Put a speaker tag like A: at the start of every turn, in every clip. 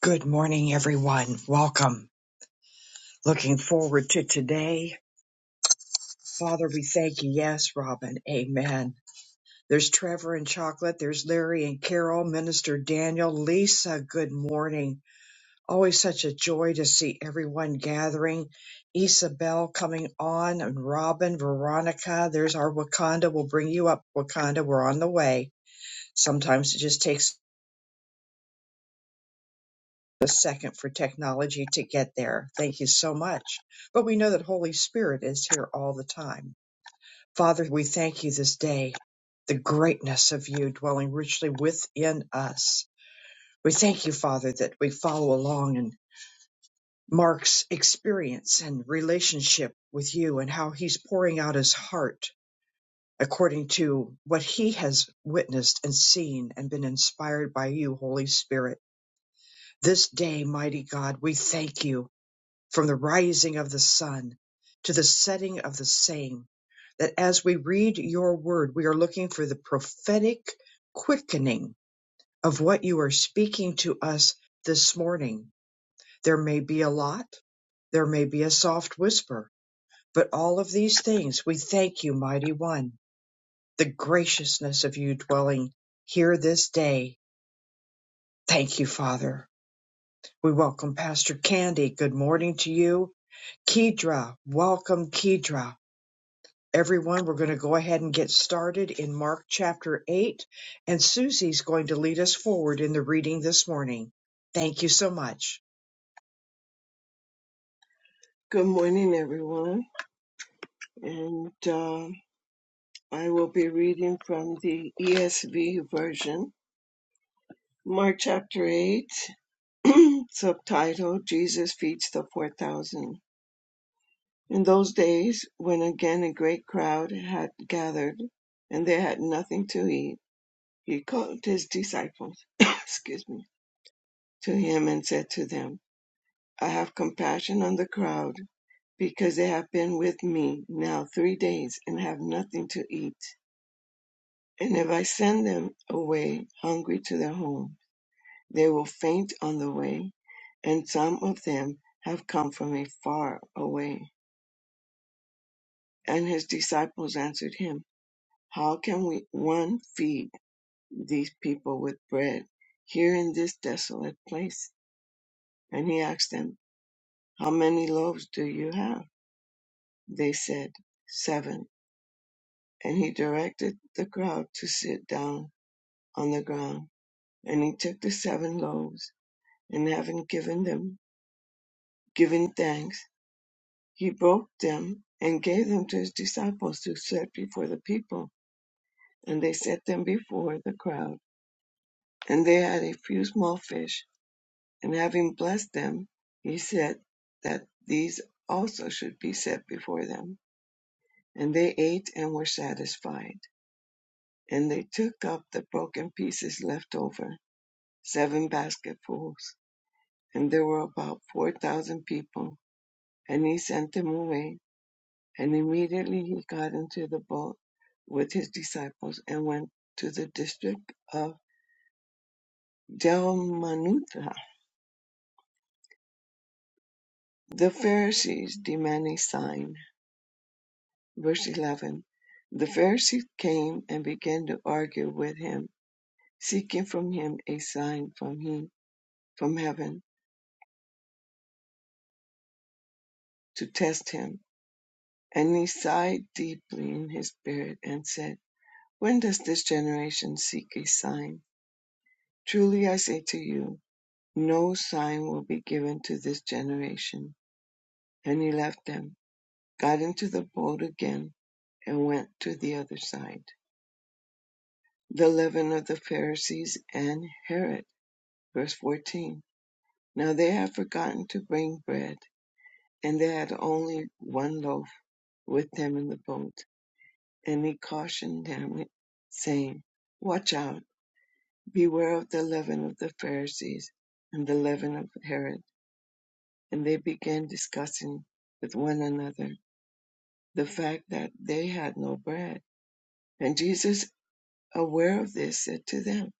A: Good morning, everyone. Welcome. Looking forward to today. Father, we thank you. Yes, Robin. Amen. There's Trevor and Chocolate. There's Larry and Carol, Minister Daniel, Lisa. Good morning. Always such a joy to see everyone gathering. Isabel coming on and Robin, Veronica. There's our Wakanda. We'll bring you up, Wakanda. We're on the way. Sometimes it just takes the second for technology to get there. Thank you so much. But we know that Holy Spirit is here all the time. Father, we thank you this day, the greatness of you dwelling richly within us. We thank you, Father, that we follow along in Mark's experience and relationship with you and how he's pouring out his heart according to what he has witnessed and seen and been inspired by you, Holy Spirit. This day, mighty God, we thank you from the rising of the sun to the setting of the same. That as we read your word, we are looking for the prophetic quickening of what you are speaking to us this morning. There may be a lot, there may be a soft whisper, but all of these things we thank you, mighty one, the graciousness of you dwelling here this day. Thank you, Father. We welcome Pastor Candy. Good morning to you. Kedra, welcome, Kedra. Everyone, we're going to go ahead and get started in Mark chapter 8, and Susie's going to lead us forward in the reading this morning. Thank you so much.
B: Good morning, everyone. And uh, I will be reading from the ESV version, Mark chapter 8, subtitle Jesus Feeds the 4,000. In those days, when again a great crowd had gathered and they had nothing to eat, he called his disciples, excuse me, to him and said to them, I have compassion on the crowd because they have been with me now three days and have nothing to eat And if I send them away hungry to their home, they will faint on the way, and some of them have come from a far away. And his disciples answered him, How can we one feed these people with bread here in this desolate place? And he asked them, How many loaves do you have? They said, Seven. And he directed the crowd to sit down on the ground. And he took the seven loaves, and having given them Giving thanks, he broke them and gave them to his disciples to set before the people. And they set them before the crowd. And they had a few small fish. And having blessed them, he said that these also should be set before them. And they ate and were satisfied. And they took up the broken pieces left over, seven basketfuls. And there were about four thousand people. And he sent them away And immediately he got into the boat with his disciples and went to the district of Dalmanutha. The Pharisees demand a sign. Verse 11. The Pharisees came and began to argue with him, seeking from him a sign from him, from heaven to test him. And he sighed deeply in his spirit and said, When does this generation seek a sign? Truly I say to you, No sign will be given to this generation. And he left them, got into the boat again, and went to the other side. The leaven of the Pharisees and Herod. Verse 14. Now they had forgotten to bring bread, and they had only one loaf with them in the boat. And he cautioned them, saying, Watch out, beware of the leaven of the Pharisees and the leaven of Herod. And they began discussing with one another the fact that they had no bread. And Jesus, aware of this, said to them,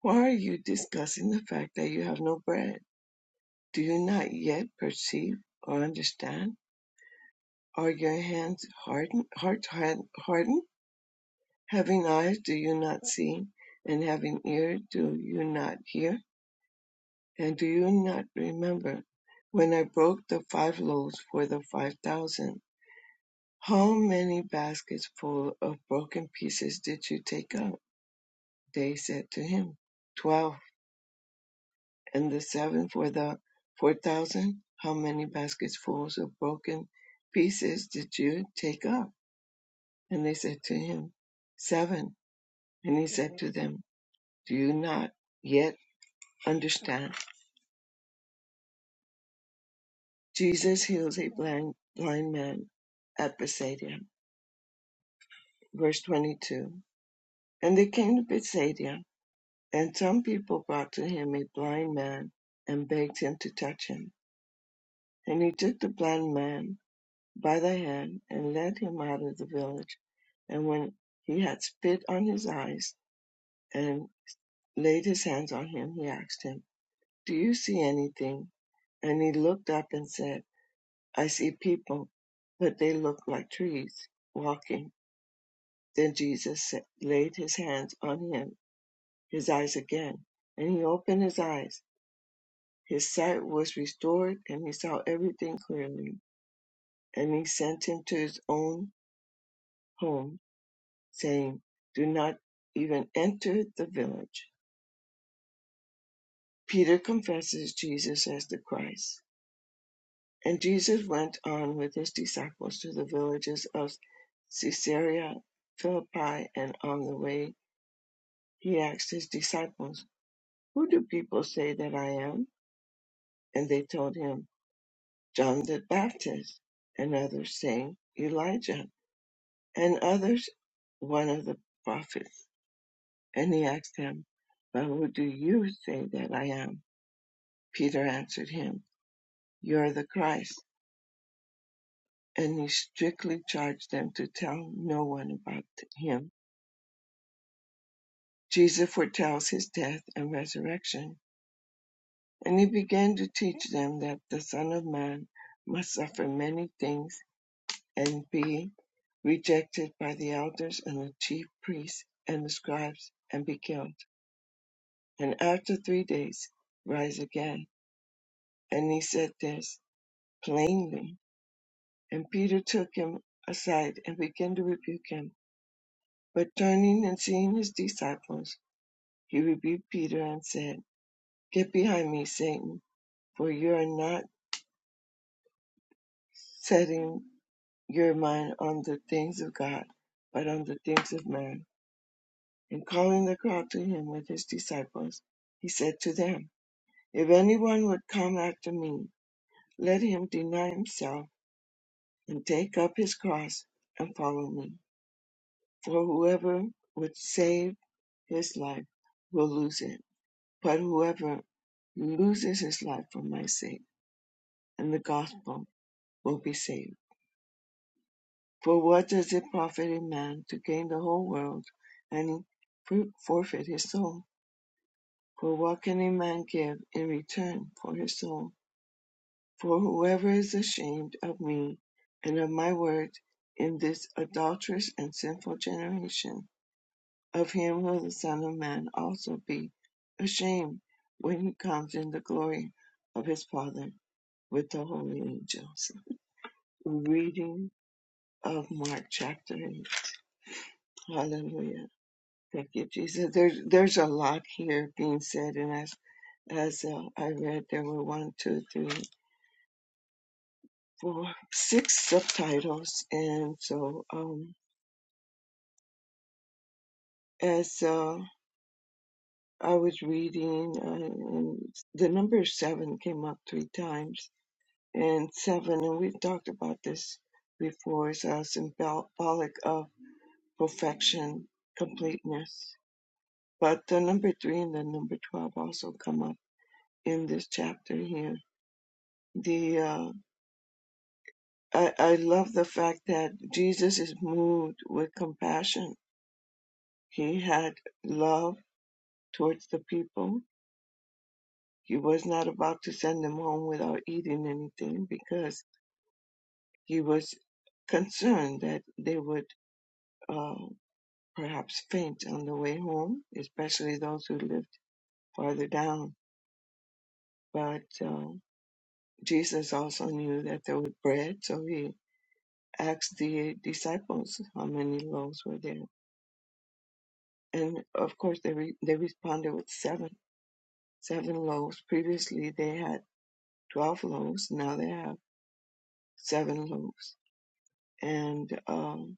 B: Why are you discussing the fact that you have no bread? Do you not yet perceive or understand? Are your hands hardened? Hearts hard- hardened? Having eyes, do you not see? And having ear, do you not hear? And do you not remember when I broke the five loaves for the five thousand? How many baskets full of broken pieces did you take up? They said to him, Twelve, and the seven for the four thousand? How many baskets full of broken pieces did you take up? And they said to him, Seven. And he said to them, Do you not yet understand? Jesus heals a blind, blind man at Bethsaida. Verse 22. And they came to Bethsaida, and some people brought to him a blind man and begged him to touch him. And he took the blind man by the hand and led him out of the village. And when he had spit on his eyes and laid his hands on him, he asked him, Do you see anything? And he looked up and said, I see people, but they look like trees walking. Then Jesus laid his hands on him, his eyes again, and he opened his eyes. His sight was restored, and he saw everything clearly. And he sent him to his own home saying, Do not even enter the village. Peter confesses Jesus as the Christ. And Jesus went on with his disciples to the villages of Caesarea Philippi, and on the way he asked his disciples, Who do people say that I am? And they told him, John the Baptist, and others saying, Elijah, and others, one of the prophets. And he asked them, But who do you say that I am? Peter answered him, You are the Christ. And he strictly charged them to tell no one about him. Jesus foretells his death and resurrection. And he began to teach them that the Son of Man must suffer many things and be rejected by the elders and the chief priests and the scribes and be killed, and after three days rise again. And he said this plainly. And Peter took him aside and began to rebuke him. But turning and seeing his disciples, he rebuked Peter and said, Get behind me, Satan, for you are not setting your mind on the things of God, but on the things of man. And calling the crowd to him with his disciples, he said to them, If anyone would come after me, let him deny himself and take up his cross and follow me. For whoever would save his life will lose it But whoever loses his life for my sake and the gospel will be saved. For what does it profit a man to gain the whole world and forfeit his soul? For what can a man give in return for his soul? For whoever is ashamed of me and of my word in this adulterous and sinful generation, of him will the Son of Man also be ashamed when he comes in the glory of his Father with the holy angels. Reading of Mark chapter 8. Hallelujah. Thank you, Jesus. There's, there's a lot here being said, and as, as uh, I read, there were one, two, three, four, six subtitles. And so, um, as uh, I was reading, uh, and the number seven came up three times, and seven, and we've talked about this before, is a symbolic of perfection, completeness But the number three and the number 12 also come up in this chapter here. The, uh, I, I love the fact that Jesus is moved with compassion. He had love towards the people. He was not about to send them home without eating anything because he was concerned that they would, uh, perhaps faint on the way home, especially those who lived farther down. But, uh, Jesus also knew that there was bread, so he asked the disciples how many loaves were there. And of course, they, re- they responded with seven, seven loaves. Previously, they had 12 loaves. Now they have seven loaves. And, um,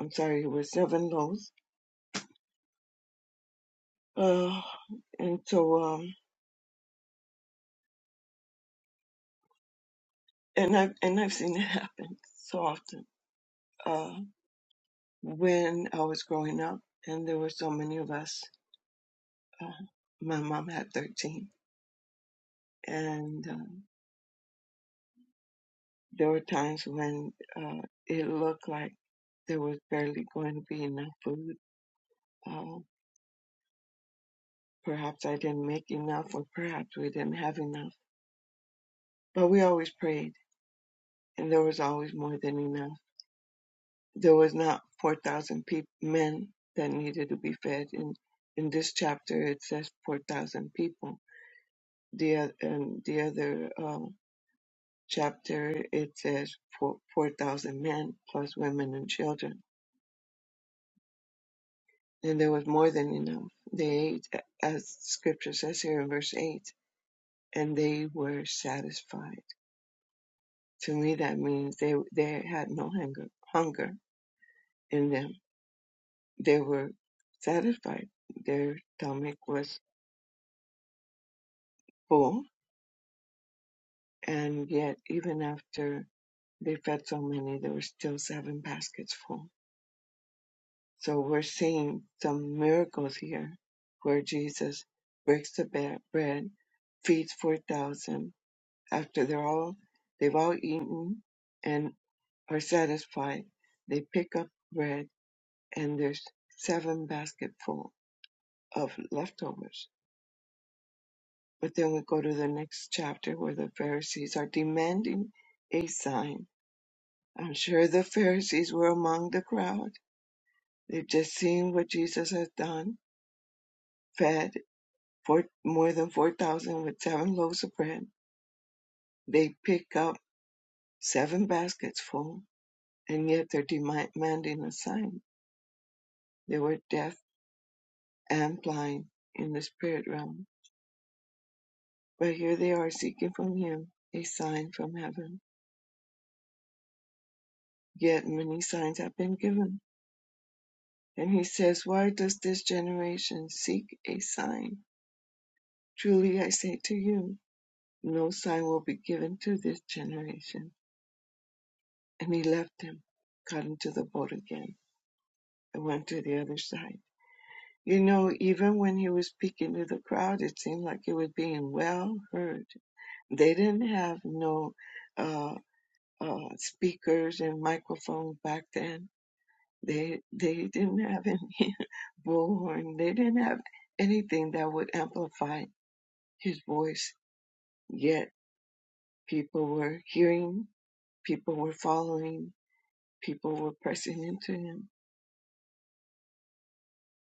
B: I'm sorry, it was seven loaves. Uh, and so, um, and I've, and I've seen it happen so often. Uh, when I was growing up and there were so many of us, uh, my mom had 13 and, uh, There were times when uh, it looked like there was barely going to be enough food. Uh, perhaps I didn't make enough, or perhaps we didn't have enough. But we always prayed, and there was always more than enough. There was not 4,000 peop men that needed to be fed. In, in this chapter, it says 4,000 people. The, oth- and the other uh, chapter, it says four 4,000 men plus women and children and there was more than enough. They ate, as scripture says here in verse 8, and they were satisfied. To me, that means they, they had no hunger, hunger in them. They were satisfied. Their stomach was full, and yet, even after they fed so many, there were still seven baskets full. So we're seeing some miracles here where Jesus breaks the bread, feeds 4,000, After they're all, they've all eaten and are satisfied, they pick up bread and there's seven basketful of leftovers. But then we go to the next chapter where the Pharisees are demanding a sign. I'm sure the Pharisees were among the crowd. They've just seen what Jesus has done, fed four, more than 4,000 with seven loaves of bread. They pick up seven baskets full, and yet they're demanding a sign They were deaf and blind in the spirit realm, but here they are seeking from him a sign from heaven. Yet many signs have been given. And he says, Why does this generation seek a sign? Truly I say to you, no sign will be given to this generation. And he left them, got into the boat again, and went to the other side. You know, even when he was speaking to the crowd, it seemed like it was being well heard. They didn't have no uh, uh, speakers and microphones back then. They they didn't have any bullhorn. They didn't have anything that would amplify his voice. Yet people were hearing, people were following, people were pressing into him.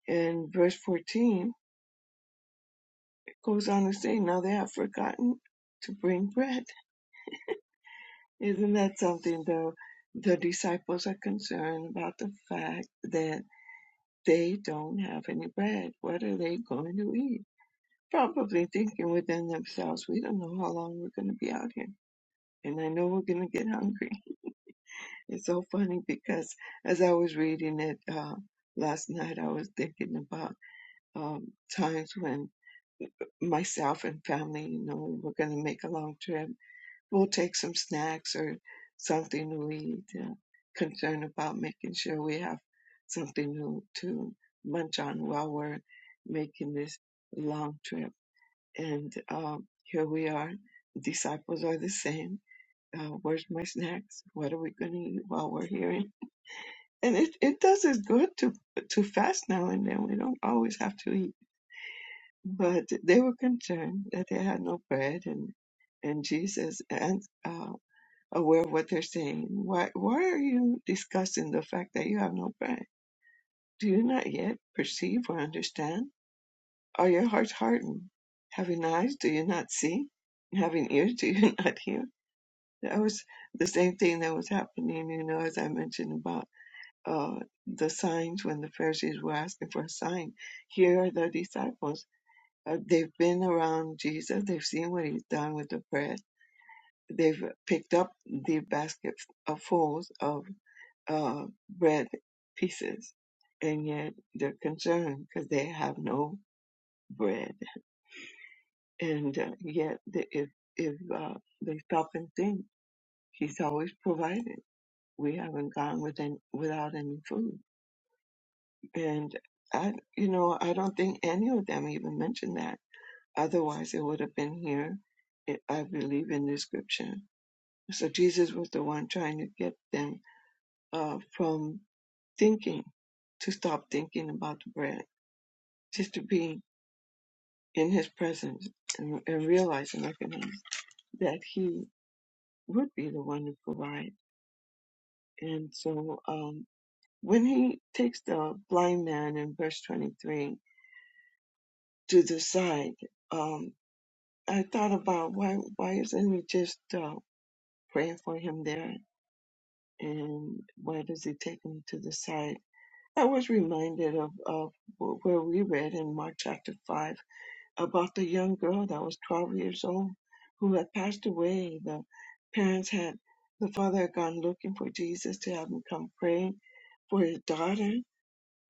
B: And verse 14 it goes on to say, "Now they have forgotten to bring bread." Isn't that something? Though the disciples are concerned about the fact that. They don't have any bread. What are they going to eat? Probably thinking within themselves, we don't know how long we're going to be out here. And I know we're going to get hungry. It's so funny because as I was reading it uh, last night, I was thinking about um, times when myself and family, you know, we were going to make a long trip we'll take some snacks or something to eat. Uh, concerned about making sure we have something to, to munch on while we're making this long trip. And um, here we are. Disciples are the same. Uh, where's my snacks? What are we going to eat while we're here? And it, it does us good to to fast now and then. We don't always have to eat. But they were concerned that they had no bread, and and Jesus and uh, aware of what they're saying. Why, why are you discussing the fact that you have no brain? Do you not yet perceive or understand? Are your hearts hardened? Having eyes, do you not see? And having ears, do you not hear? That was the same thing that was happening, you know, as I mentioned about uh, the signs when the Pharisees were asking for a sign. Here are the disciples. Uh, they've been around Jesus. They've seen what he's done with the bread. They've picked up the basket of fools of uh, bread pieces, and yet they're concerned because they have no bread. And uh, yet, the, if if uh, they stop and think, He's always provided. We haven't gone with an without any food. And I, you know, I don't think any of them even mentioned that. Otherwise, it would have been here. It, I believe in the scripture. So Jesus was the one trying to get them uh, from thinking to stop thinking about the bread just to be in his presence and, and realize and recognize that he would be the one to provide. And so um, when he takes the blind man in verse 23 to the side, um, I thought about why why isn't he just uh, praying for him there, and why does he take him to the side? I was reminded of, of where we read in Mark chapter 5 about the young girl that was 12 years old who had passed away. The parents had, the father had gone looking for Jesus to have him come pray for his daughter.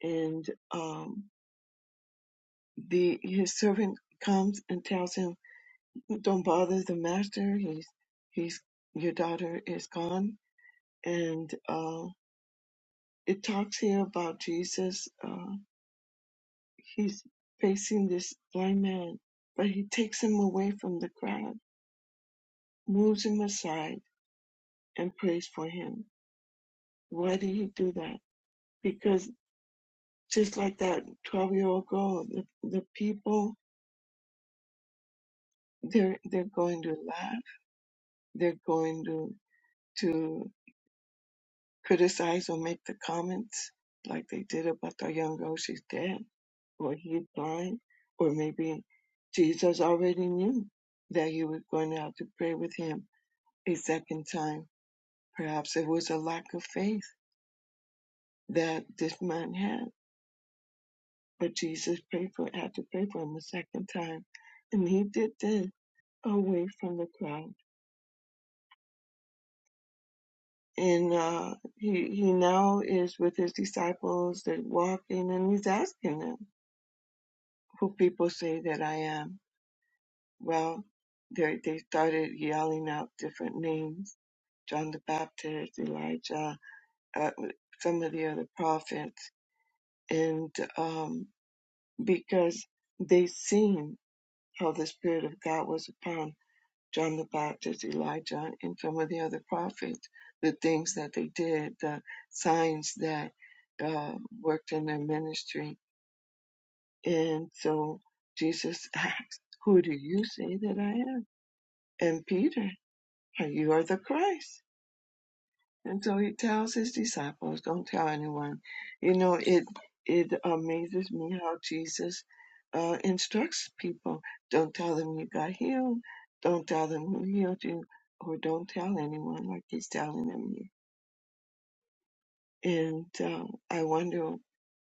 B: And um, the his servant comes and tells him, "Don't bother the master. He's he's your daughter is gone." And uh, it talks here about Jesus. Uh, he's facing this blind man, but he takes him away from the crowd, moves him aside and prays for him. Why do you do that? Because just like that 12 year old girl, the, the people, they're, they're going to laugh. They're going to, to criticize or make the comments like they did about the young girl. She's dead or he's blind or maybe Jesus already knew that you were going to have to pray with him a second time. Perhaps it was a lack of faith that this man had But Jesus prayed for had to pray for him a second time, and he did this away from the crowd. And uh, he he now is with his disciples that walking, and he's asking them, "Who people say that I am?" Well, they they started yelling out different names: John the Baptist, Elijah, uh, some of the other prophets, and um, because they seen how the Spirit of God was upon John the Baptist, Elijah, and some of the other prophets, the things that they did, the signs that uh, worked in their ministry. And so Jesus asked, Who do you say that I am? And Peter, You are the Christ. And so he tells his disciples, don't tell anyone. You know, it it amazes me how Jesus uh, instructs people. Don't tell them you got healed. Don't tell them who healed you, or don't tell anyone like he's telling them here. And um, I wonder,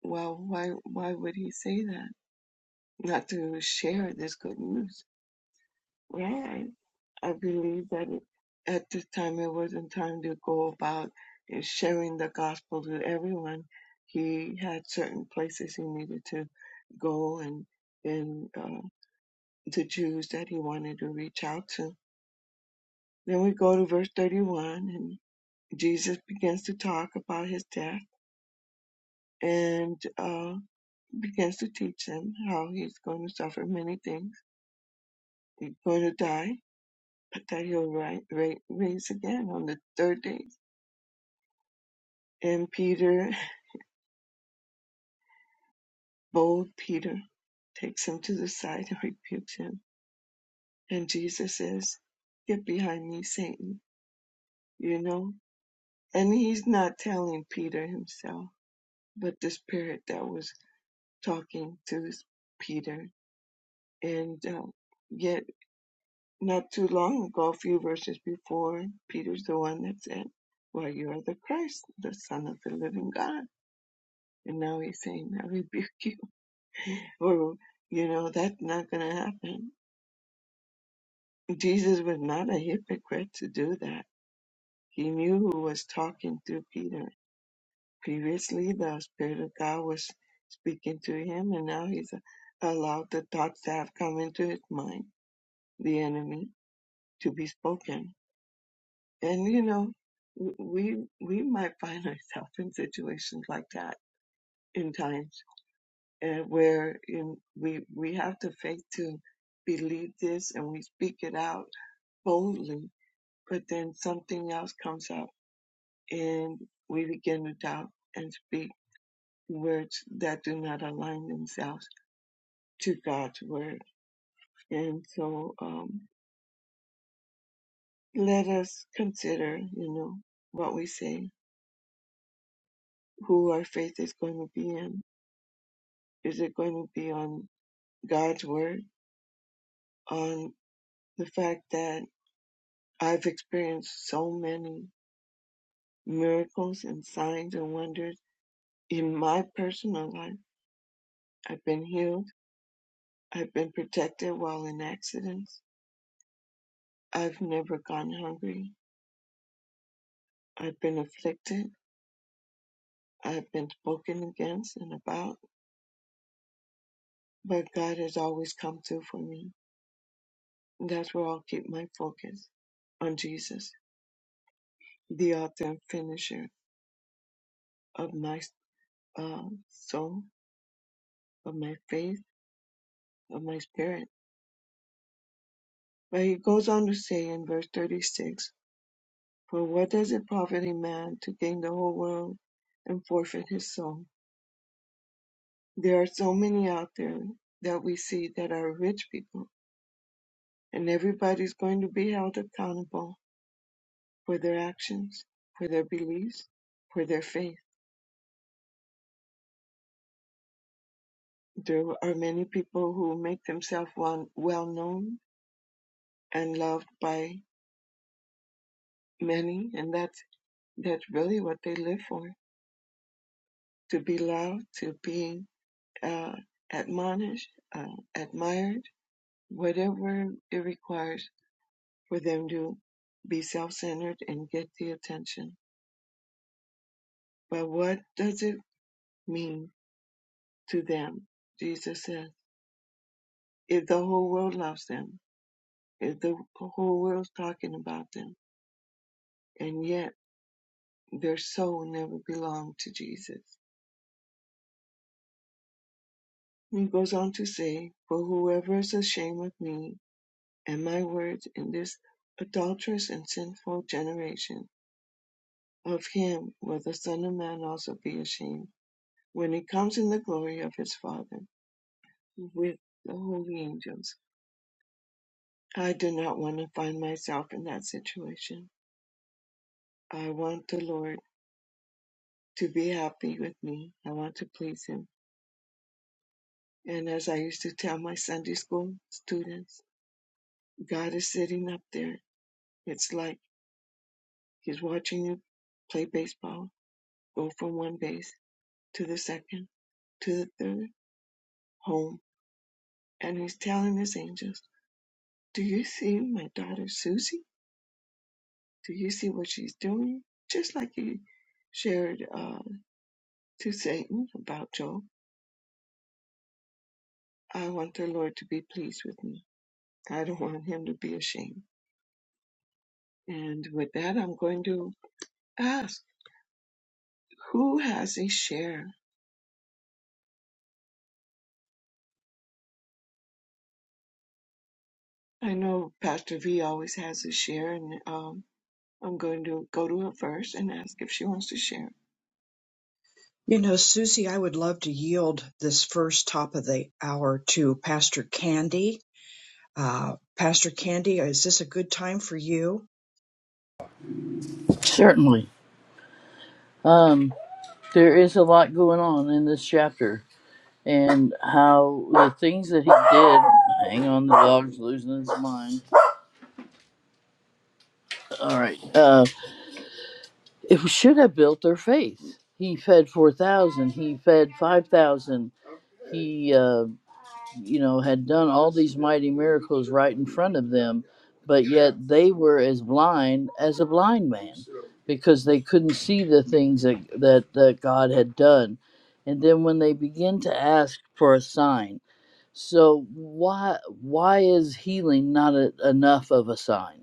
B: well, why why would he say that? Not to share this good news Right. I believe that it- at this time it wasn't time to go about uh, sharing the gospel to everyone. He had certain places he needed to go and and uh, the Jews that he wanted to reach out to. Then we go to verse 31, and Jesus begins to talk about his death and uh, begins to teach them how he's going to suffer many things. He's going to die, but that he'll ri- ra- raise again on the third day And Peter, bold Peter, takes him to the side and rebukes him. And Jesus says, Get behind me, Satan, you know? And he's not telling Peter himself, but the spirit that was talking to this Peter. And uh, yet, not too long ago, a few verses before, Peter's the one that said, Well, you are the Christ, the Son of the living God. And now he's saying, I rebuke you. Or, you know, that's not going to happen Jesus was not a hypocrite to do that. He knew who was talking to Peter. Previously, the Spirit of God was speaking to him, and now he's allowed the thoughts that have come into his mind, the enemy, to be spoken. And you know, w- we we might find ourselves in situations like that in times uh, where in, we we have the faith to believe this and we speak it out boldly, but then something else comes up and we begin to doubt and speak words that do not align themselves to God's word. And so um, let us consider, you know, what we say, who our faith is going to be in. Is it going to be on God's word, on the fact that I've experienced so many miracles and signs and wonders in my personal life? I've been healed. I've been protected while in accidents. I've never gone hungry. I've been afflicted. I've been spoken against and about, but God has always come through for me. That's where I'll keep my focus on Jesus, the author and finisher of my uh, soul, of my faith, of my spirit. But he goes on to say in verse 36 For what does it profit a man to gain the whole world and forfeit his soul? There are so many out there that we see that are rich people and everybody's going to be held accountable for their actions, for their beliefs, for their faith. There are many people who make themselves one, well known and loved by many, and that's that's really what they live for: to be loved, to be uh, admonished, uh, admired, whatever it requires for them to be self-centered and get the attention. But what does it mean to them? Jesus says. if the whole world loves them, if the whole world's talking about them, and yet their soul never belonged to Jesus. He goes on to say, For whoever is ashamed of me and my words in this adulterous and sinful generation, of him will the Son of Man also be ashamed when he comes in the glory of his Father with the holy angels. I do not want to find myself in that situation. I want the Lord. to be happy with me. I want to please Him. And as I used to tell my Sunday school students, God is sitting up there. It's like He's watching you play baseball, go from one base to the second, to the third, home. And He's telling His angels, Do you see my daughter Susie? Do you see what she's doing? Just like He shared uh, to Satan about Job. I want the Lord to be pleased with me. I don't want Him to be ashamed. And with that, I'm going to ask who has a share? I know Pastor V always has a share, and um, I'm going to go to her first and ask if she wants to share.
A: You know, Susie, I would love to yield this first top of the hour to Pastor Candy. Uh, Pastor Candy, is this a good time for you?
C: Certainly. Um, there is a lot going on in this chapter, and how the things that he did. Hang on, the dog's losing his mind. All right. Uh, it should have built their faith. He fed 4,000, he fed 5,000. He. uh, you know, had done all these mighty miracles right in front of them, but yet they were as blind as a blind man because they couldn't see the things that, that, that God had done. And then when they begin to ask for a sign, so why why is healing not a, enough of a sign?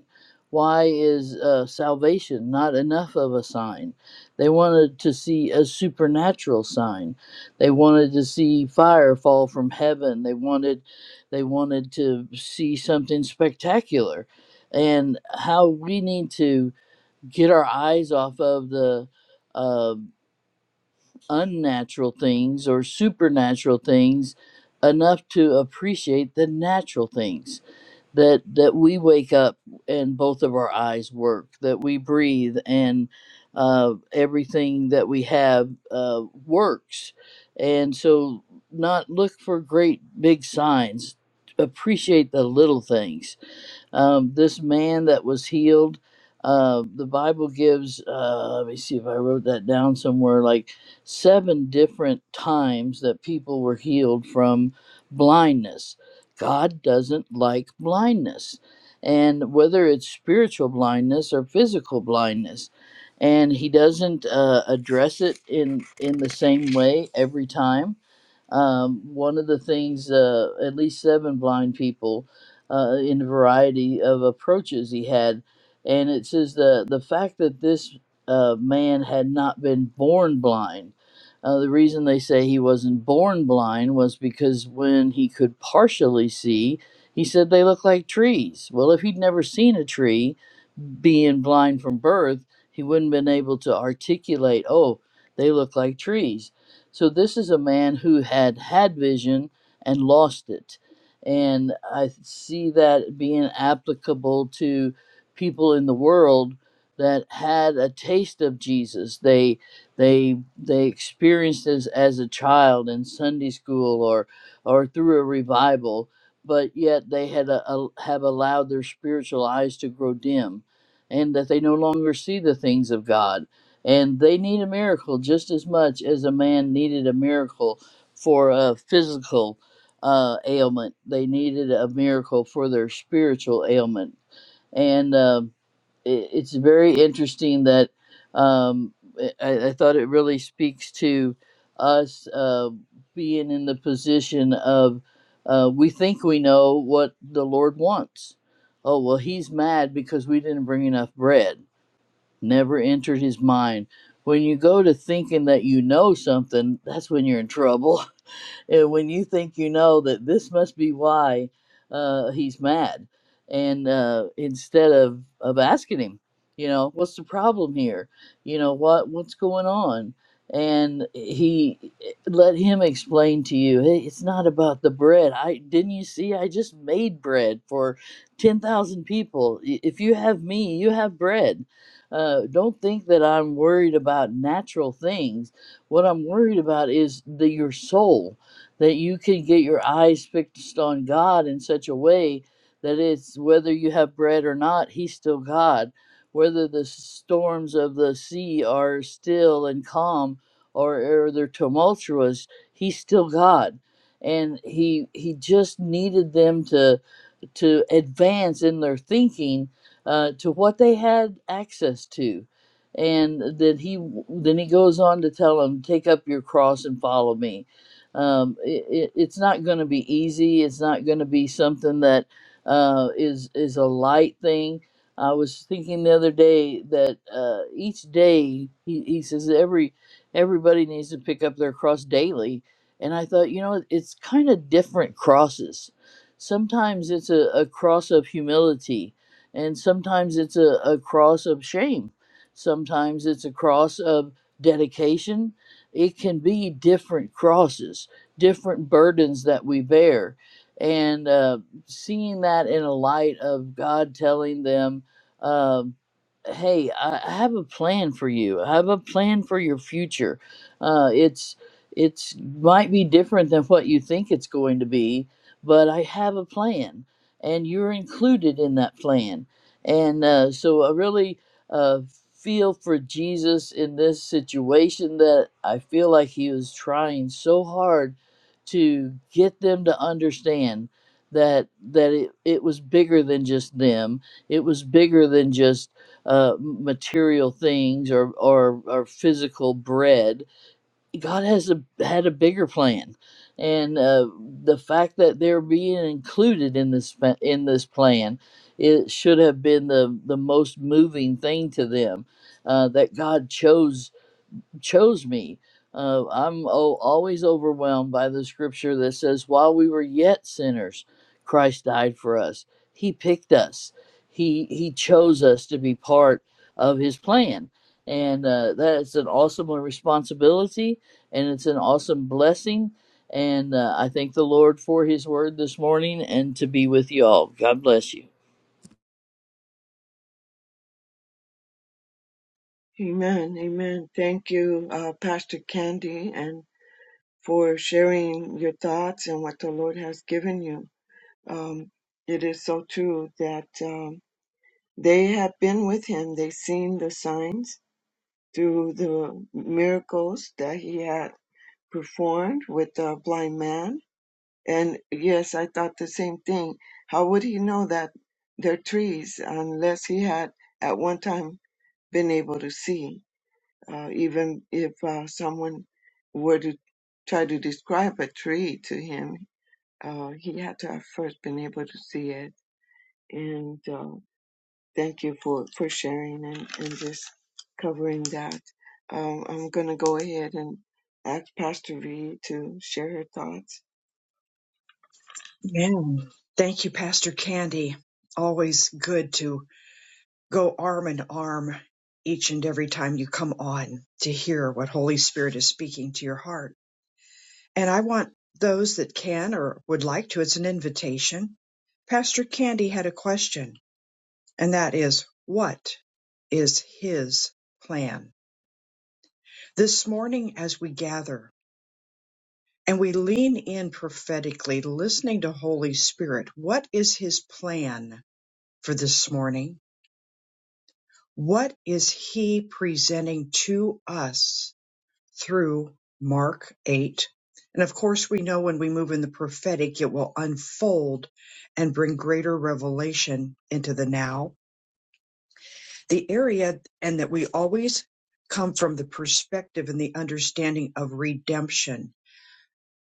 C: Why is uh, salvation not enough of a sign? They wanted to see a supernatural sign. They wanted to see fire fall from heaven. They wanted they wanted to see something spectacular. And how we need to get our eyes off of the uh, unnatural things or supernatural things enough to appreciate the natural things that that we wake up and both of our eyes work that we breathe and uh, everything that we have uh, works and so not look for great big signs appreciate the little things um, this man that was healed, uh, the Bible gives, uh, let me see if I wrote that down somewhere, like seven different times that people were healed from blindness. God doesn't like blindness, and whether it's spiritual blindness or physical blindness. And he doesn't uh, address it in, in the same way every time um, one of the things uh, at least seven blind people uh, in a variety of approaches he had. And it says the, the fact that this uh, man had not been born blind. Uh, the reason they say he wasn't born blind was because when he could partially see, he said they looked like trees. Well, if he'd never seen a tree, being blind from birth, he wouldn't have been able to articulate, oh, they look like trees. So this is a man who had had vision and lost it. And I see that being applicable to people in the world that had a taste of Jesus. They they they experienced this as a child in Sunday school or or through a revival, but yet they had a, a- have allowed their spiritual eyes to grow dim and that they no longer see the things of God. And they need a miracle just as much as a man needed a miracle for a physical uh, ailment. They needed a miracle for their spiritual ailment. And uh, it, it's very interesting that um, I, I thought it really speaks to us uh, being in the position of uh, we think we know what the Lord wants. Oh, well, he's mad because we didn't bring enough bread. Never entered his mind. When you go to thinking that you know something, that's when you're in trouble. And when you think you know that this must be why uh, he's mad, and uh, instead of of asking him, you know, what's the problem here? You know what what's going on? And he let him explain to you. Hey, it's not about the bread. I didn't you see? I just made bread for ten thousand people. I- If you have me, you have bread. Uh, don't think that I'm worried about natural things. What I'm worried about is the your soul that you can get your eyes fixed on God in such a way that it's whether you have bread or not, He's still God. Whether the storms of the sea are still and calm or, or they're tumultuous, He's still God. And he he just needed them to to advance in their thinking uh, to what they had access to and then he then he goes on to tell them take up your cross and follow me um, it, it, it's not going to be easy it's not going to be something that uh, is is a light thing i was thinking the other day that uh, each day he, he says every everybody needs to pick up their cross daily and i thought you know it's kind of different crosses Sometimes it's a, a cross of humility, and sometimes it's a, a cross of shame. Sometimes it's a cross of dedication. It can be different crosses, different burdens that we bear. And uh, seeing that in a light of God telling them, um, hey, I I have a plan for you. I have a plan for your future. Uh, it's it's might be different than what you think it's going to be, but I have a plan, and you're included in that plan. And uh, so I really uh, feel for Jesus in this situation that I feel like he was trying so hard to get them to understand that that it, it was bigger than just them. It was bigger than just uh, material things or, or or physical bread God has a, had a bigger plan, and uh, the fact that they're being included in this fa- in this plan, it should have been the the most moving thing to them, uh, that God chose chose me. Uh, I'm oh, always overwhelmed by the scripture that says, while we were yet sinners, Christ died for us. He picked us. He he chose us to be part of His plan, and uh, that's an awesome responsibility, and it's an awesome blessing. And uh, I thank the Lord for His word this morning, and to be with you all. God bless you.
B: Amen. Amen. Thank you, uh, Pastor Candy, and for sharing your thoughts and what the Lord has given you. Um, it is so true that um, they have been with him. They've seen the signs through the miracles that he had performed with the blind man And yes, I thought the same thing. How would he know that they're trees unless he had at one time been able to see? Uh, even if uh, someone were to try to describe a tree to him, uh, he had to have first been able to see it. And uh, thank you for, for sharing and, and just covering that. Um, I'm going to go ahead and ask Pastor V to share her thoughts.
A: Yeah. Thank you, Pastor Candy. Always good to go arm in arm each and every time you come on to hear what Holy Spirit is speaking to your heart. And I want those that can or would like to, it's an invitation. Pastor Candy had a question, and that is what is his plan? This morning, as we gather and we lean in prophetically, listening to Holy Spirit, what is his plan for this morning? What is he presenting to us? through Mark 8. And of course, we know when we move in the prophetic, it will unfold and bring greater revelation into the now, the area, and that we always come from the perspective and the understanding of redemption.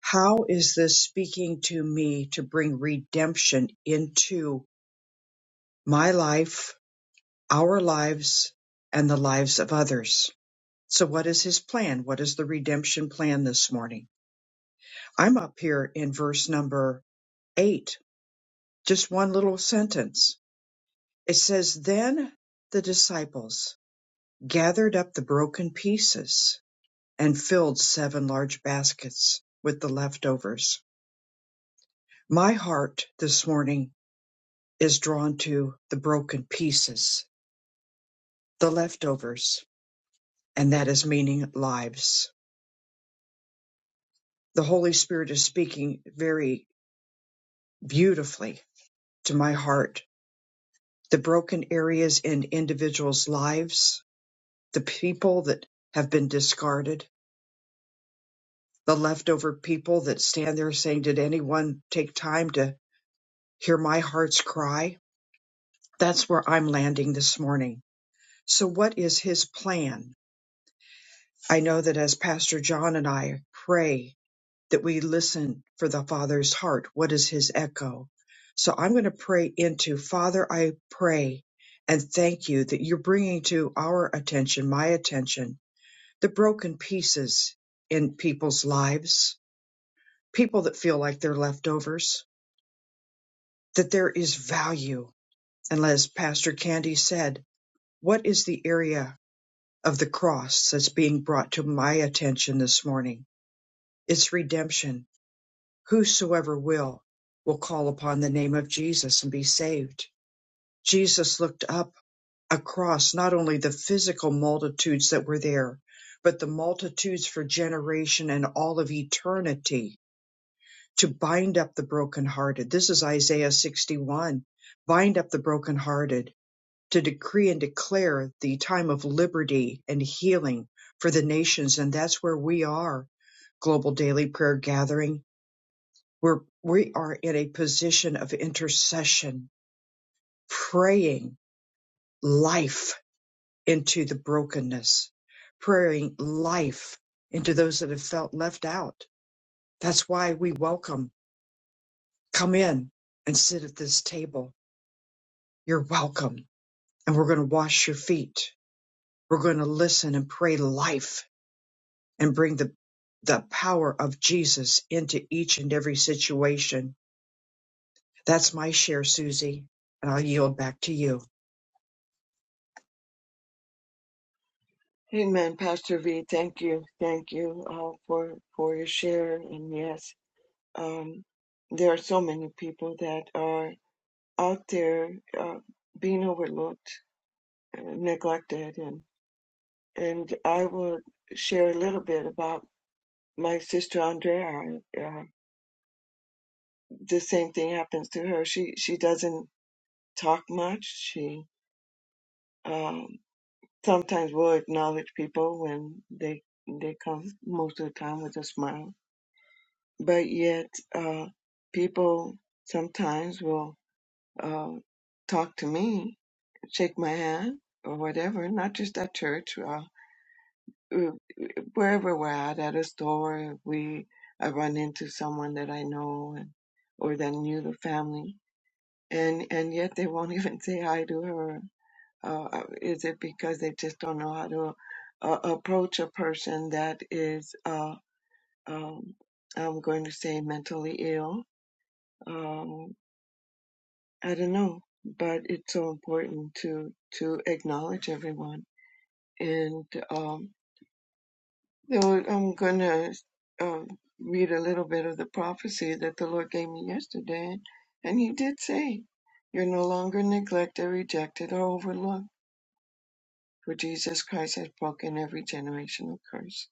A: How is this speaking to me to bring redemption into my life, our lives, and the lives of others? So, what is his plan? What is the redemption plan this morning? I'm up here in verse number eight, just one little sentence. It says, Then the disciples gathered up the broken pieces and filled seven large baskets with the leftovers. My heart this morning is drawn to the broken pieces, the leftovers, and that is meaning lives. The Holy Spirit is speaking very beautifully to my heart. The broken areas in individuals' lives, the people that have been discarded, the leftover people that stand there saying, Did anyone take time to hear my heart's cry? That's where I'm landing this morning. So, what is his plan? I know that as Pastor John and I pray that we listen for the Father's heart, what is his echo? So, I'm going to pray into Father, I pray and thank you that you're bringing to our attention, my attention, the broken pieces in people's lives people that feel like they're leftovers, that there is value. And as Pastor Candy said, what is the area of the cross that's being brought to my attention this morning? It's redemption. Whosoever will, will call upon the name of Jesus and be saved. Jesus looked up across not only the physical multitudes that were there, but the multitudes for generation and all of eternity to bind up the brokenhearted. This is Isaiah 61. Bind up the brokenhearted, to decree and declare the time of liberty and healing for the nations. And that's where we are. Global Daily Prayer Gathering. where we are in a position of intercession, praying life into the brokenness, praying life into those that have felt left out. That's why we welcome, come in and sit at this table You're welcome. And we're going to wash your feet. We're going to listen and pray life and bring the, the power of Jesus into each and every situation. That's my share, Susie. And I'll yield back to you.
B: Amen, Pastor V. Thank you, thank you all for for your share. And yes, um, there are so many people that are out there uh, being overlooked, and neglected, and and I will share a little bit about my sister Andrea. Uh, uh, the same thing happens to her. She she doesn't talk much. She um, sometimes will acknowledge people when they they come. Most of the time with a smile but yet uh, people sometimes will uh, talk to me, shake my hand, or whatever. Not just at church, uh, wherever we're at, at a store, we I run into someone that I know and or that knew the family, and and yet they won't even say hi to her. Uh, is it because they just don't know how to uh, approach a person that is, uh, um, I'm going to say, mentally ill? Um, I don't know, but it's so important to to acknowledge everyone. And um, the Lord- I'm gonna uh, read a little bit of the prophecy that the Lord gave me yesterday, and He did say, "You're no longer neglected, rejected, or overlooked, for Jesus Christ has broken every generational curse."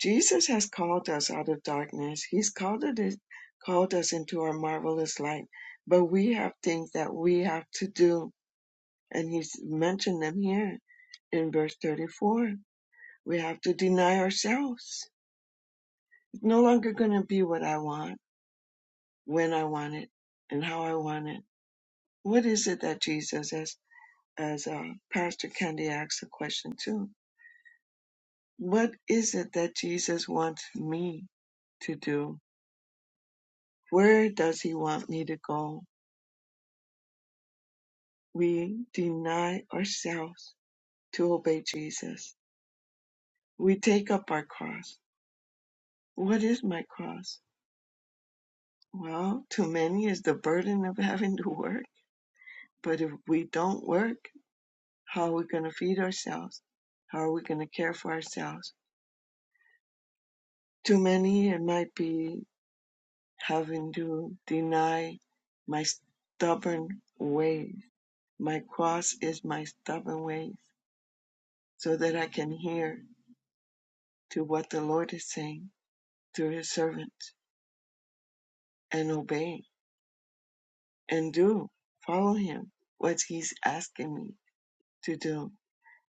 B: Jesus has called us out of darkness. He's called it called us into our marvelous light, but we have things that we have to do And he's mentioned them here in verse 34. We have to deny ourselves. It's no longer going to be what I want, when I want it, and how I want it. What is it that Jesus, as, as uh, Pastor Candy asked the question too, what is it that Jesus wants me to do? Where does he want me to go? We deny ourselves to obey Jesus. We take up our cross. What is my cross? Well, to many is the burden of having to work. But if we don't work, how are we going to feed ourselves? How are we going to care for ourselves? To many, it might be having to deny my stubborn ways. My cross is my stubborn ways so that I can hear to what the Lord is saying through his servants and obey and do, follow him, what he's asking me to do,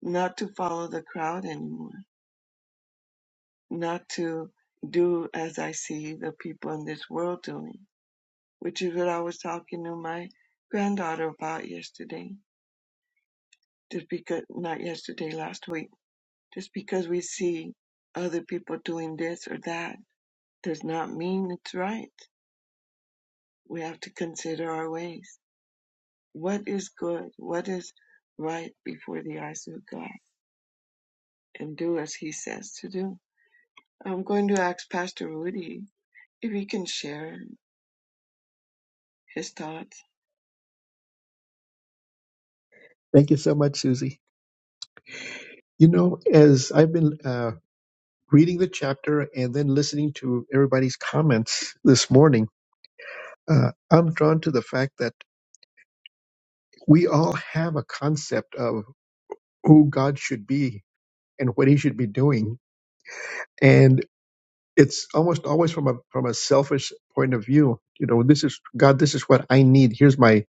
B: not to follow the crowd anymore not to do as I see the people in this world doing, which is what I was talking to my granddaughter about yesterday. Just because, not yesterday, last week. Just because we see other people doing this or that does not mean it's right. We have to consider our ways. What is good? What is right before the eyes of God? And do as He says to do. I'm going to ask Pastor Rudy if he can share his thoughts
D: Thank you so much, Susie. You know, as I've been uh, reading the chapter and then listening to everybody's comments this morning, uh, I'm drawn to the fact that we all have a concept of who God should be and what He should be doing, and it's almost always from a from a selfish point of view. You know, this is God. This is what I need. Here's my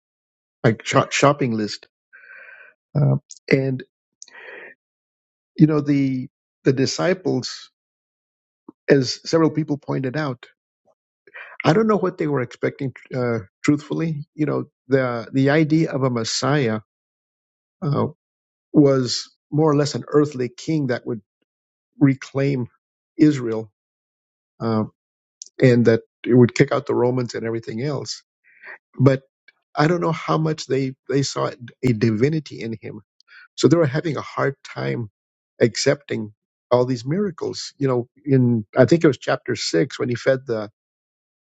D: my shop shopping list, uh, and you know the the disciples, as several people pointed out. I don't know what they were expecting. Uh, truthfully, you know, the the idea of a Messiah uh, was more or less an earthly king that would reclaim Israel uh, and that it would kick out the Romans and everything else. But I don't know how much they they saw a divinity in him, so they were having a hard time accepting all these miracles. You know, in I think it was chapter six when he fed the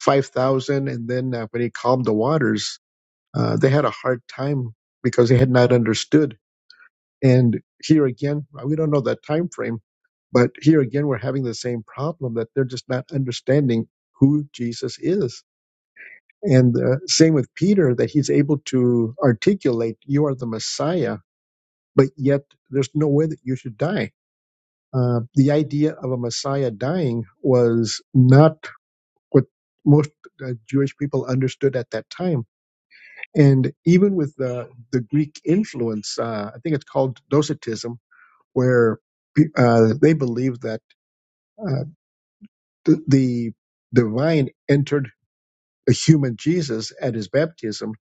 D: five thousand, and then uh, when he calmed the waters Uh, they had a hard time because they had not understood. And here again, uh, we don't know that time frame, but here again, we're having the same problem that they're just not understanding who Jesus is. And uh, same with Peter, that he's able to articulate, "You are the Messiah," but yet there's no way that you should die. Uh, the idea of a Messiah dying was not what most uh, Jewish people understood at that time And even with the, the Greek influence, uh, I think it's called Docetism, where uh, they believe that uh, the, the divine entered a human Jesus at his baptism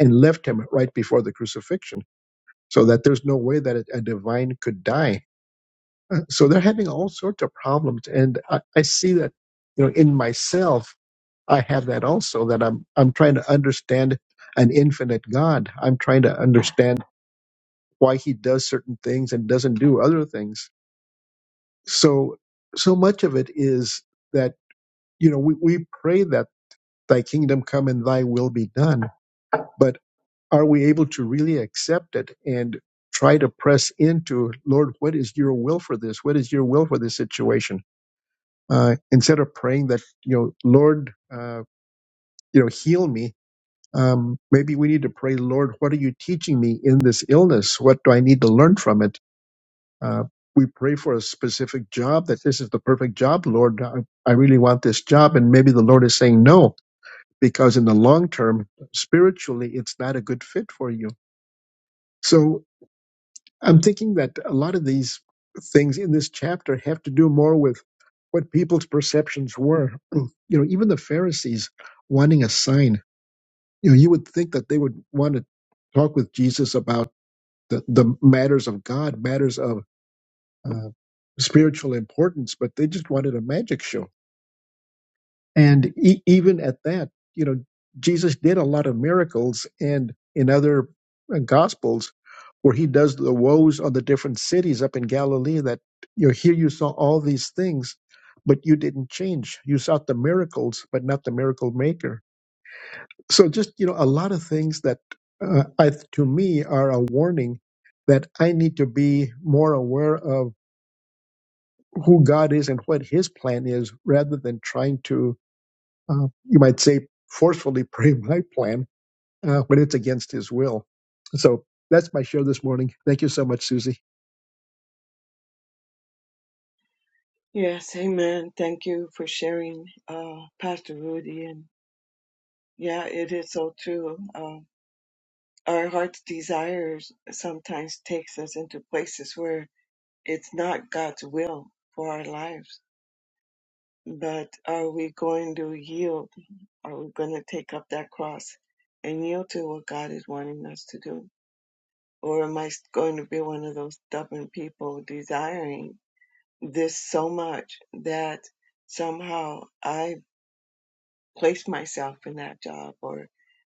D: and left him right before the crucifixion, so that there's no way that a, a divine could die. So they're having all sorts of problems, and I, I see that you know in myself. I have that also that I'm I'm trying to understand an infinite God. I'm trying to understand why he does certain things and doesn't do other things. So, so much of it is that, you know, we, we pray that thy kingdom come and thy will be done, but are we able to really accept it and try to press into, Lord, what is your will for this? What is your will for this situation? Uh, instead of praying that, you know, Lord, uh, you know, heal me. Um, maybe we need to pray, Lord, what are you teaching me in this illness? What do I need to learn from it? Uh, we pray for a specific job that this is the perfect job, Lord. I, I really want this job. And maybe the Lord is saying no, because in the long term, spiritually, it's not a good fit for you. So I'm thinking that a lot of these things in this chapter have to do more with what people's perceptions were. You know, even the Pharisees wanting a sign, you know, you would think that they would want to talk with Jesus about the, the matters of God, matters of uh, spiritual importance, but they just wanted a magic show. And e- even at that, you know, Jesus did a lot of miracles, and in other uh, gospels, where he does the woes on the different cities up in Galilee, that you know, here you saw all these things, but you didn't change. You sought the miracles, but not the miracle maker. So just you know, a lot of things that uh, I, to me are a warning that I need to be more aware of who God is and what His plan is, rather than trying to, uh, you might say, forcefully pray my plan uh, when it's against His will. So that's my share this morning. Thank you so much, Susie.
B: Yes, amen. Thank you for sharing, uh, Pastor Rudy. And yeah, it is so true. Um, our heart's desires sometimes takes us into places where it's not God's will for our lives. But are we going to yield? Are we going to take up that cross and yield to what God is wanting us to do? Or am I going to be one of those stubborn people desiring this so much that somehow I place myself in that job or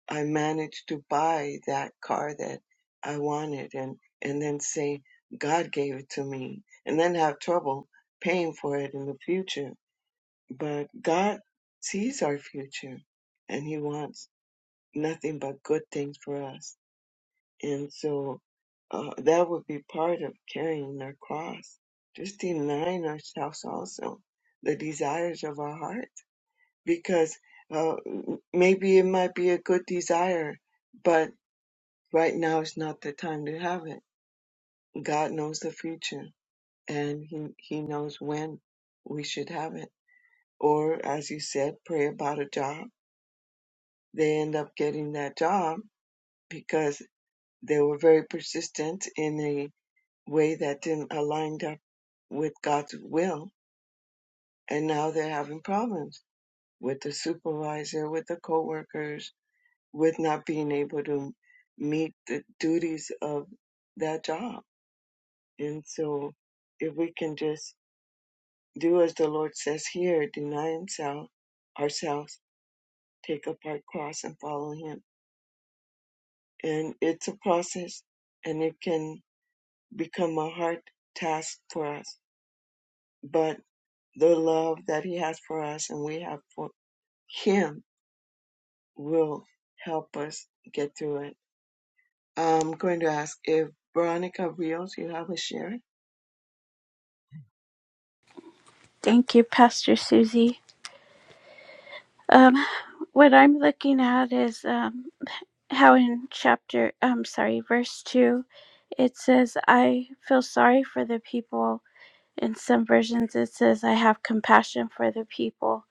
B: I managed to buy that car that I wanted and and then say God gave it to me and then have trouble paying for it in the future but God sees our future and he wants nothing but good things for us and so uh, that would be part of carrying our cross just denying ourselves also the desires of our heart because uh, maybe it might be a good desire, but right now is not the time to have it. God knows the future and he, he knows when we should have it. Or, as you said, pray about a job. They end up getting that job because they were very persistent in a way that didn't align up with God's will. And now they're having problems with the supervisor, with the coworkers, with not being able to meet the duties of that job. And so if we can just do as the Lord says here, deny himself, ourselves, take up our cross and follow him. And it's a process and it can become a hard task for us. But the love that he has for us and we have for him will help us get through it. I'm going to ask if Veronica Rios, you have a share?
E: Thank you, Pastor Susie. Um, what I'm looking at is um, how in chapter, I'm sorry, verse 2, it says, I feel sorry for the people. In some versions, it says, I have compassion for the people.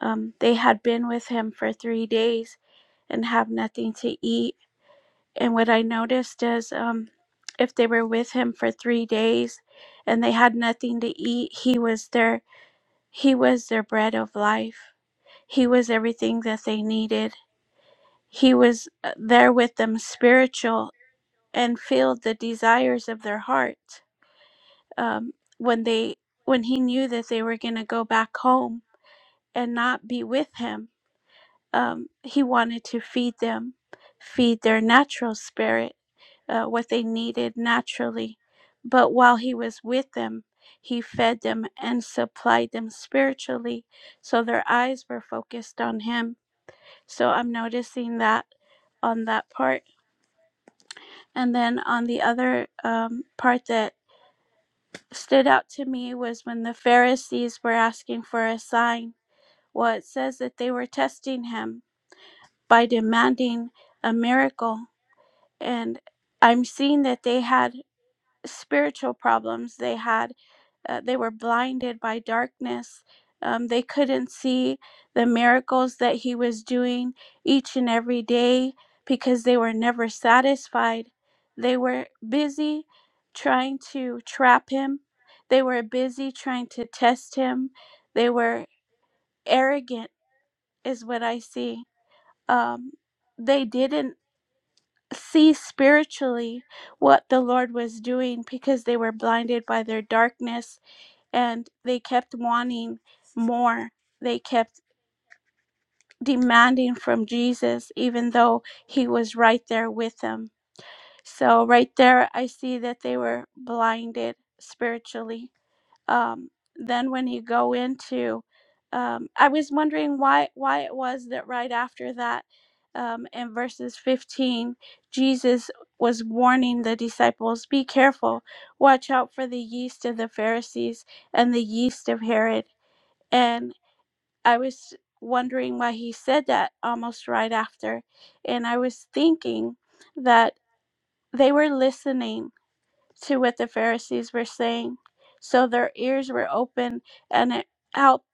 E: Um, they had been with him for three days and have nothing to eat. And what I noticed is um, if they were with him for three days and they had nothing to eat, he was their he was their bread of life. He was everything that they needed. He was uh, there with them spiritual and filled the desires of their heart. Um, when they when he knew that they were going to go back home and not be with him, um, he wanted to feed them, feed their natural spirit, uh, what they needed naturally. But while he was with them, he fed them and supplied them spiritually. So their eyes were focused on him. So I'm noticing that on that part. And then on the other um, part that stood out to me was when the Pharisees were asking for a sign. Well, it says that they were testing him by demanding a miracle. And I'm seeing that they had spiritual problems. They had Uh, they were blinded by darkness. Um, they couldn't see the miracles that he was doing each and every day because they were never satisfied. They were busy trying to trap him, they were busy trying to test him. They were arrogant, is what I see. Um, they didn't see spiritually what the Lord was doing because they were blinded by their darkness and they kept wanting more. They kept demanding from Jesus, even though he was right there with them. So, right there, I see that they were blinded spiritually. Um, then, when you go into, um, I was wondering why why it was that right after that, um, in verses 15, Jesus was warning the disciples, "Be careful, watch out for the yeast of the Pharisees and the yeast of Herod." And I was wondering why he said that almost right after. And I was thinking that they were listening to what the Pharisees were saying. So their ears were open and it helped.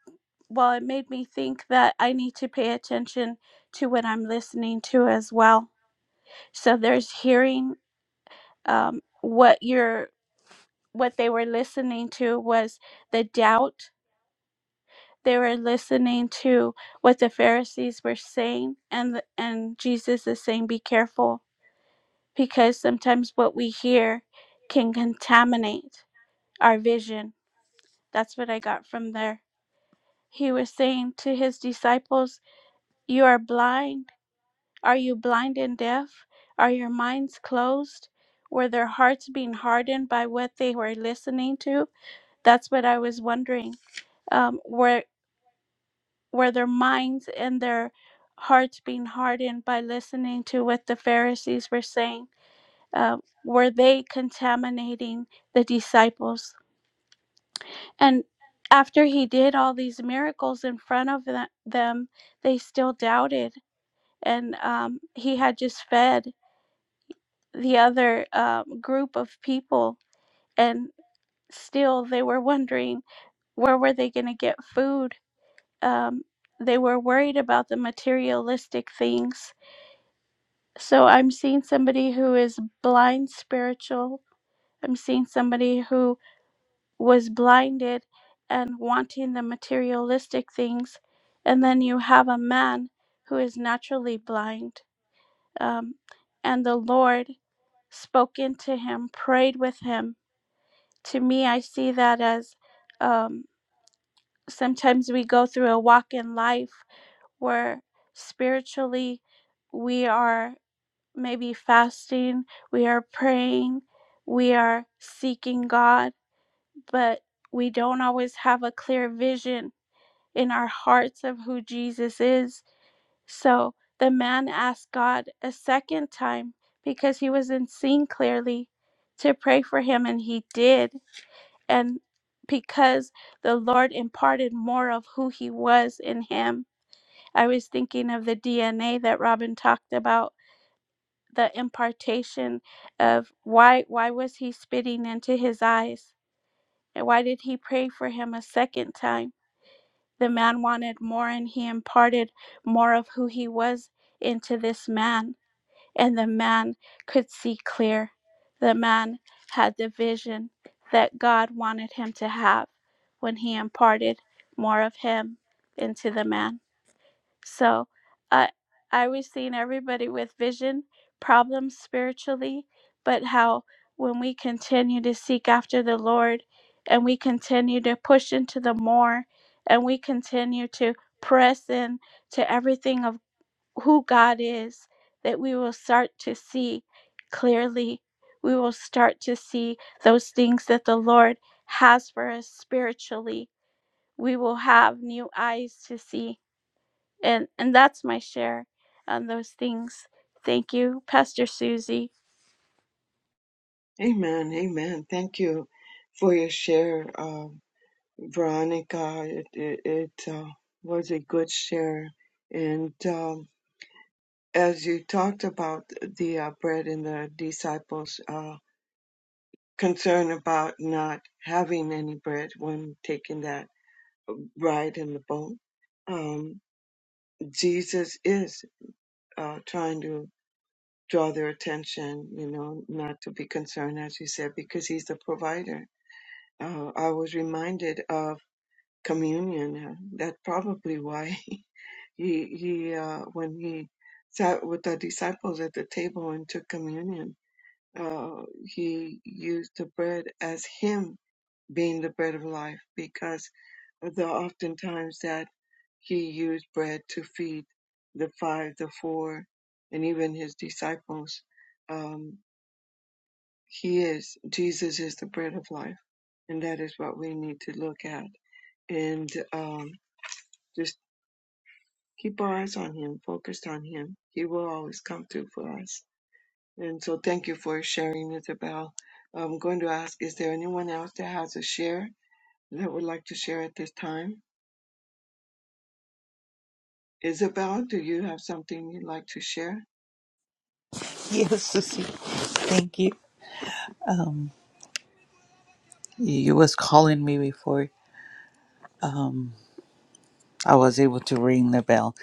E: Well, it made me think that I need to pay attention to what I'm listening to as well. So there's hearing um, what you're, what they were listening to was the doubt They were listening to what the Pharisees were saying, and and Jesus is saying, "Be careful, because sometimes what we hear can contaminate our vision." That's what I got from there. He was saying to his disciples, "You are blind. Are you blind and deaf? Are your minds closed? Were their hearts being hardened by what they were listening to?" That's what I was wondering. Um, where were their minds and their hearts being hardened by listening to what the Pharisees were saying? Uh, were they contaminating the disciples? And after he did all these miracles in front of the- them, they still doubted. And um, he had just fed the other um, group of people, and still they were wondering where were they going to get food. Um, they were worried about the materialistic things So I'm seeing somebody who is blind spiritual. I'm seeing somebody who was blinded and wanting the materialistic things. And then you have a man who is naturally blind. Um, and the Lord spoke into him, prayed with him. To me, I see that as um, sometimes we go through a walk in life where spiritually we are. maybe fasting, we are praying, we are seeking God, but we don't always have a clear vision in our hearts of who Jesus is. So the man asked God a second time because he wasn't seeing clearly to pray for him, and he did. And because the Lord imparted more of who he was in him, I was thinking of the DNA that Robin talked about the impartation of why why was he spitting into his eyes and why did he pray for him a second time the man wanted more and he imparted more of who he was into this man and the man could see clear the man had the vision that god wanted him to have when he imparted more of him into the man so I I was seeing everybody with vision problems spiritually, but how when we continue to seek after the Lord and we continue to push into the more and we continue to press in to everything of who God is, that we will start to see clearly. We will start to see those things that the Lord has for us spiritually. We will have new eyes to see and and that's my share on those things thank you pastor susie
B: Amen. Amen. Thank you for your share, uh, Veronica. It, it, it uh, was a good share. And um, as you talked about the uh, bread and the disciples' uh, concern about not having any bread when taking that ride in the boat, um, Jesus is uh, trying to draw their attention, you know, not to be concerned, as you said, because he's the provider. Uh, I was reminded of communion. uh, That's probably why he he uh, when he sat with the disciples at the table and took communion, uh, he used the bread as him being the bread of life because the oftentimes that he used bread to feed the five, the four, and even his disciples. Um, he is Jesus is the bread of life, and that is what we need to look at and um, just keep our eyes on Him, focused on Him. He will always come through for us. And so, thank you for sharing, Isabel. I'm going to ask Is there anyone else that has a share that would like to share at this time? Isabel, do you have something you'd like to share?
F: Yes, Susie. Thank you. You was calling me before I was able to ring the bell.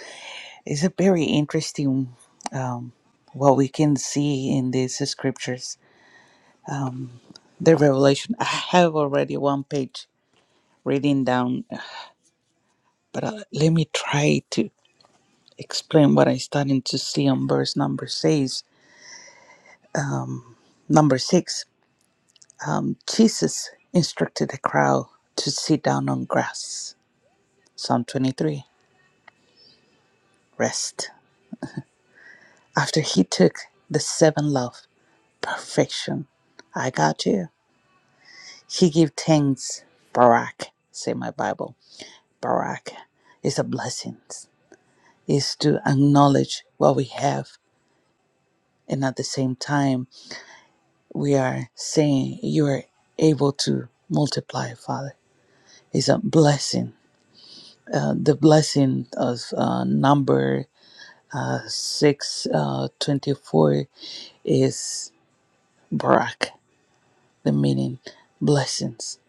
F: It's a very interesting what we can see in these scriptures. The revelation. I have already one page reading down, but uh, let me try to explain what I started to see on verse number six. Number six. Um, Jesus instructed the crowd to sit down on grass. Psalm twenty-three. Rest. After he took the seven loaves perfection. I got you. He give thanks, Barak, say my Bible. Barak is a blessing. Is to acknowledge what we have and at the same time we are saying you are able to multiply, Father. It's a blessing. Uh, the blessing of uh, number uh, 6 uh, 24 is Barak, the meaning blessings.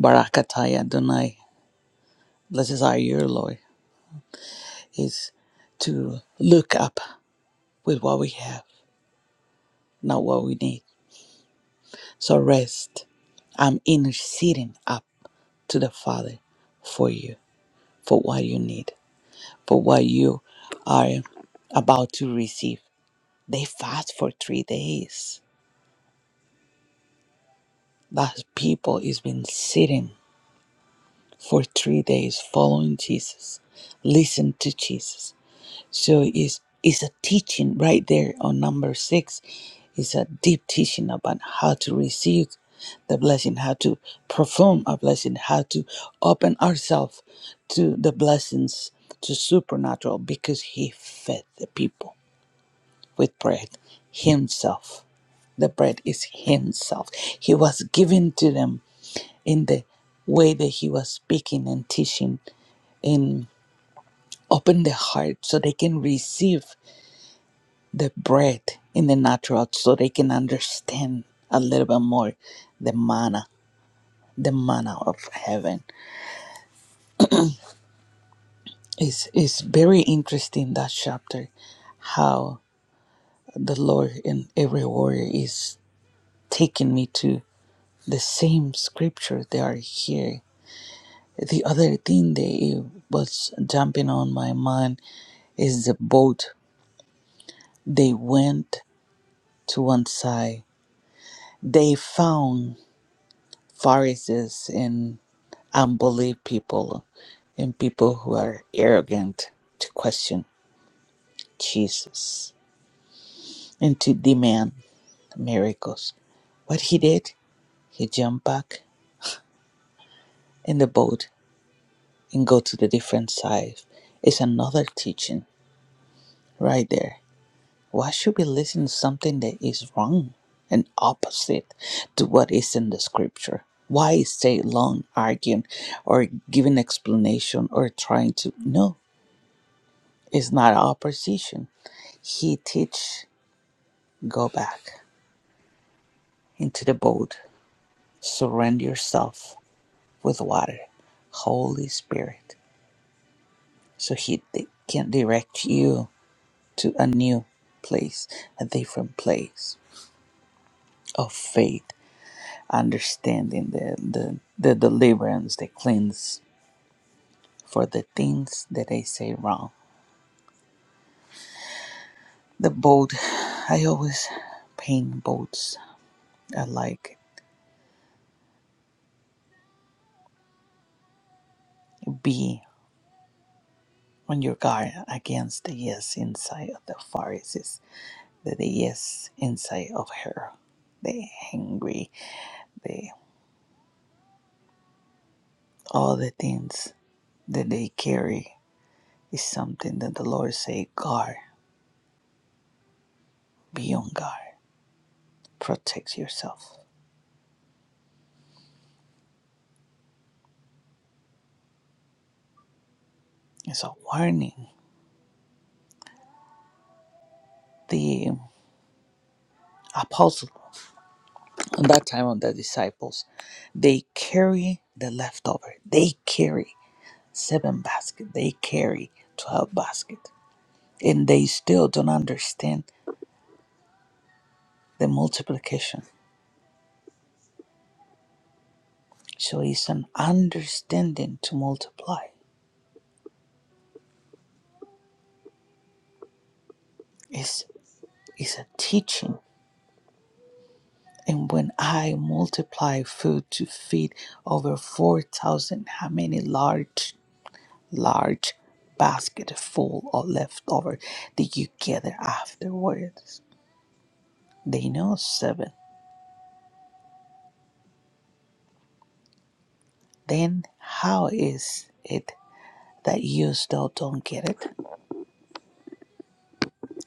F: Barakataya Adonai. Blessed are you, Lord. is to look up with what we have, not what we need. So rest. I'm interceding up to the Father for you, for what you need, for what you are about to receive. They fast for three days. That people is been sitting for three days following Jesus, listen to Jesus So it's it's a teaching right there on number six. It's a deep teaching about how to receive the blessing, how to perform a blessing, how to open ourselves to the blessings to supernatural because he fed the people with bread himself. The bread is himself. He was given to them in the way that he was speaking and teaching and open the heart so they can receive the bread in the natural so they can understand a little bit more the manna, the manna of heaven. It's, it's very interesting that chapter, how the Lord and every warrior is taking me to the same scripture they are here. The other thing that was jumping on my mind is the boat. They went to one side. They found Pharisees and unbelief people and people who are arrogant to question Jesus and to demand miracles. What he did, he jumped back in the boat and go to the different side. It's another teaching right there. Why should we listen to something that is wrong and opposite to what is in the scripture? Why stay long arguing or giving explanation or trying to no, it's not opposition. He teach go back into the boat, surrender yourself with water, Holy Spirit, so He di- can direct you to a new place, a different place of faith, understanding the the, the deliverance, the cleanse for the things that I say wrong. The boat, I always paint boats. I like be on your guard against the yes inside of the Pharisees the yes inside of her, the hungry, the all the things that they carry is something that the Lord say, guard, be on guard, protect yourself. It's a warning. The apostle at that time of the disciples, they carry the leftover. They carry seven basket. They carry twelve basket, and they still don't understand the multiplication So it's an understanding to multiply. It's, it's a teaching. And when I multiply food to feed over 4,000, how many large, large basket full of leftover did you gather afterwards? They know seven. Then how is it that you still don't get it?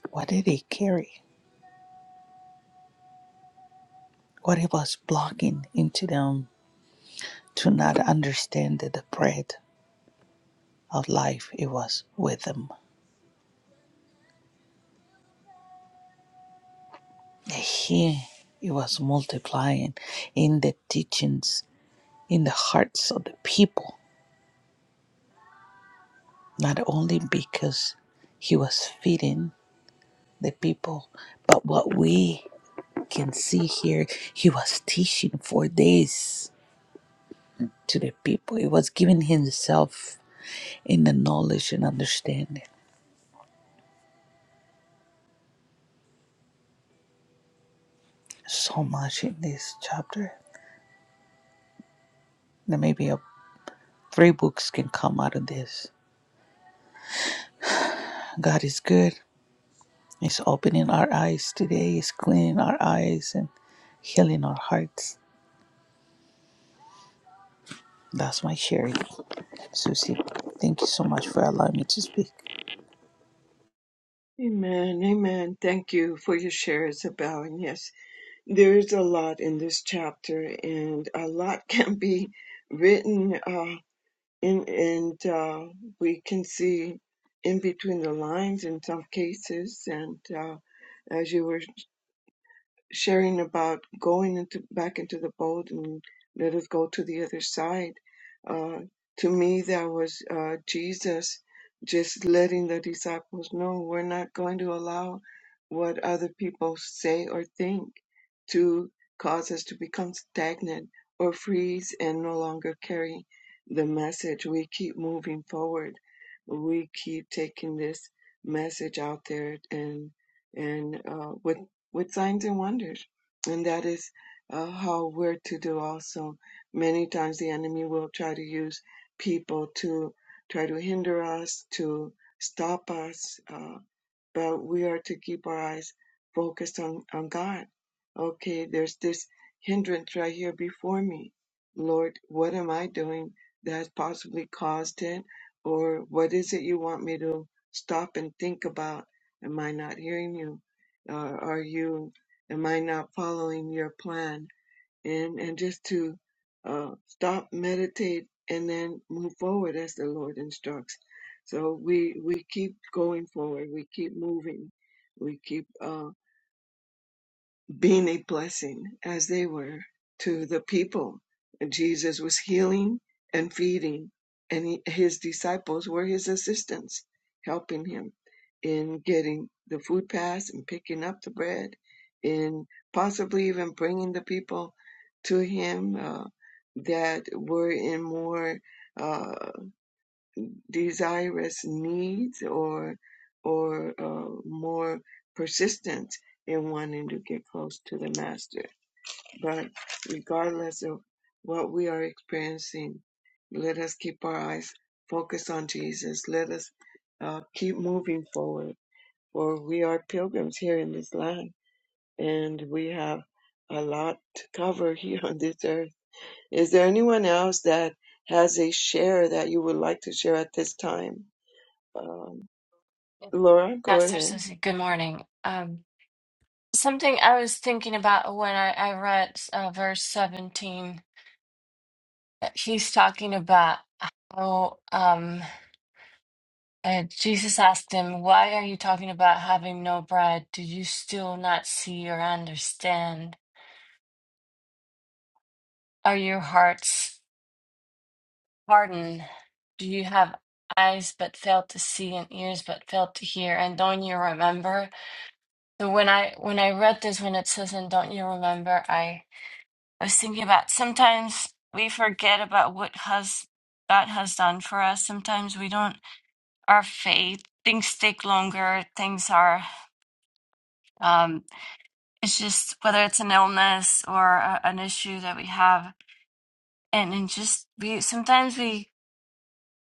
F: What did he carry? What he was blocking into them to not understand the bread? of life it was with them. Here it was multiplying in the teachings, in the hearts of the people, not only because he was feeding the people, but what we can see here, he was teaching for days to the people. He was giving himself in the knowledge and understanding. So much in this chapter. There may be a, three books can come out of this. God is good. It's opening our eyes today, it's cleaning our eyes and healing our hearts. That's my sharing, Susie. Thank you so much for allowing me to speak.
B: Amen, amen. Thank you for your share, Isabel. And yes, there is a lot in this chapter, and a lot can be written. Uh, and and uh, we can see in between the lines in some cases. And uh, as you were sharing about going into back into the boat and let us go to the other side. Uh, to me, that was uh, Jesus just letting the disciples know we're not going to allow what other people say or think to cause us to become stagnant or freeze and no longer carry the message. We keep moving forward. We keep taking this message out there and and uh, with with signs and wonders. And that is uh, how we're to do also. Many times the enemy will try to use people to try to hinder us, to stop us. uh, but we are to keep our eyes focused on, on God. Okay, there's this hindrance right here before me. Lord, what am I doing that's possibly caused it? Or what is it you want me to stop and think about? Am I not hearing you? Uh, are you, am I not following your plan? and and just to uh, stop, meditate, and then move forward as the Lord instructs. So we we keep going forward. We keep moving. We keep. Uh, being a blessing as they were to the people. And Jesus was healing and feeding, and he, his disciples were his assistants, helping him in getting the food pass and picking up the bread, in possibly even bringing the people to him uh, that were in more. uh, desirous needs or or uh, more persistence in wanting to get close to the master but regardless of what we are experiencing let us keep our eyes focused on jesus let us uh, keep moving forward for we are pilgrims here in this land and we have a lot to cover here on this earth is there anyone else that has a share that you would like to share at this time Um,
G: Yes.
B: Laura, go
G: Pastor
B: ahead.
G: Susie, good morning. Um, something I was thinking about when I, I read uh, verse 17, uh, he's talking about how um, uh, Jesus asked him, Why are you talking about having no bread? Do you still not see or understand? Are your hearts hardened? Do you have eyes but fail to see and ears but fail to hear? And don't you remember? So when I when I read this, when it says, "And don't you remember?" I I was thinking about sometimes we forget about what has God has done for us. Sometimes we don't. Our faith things take longer. Things are. Um, it's just whether it's an illness or a, an issue that we have, and and just we sometimes we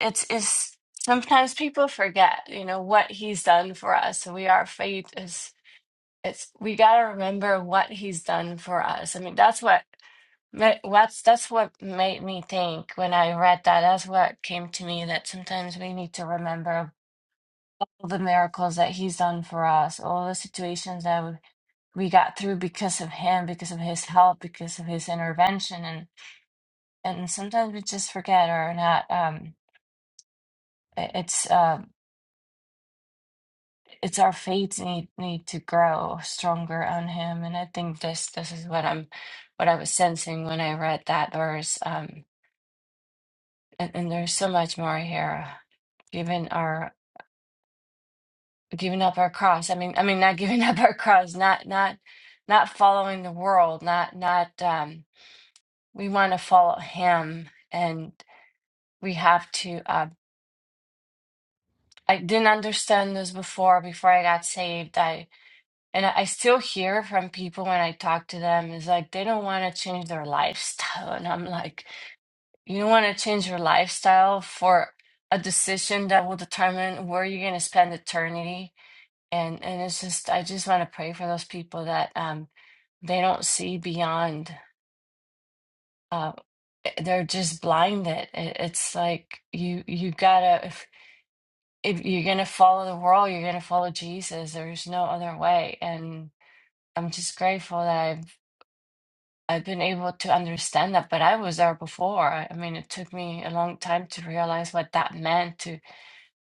G: it's is sometimes people forget you know what He's done for us. So we our faith is. It's we got to remember what he's done for us. I mean, that's what ma- what's that's what made me think when I read that. That's what came to me that sometimes we need to remember all the miracles that he's done for us, all the situations that we we got through because of him, because of his help, because of his intervention, and and sometimes we just forget or not. Um, it- it's. uh. it's our faith need need to grow stronger on him and i think this this is what i'm what i was sensing when i read that verse um and, and there's so much more here giving our giving up our cross i mean i mean not giving up our cross not not not following the world not not um we want to follow him and we have to uh i didn't understand this before before i got saved And I I still hear from people when I talk to them, is like they don't want to change their lifestyle. And I'm like, you want to change your lifestyle for a decision that will determine where you're going to spend eternity. And and it's just, I just want to pray for those people that um they don't see beyond. Uh, they're just blinded. It, it's like you you gotta if if you're gonna follow the world, you're gonna follow Jesus. There's no other way. And I'm just grateful that I've I've been able to understand that, but I was there before. I I mean, it took me a long time to realize what that meant to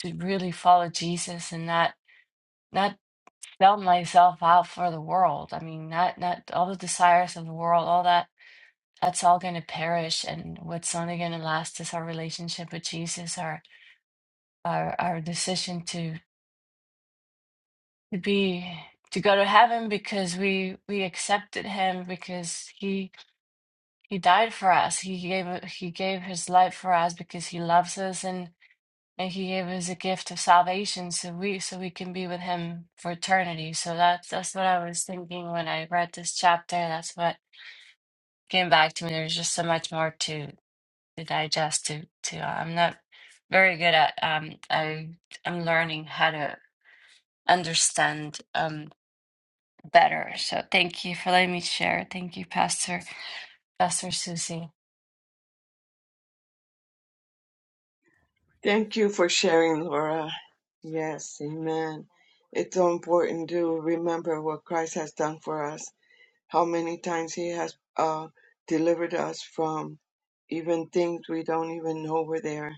G: to really follow Jesus and not not sell myself out for the world. I mean, not not all the desires of the world, all that that's all going to perish, and what's only going to last is our relationship with Jesus, our our our decision to to be to go to heaven because we we accepted him because he He died for us. He gave he gave his life for us because he loves us and and he gave us a gift of salvation so we so we can be with him for eternity. So that's that's what I was thinking when I read this chapter. That's what came back to me. There's just so much more to to digest to to uh, I'm not very good at um I I'm learning how to understand um better. So thank you for letting me share. Thank you, Pastor Pastor Susie.
B: Thank you for sharing, Laura. Yes, amen. It's so important to remember what Christ has done for us, how many times he has uh, delivered us from even things we don't even know were there,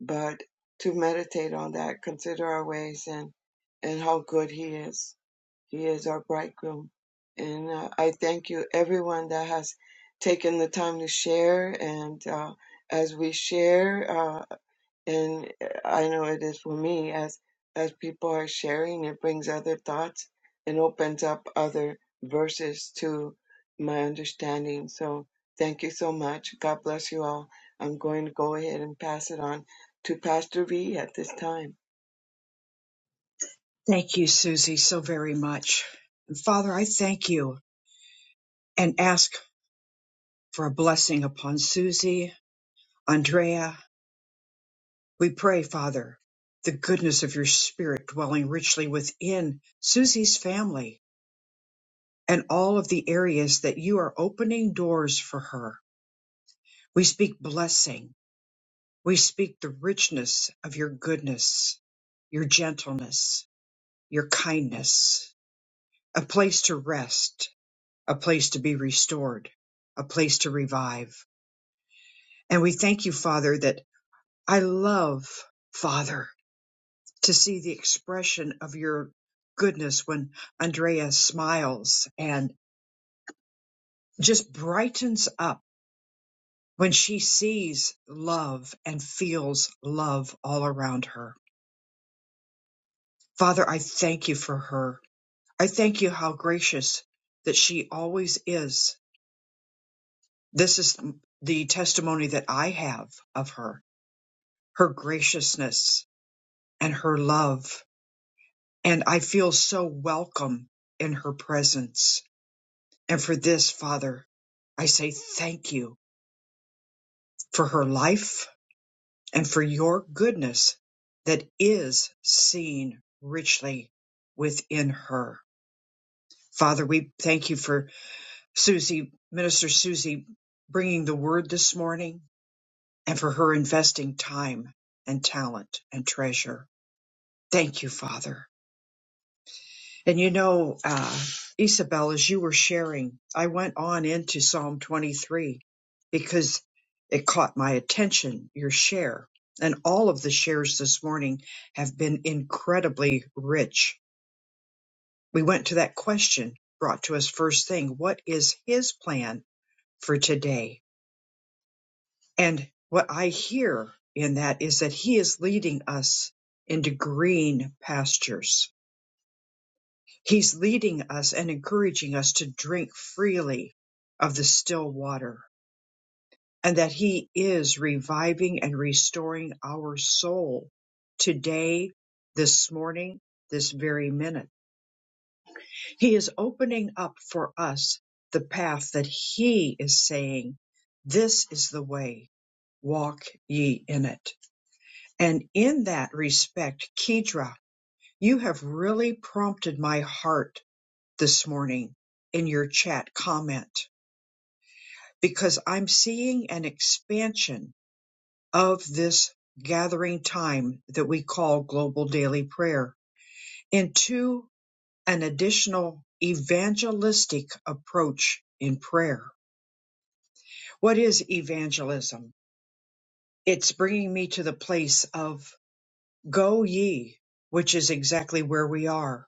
B: but to meditate on that, consider our ways and, and how good he is. He is our bridegroom. And uh, I thank you, everyone that has taken the time to share and uh, as we share. uh, and uh, I know it is for me as as people are sharing, it brings other thoughts and opens up other verses to my understanding. So thank you so much. God bless you all. I'm going to go ahead and pass it on to Pastor V at this time.
A: Thank you, Susie, so very much. And Father, I thank you and ask for a blessing upon Susie, Andrea. We pray, Father, the goodness of your spirit dwelling richly within Susie's family and all of the areas that you are opening doors for her. We speak blessing. We speak the richness of your goodness, your gentleness, your kindness, a place to rest, a place to be restored, a place to revive. And we thank you, Father, that I love, Father, to see the expression of your goodness when Andrea smiles and just brightens up when she sees love and feels love all around her. Father, I thank you for her. I thank you how gracious that she always is. This is the testimony that I have of her, her graciousness and her love. And I feel so welcome in her presence. And for this, Father, I say thank you for her life and for your goodness that is seen richly within her. Father, we thank you for Susie, Minister Susie, bringing the word this morning and for her investing time and talent and treasure. Thank you, Father. And you know, uh, Isabel, as you were sharing, I went on into Psalm 23 because it caught my attention, your share. And all of the shares this morning have been incredibly rich. We went to that question brought to us first thing what is his plan for today? And what I hear in that is that he is leading us into green pastures He's leading us and encouraging us to drink freely of the still water, and that He is reviving and restoring our soul today, this morning, this very minute. He is opening up for us the path that He is saying, This is the way, walk ye in it. And in that respect, Kedra, you have really prompted my heart this morning in your chat comment because I'm seeing an expansion of this gathering time that we call global daily prayer into an additional evangelistic approach in prayer. What is evangelism? It's bringing me to the place of go ye, which is exactly where we are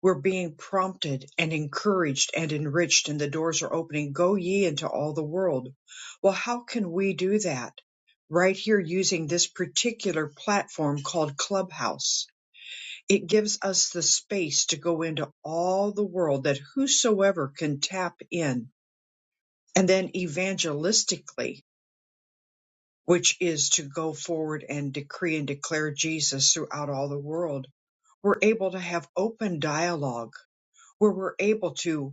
A: We're being prompted and encouraged and enriched, and the doors are opening. Go ye into all the world. Well, how can we do that? Right here, using this particular platform called Clubhouse, it gives us the space to go into all the world that whosoever can tap in. And then evangelistically, which is to go forward and decree and declare Jesus throughout all the world, we're able to have open dialogue where we're able to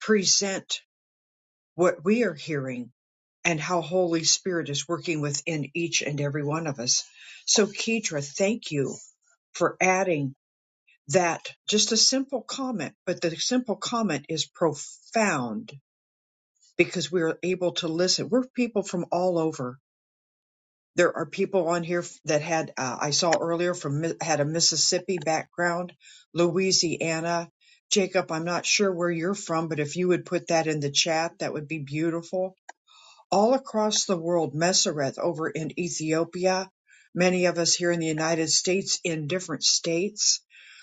A: present what we are hearing and how Holy Spirit is working within each and every one of us. So, Kedra, thank you for adding that just a simple comment, but the simple comment is profound because we are able to listen. We're people from all over. There are people on here that had, uh, I saw earlier from, Mi- had a Mississippi background, Louisiana. Jacob, I'm not sure where you're from, but if you would put that in the chat, that would be beautiful all across the world, Mesereth over in Ethiopia, many of us here in the United States in different states.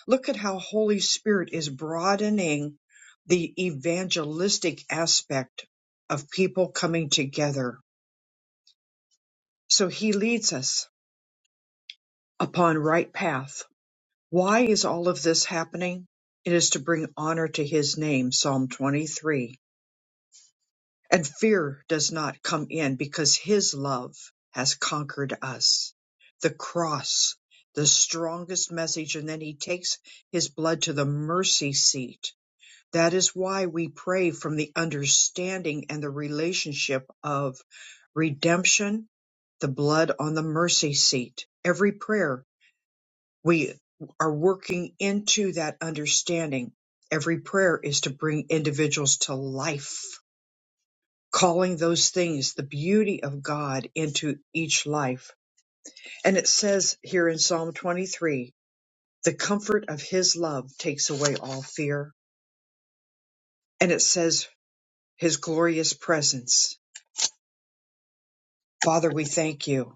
A: Look at how Holy Spirit is broadening the evangelistic aspect of people coming together. So he leads us upon right path. Why is all of this happening? It is to bring honor to his name, Psalm 23. And fear does not come in because his love has conquered us. The cross, the strongest message. And then he takes his blood to the mercy seat. That is why we pray from the understanding and the relationship of redemption, the blood on the mercy seat. Every prayer we are working into that understanding. Every prayer is to bring individuals to life calling those things the beauty of God into each life. And it says here in Psalm 23, the comfort of his love takes away all fear. And it says his glorious presence. Father, we thank you.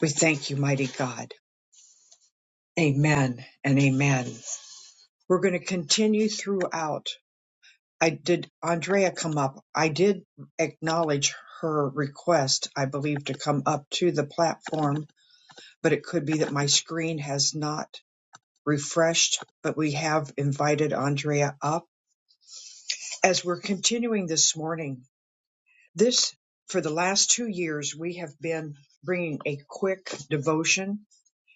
A: We thank you, mighty God. Amen and amen. We're going to continue throughout. I did Andrea come up. I did acknowledge her request, I believe, to come up to the platform, but it could be that my screen has not refreshed, but we have invited Andrea up as we're continuing this morning. This, for the last two years, we have been bringing a quick devotion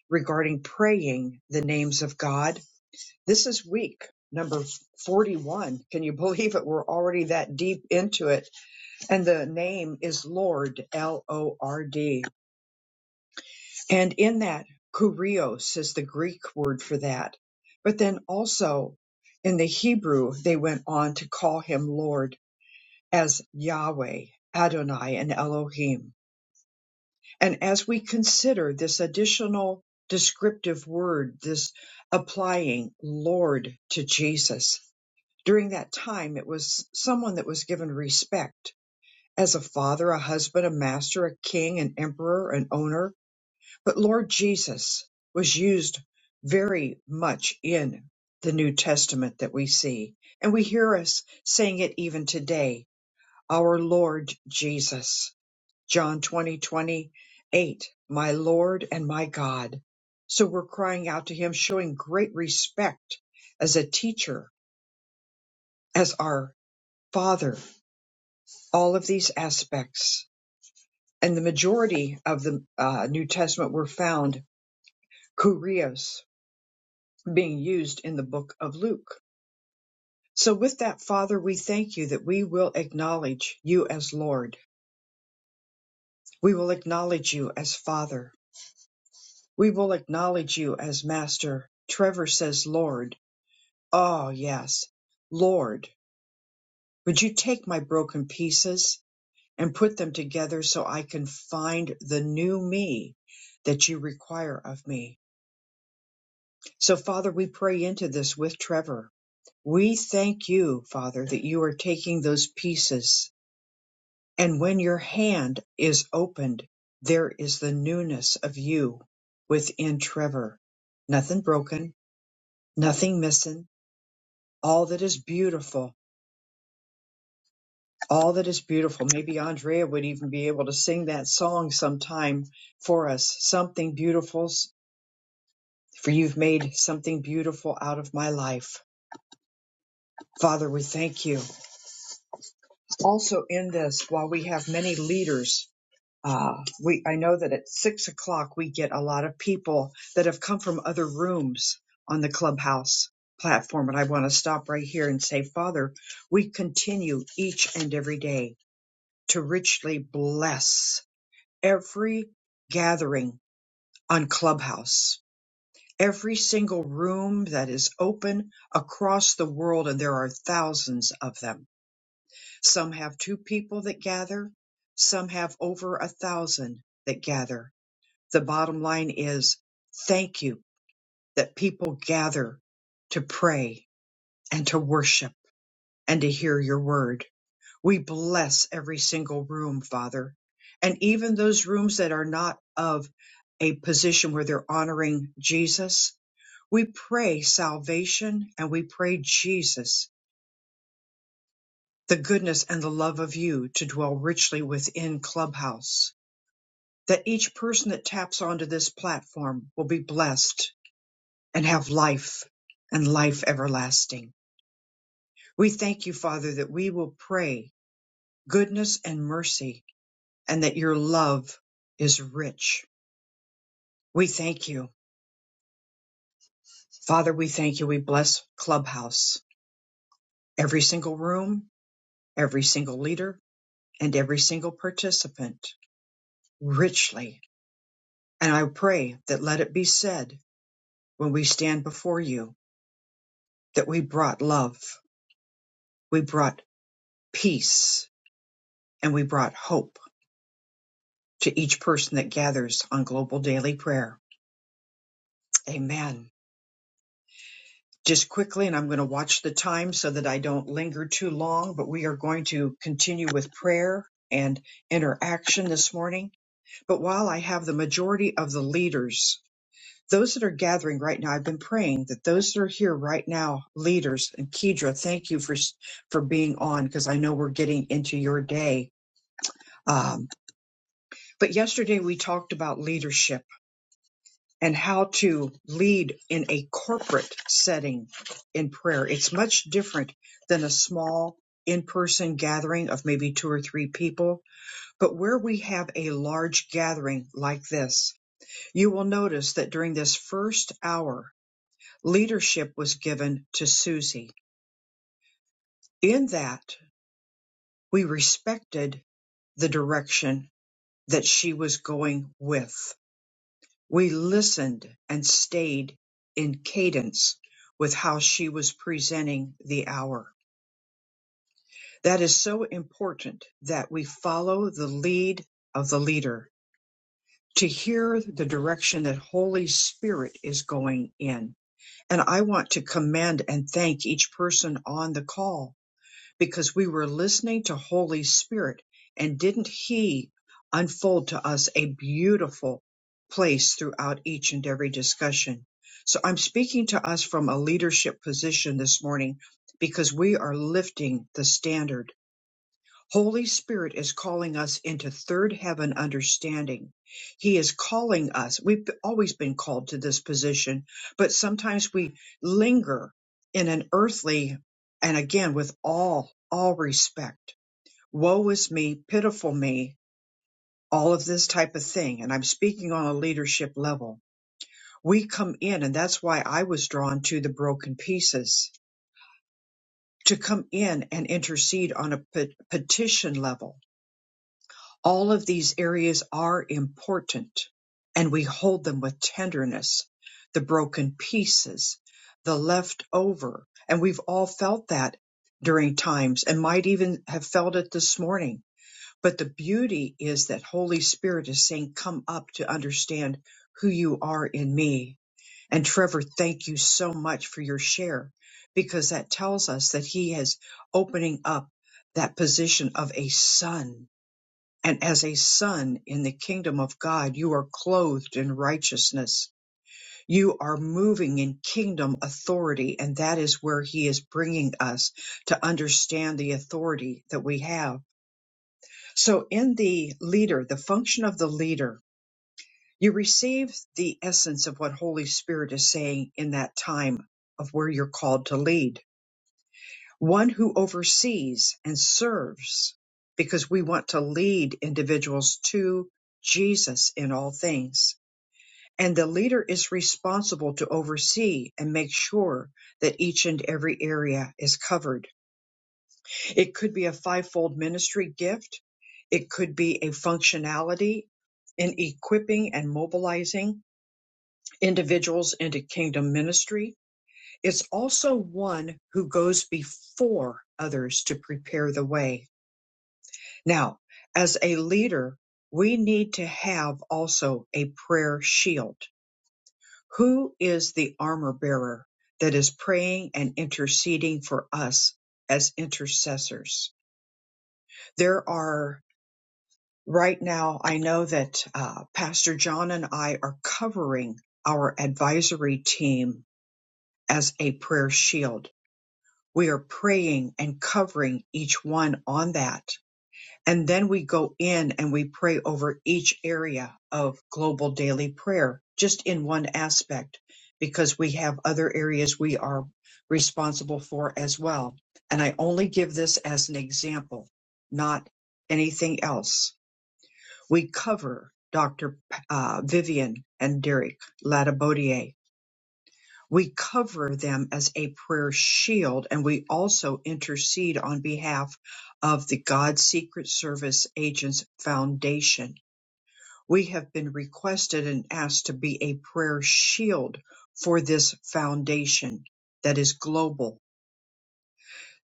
A: regarding praying the names of God. This is week number 41. Can you believe it? We're already that deep into it. And the name is Lord, L O R D. And in that, kurios is the Greek word for that. But then also in the Hebrew, they went on to call him Lord as Yahweh, Adonai, and Elohim. And as we consider this additional descriptive word, this applying Lord to Jesus, during that time, it was someone that was given respect as a father, a husband, a master, a king, an emperor, an owner, but Lord Jesus was used very much in the New Testament that we see, and we hear us saying it even today. Our Lord Jesus, John twenty twenty eight, my Lord and my God. So we're crying out to him, showing great respect as a teacher, as our Father, all of these aspects. And the majority of the uh, New Testament were found kurios being used in the book of Luke. So, with that, Father, we thank you that we will acknowledge you as Lord. We will acknowledge you as Father. We will acknowledge you as Master. Trevor says, Lord. Oh, yes. Lord, would you take my broken pieces and put them together so I can find the new me that you require of me? So, Father, we pray into this with Trevor. We thank you, Father, that you are taking those pieces And when your hand is opened, there is the newness of you within Trevor. Nothing broken, nothing missing, all that is beautiful, all that is beautiful. Maybe Andrea would even be able to sing that song sometime for us. Something beautiful, for you've made something beautiful out of my life. Father, we thank you. Also, in this, while we have many leaders Uh, we I know that at six o'clock we get a lot of people that have come from other rooms on the clubhouse platform, and I want to stop right here and say, Father, we continue each and every day to richly bless every gathering on clubhouse. Every single room that is open across the world, and there are thousands of them. Some have two people that gather, some have over a thousand that gather the bottom line is thank you that people gather to pray and to worship and to hear your word. We bless every single room, Father, and even those rooms that are not of a position where they're honoring Jesus. We pray salvation and we pray Jesus, the goodness and the love of you to dwell richly within Clubhouse. That each person that taps onto this platform will be blessed and have life and life everlasting. We thank you, Father, that we will pray goodness and mercy and that your love is rich. We thank you. Father, we thank you. We bless Clubhouse, every single room, every single leader, and every single participant richly. And I pray that let it be said when we stand before you that we brought love, we brought peace, and we brought hope to each person that gathers on Global Daily Prayer. Amen. Just quickly, and I'm going to watch the time so that I don't linger too long, but we are going to continue with prayer and interaction this morning. But while I have the majority of the leaders, those that are gathering right now, I've been praying that those that are here right now, leaders, and Kedra, thank you for, for being on because I know we're getting into your day. Um, but yesterday we talked about leadership and how to lead in a corporate setting in prayer. It's much different than a small in person gathering of maybe two or three people. But where we have a large gathering like this, you will notice that during this first hour, leadership was given to Susie. In that, we respected the direction that she was going with. We listened and stayed in cadence with how she was presenting the hour. That is so important that we follow the lead of the leader to hear the direction that Holy Spirit is going in. And I want to commend and thank each person on the call because we were listening to Holy Spirit and didn't he unfold to us a beautiful place throughout each and every discussion. So I'm speaking to us from a leadership position this morning because we are lifting the standard Holy Spirit is calling us into third heaven understanding. He is calling us. We've always been called to this position, but sometimes we linger in an earthly, and again, with all, all respect. Woe is me, pitiful me, all of this type of thing. And I'm speaking on a leadership level. We come in, and that's why I was drawn to the broken pieces to come in and intercede on a pe- petition level All of these areas are important and we hold them with tenderness, the broken pieces, the left over. And we've all felt that during times and might even have felt it this morning. But the beauty is that Holy Spirit is saying, come up to understand who you are in me. And Trevor, thank you so much for your share because that tells us that he is opening up that position of a son and as a son in the kingdom of God, you are clothed in righteousness. You are moving in kingdom authority, and that is where He is bringing us to understand the authority that we have. So, in the leader, the function of the leader, you receive the essence of what Holy Spirit is saying in that time of where you're called to lead one who oversees and serves because we want to lead individuals to Jesus in all things. And the leader is responsible to oversee and make sure that each and every area is covered. It could be a fivefold ministry gift. It could be a functionality in equipping and mobilizing individuals into kingdom ministry. It's also one who goes before others to prepare the way Now, as a leader, we need to have also a prayer shield. Who is the armor bearer that is praying and interceding for us as intercessors? There are right now, I know that uh, Pastor John and I are covering our advisory team as a prayer shield. We are praying and covering each one on that And then we go in and we pray over each area of global daily prayer, just in one aspect, because we have other areas we are responsible for as well. And I only give this as an example, not anything else. We cover Dr. P- Uh, Vivian and Derek Latibodier we cover them as a prayer shield, and we also intercede on behalf of the God Secret Service Agents Foundation. We have been requested and asked to be a prayer shield for this foundation that is global.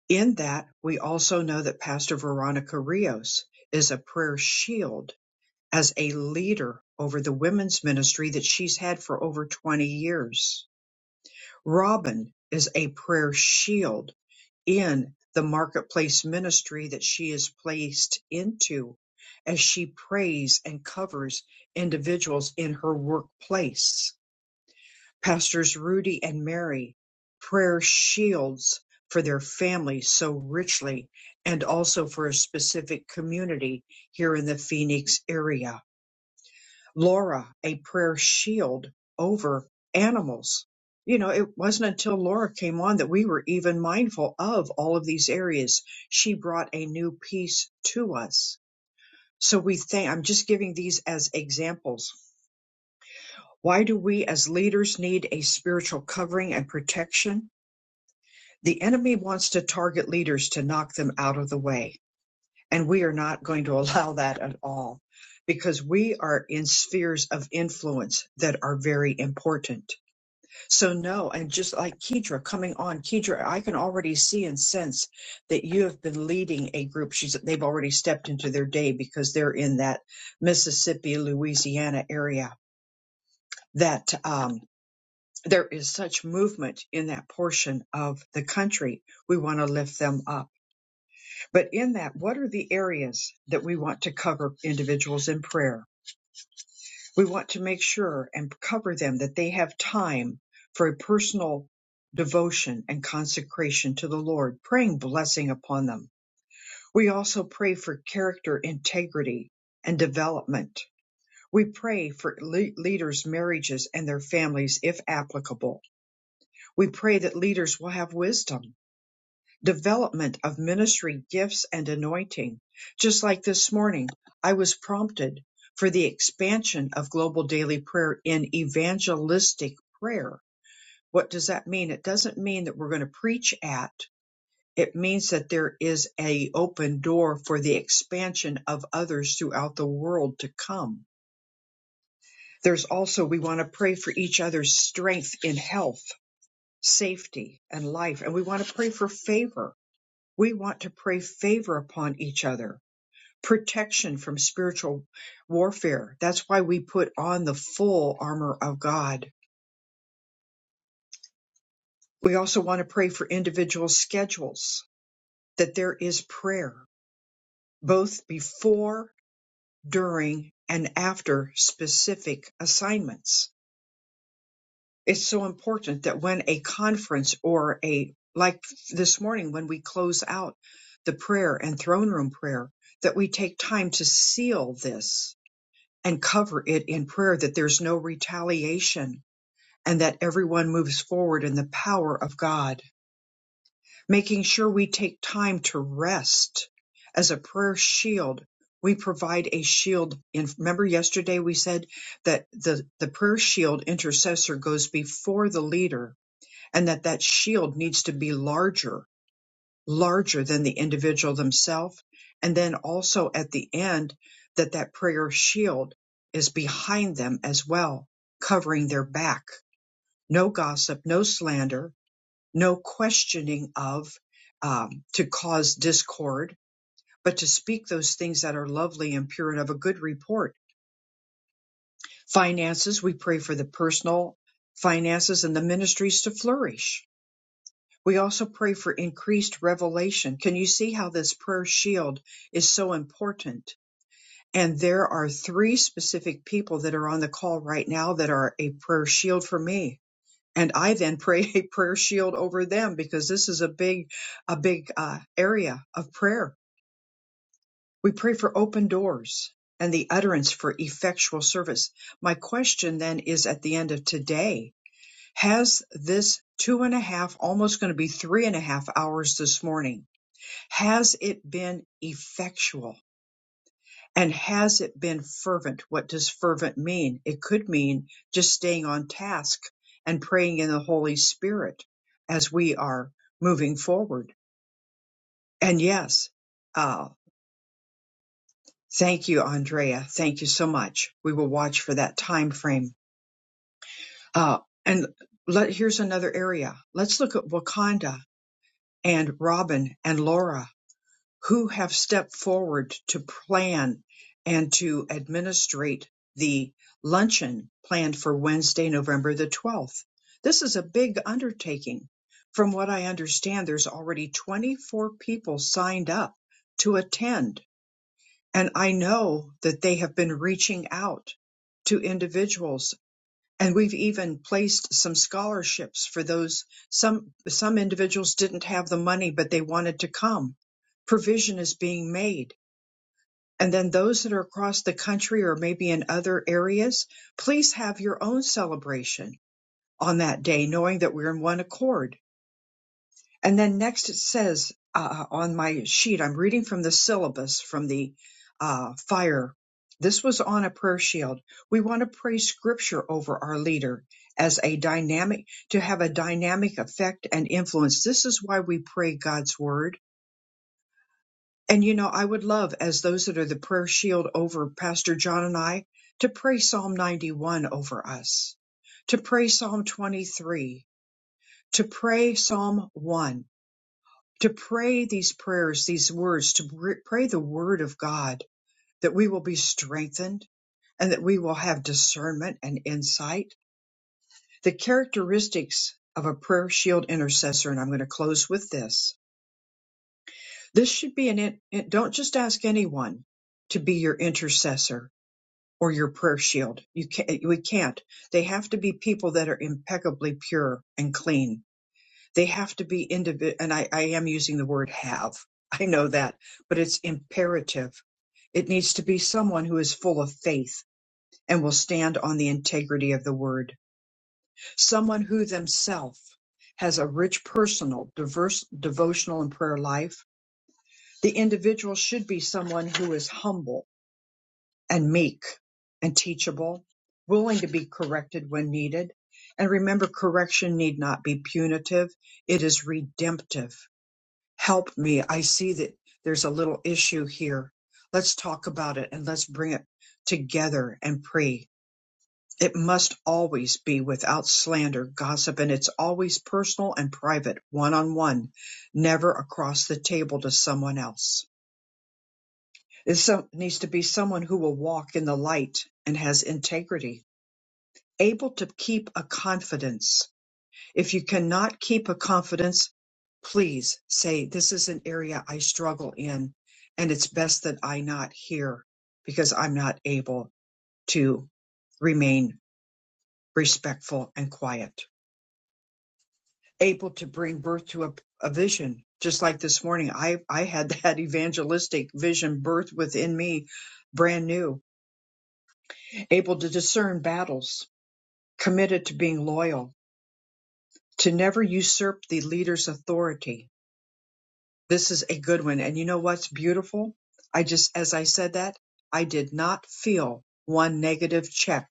A: In that, we also know that Pastor Veronica Rios is a prayer shield as a leader over the women's ministry that she's had for over 20 years Robin is a prayer shield in the marketplace ministry that she is placed into as she prays and covers individuals in her workplace. Pastors Rudy and Mary, prayer shields for their family so richly and also for a specific community here in the Phoenix area Laura a prayer shield over animals. You know, it wasn't until Laura came on that we were even mindful of all of these areas. She brought a new peace to us. So we think, I'm just giving these as examples. Why do we as leaders need a spiritual covering and protection? The enemy wants to target leaders to knock them out of the way And we are not going to allow that at all because we are in spheres of influence that are very important. So no, and just like Kedra coming on, Kedra, I can already see and sense that you have been leading a group. She's, they've already stepped into their day because they're in that Mississippi, Louisiana area that, um, there is such movement in that portion of the country. We want to lift them up but in that, what are the areas that we want to cover individuals in prayer? We want to make sure and cover them that they have time for a personal devotion and consecration to the Lord, praying blessing upon them. We also pray for character integrity and development. We pray for le- leaders' marriages and their families if applicable. We pray that leaders will have wisdom development of ministry gifts and anointing. Just like this morning, I was prompted for the expansion of global daily prayer in evangelistic prayer. What does that mean? It doesn't mean that we're going to preach at. It means that there is a open door for the expansion of others throughout the world to come. There's also we want to pray for each other's strength in health, safety, and life, and we want to pray for favor We want to pray favor upon each other, protection from spiritual warfare. That's why we put on the full armor of God. We also want to pray for individual schedules, that there is prayer, both before, during, and after specific assignments. It's so important that when a conference or a, like this morning, when we close out the prayer and throne room prayer, that we take time to seal this and cover it in prayer that there's no retaliation and that everyone moves forward in the power of God, making sure we take time to rest as a prayer shield. We provide a shield. In, remember yesterday we said that the, the prayer shield intercessor goes before the leader and that that shield needs to be larger larger than the individual themselves. And then also at the end, that that prayer shield is behind them as well, covering their back. No gossip, no slander, no questioning of um, to cause discord, but to speak those things that are lovely and pure and of a good report. Finances, we pray for the personal finances and the ministries to flourish We also pray for increased revelation. Can you see how this prayer shield is so important? And there are three specific people that are on the call right now that are a prayer shield for me. And I then pray a prayer shield over them because this is a big, a big uh, area of prayer. We pray for open doors and the utterance for effectual service. My question then is at the end of today, has this two and a half, almost going to be three and a half hours this morning, has it been effectual? And has it been fervent? What does fervent mean? It could mean just staying on task and praying in the Holy Spirit as we are moving forward. And yes, uh, thank you, Andrea. Thank you so much. We will watch for that time frame. Uh, and let, here's another area. Let's look at Wakanda and Robin and Laura. who have stepped forward to plan and to administrate the luncheon planned for Wednesday, November the 12th. This is a big undertaking. From what I understand, there's already 24 people signed up to attend. And I know that they have been reaching out to individuals and we've even placed some scholarships for those some some individuals didn't have the money but they wanted to come provision is being made and then those that are across the country or maybe in other areas please have your own celebration on that day knowing that we're in one accord and then next it says uh, on my sheet, I'm reading from the syllabus from the uh, fire. This was on a prayer shield. We want to pray scripture over our leader as a dynamic, to have a dynamic effect and influence. This is why we pray God's word. And you know, I would love as those that are the prayer shield over Pastor John and I to pray Psalm 91 over us, to pray Psalm 23, to pray Psalm 1 to pray these prayers, these words, to pr- pray the word of God, that we will be strengthened and that we will have discernment and insight. The characteristics of a prayer shield intercessor, and I'm going to close with this. This should be an, in, in- don't just ask anyone to be your intercessor or your prayer shield. You can't, we can't. They have to be people that are impeccably pure and clean They have to be individual. And I, I am using the word have. I know that, but it's imperative. It needs to be someone who is full of faith and will stand on the integrity of the word. Someone who themselves has a rich personal, diverse devotional and prayer life. The individual should be someone who is humble and meek and teachable, willing to be corrected when needed. And remember, correction need not be punitive. It is redemptive. help me. I see that there's a little issue here. Let's talk about it and let's bring it together and pray. It must always be without slander, gossip, and it's always personal and private, one on one, never across the table to someone else. It so- needs to be someone who will walk in the light and has integrity, able to keep a confidence. If you cannot keep a confidence, please say, this is an area I struggle in and it's best that I not hear because I'm not able to remain respectful and quiet, able to bring birth to a, a vision. Just like this morning, I, I had that evangelistic vision birth within me, brand new, able to discern battles, committed to being loyal, to never usurp the leader's authority, This is a good one. And you know what's beautiful? I just, as I said that, I did not feel one negative check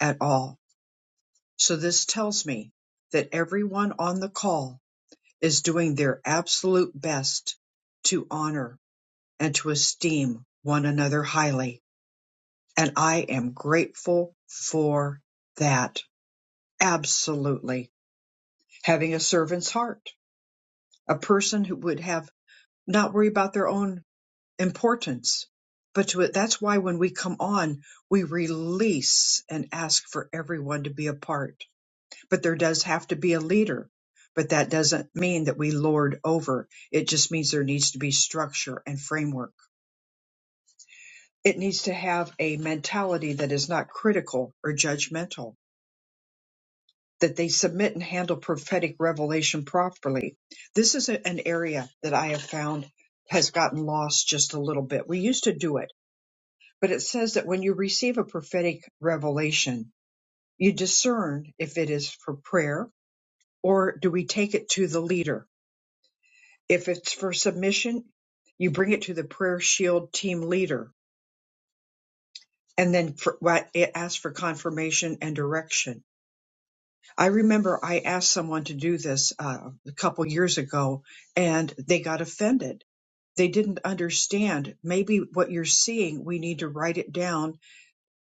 A: at all. So this tells me that everyone on the call is doing their absolute best to honor and to esteem one another highly. And I am grateful for that. Absolutely. Having a servant's heart, a person who would have not worry about their own importance. But to it, that's why when we come on, we release and ask for everyone to be a part. But there does have to be a leader. But that doesn't mean that we lord over. It just means there needs to be structure and framework. It needs to have a mentality that is not critical or judgmental, that they submit and handle prophetic revelation properly. This is a- an area that I have found has gotten lost just a little bit. We used to do it But it says that when you receive a prophetic revelation, you discern if it is for prayer or do we take it to the leader? If it's for submission, you bring it to the prayer shield team leader and then for, what it asks for confirmation and direction. I remember I asked someone to do this uh, a couple years ago and they got offended. They didn't understand. Maybe what you're seeing, we need to write it down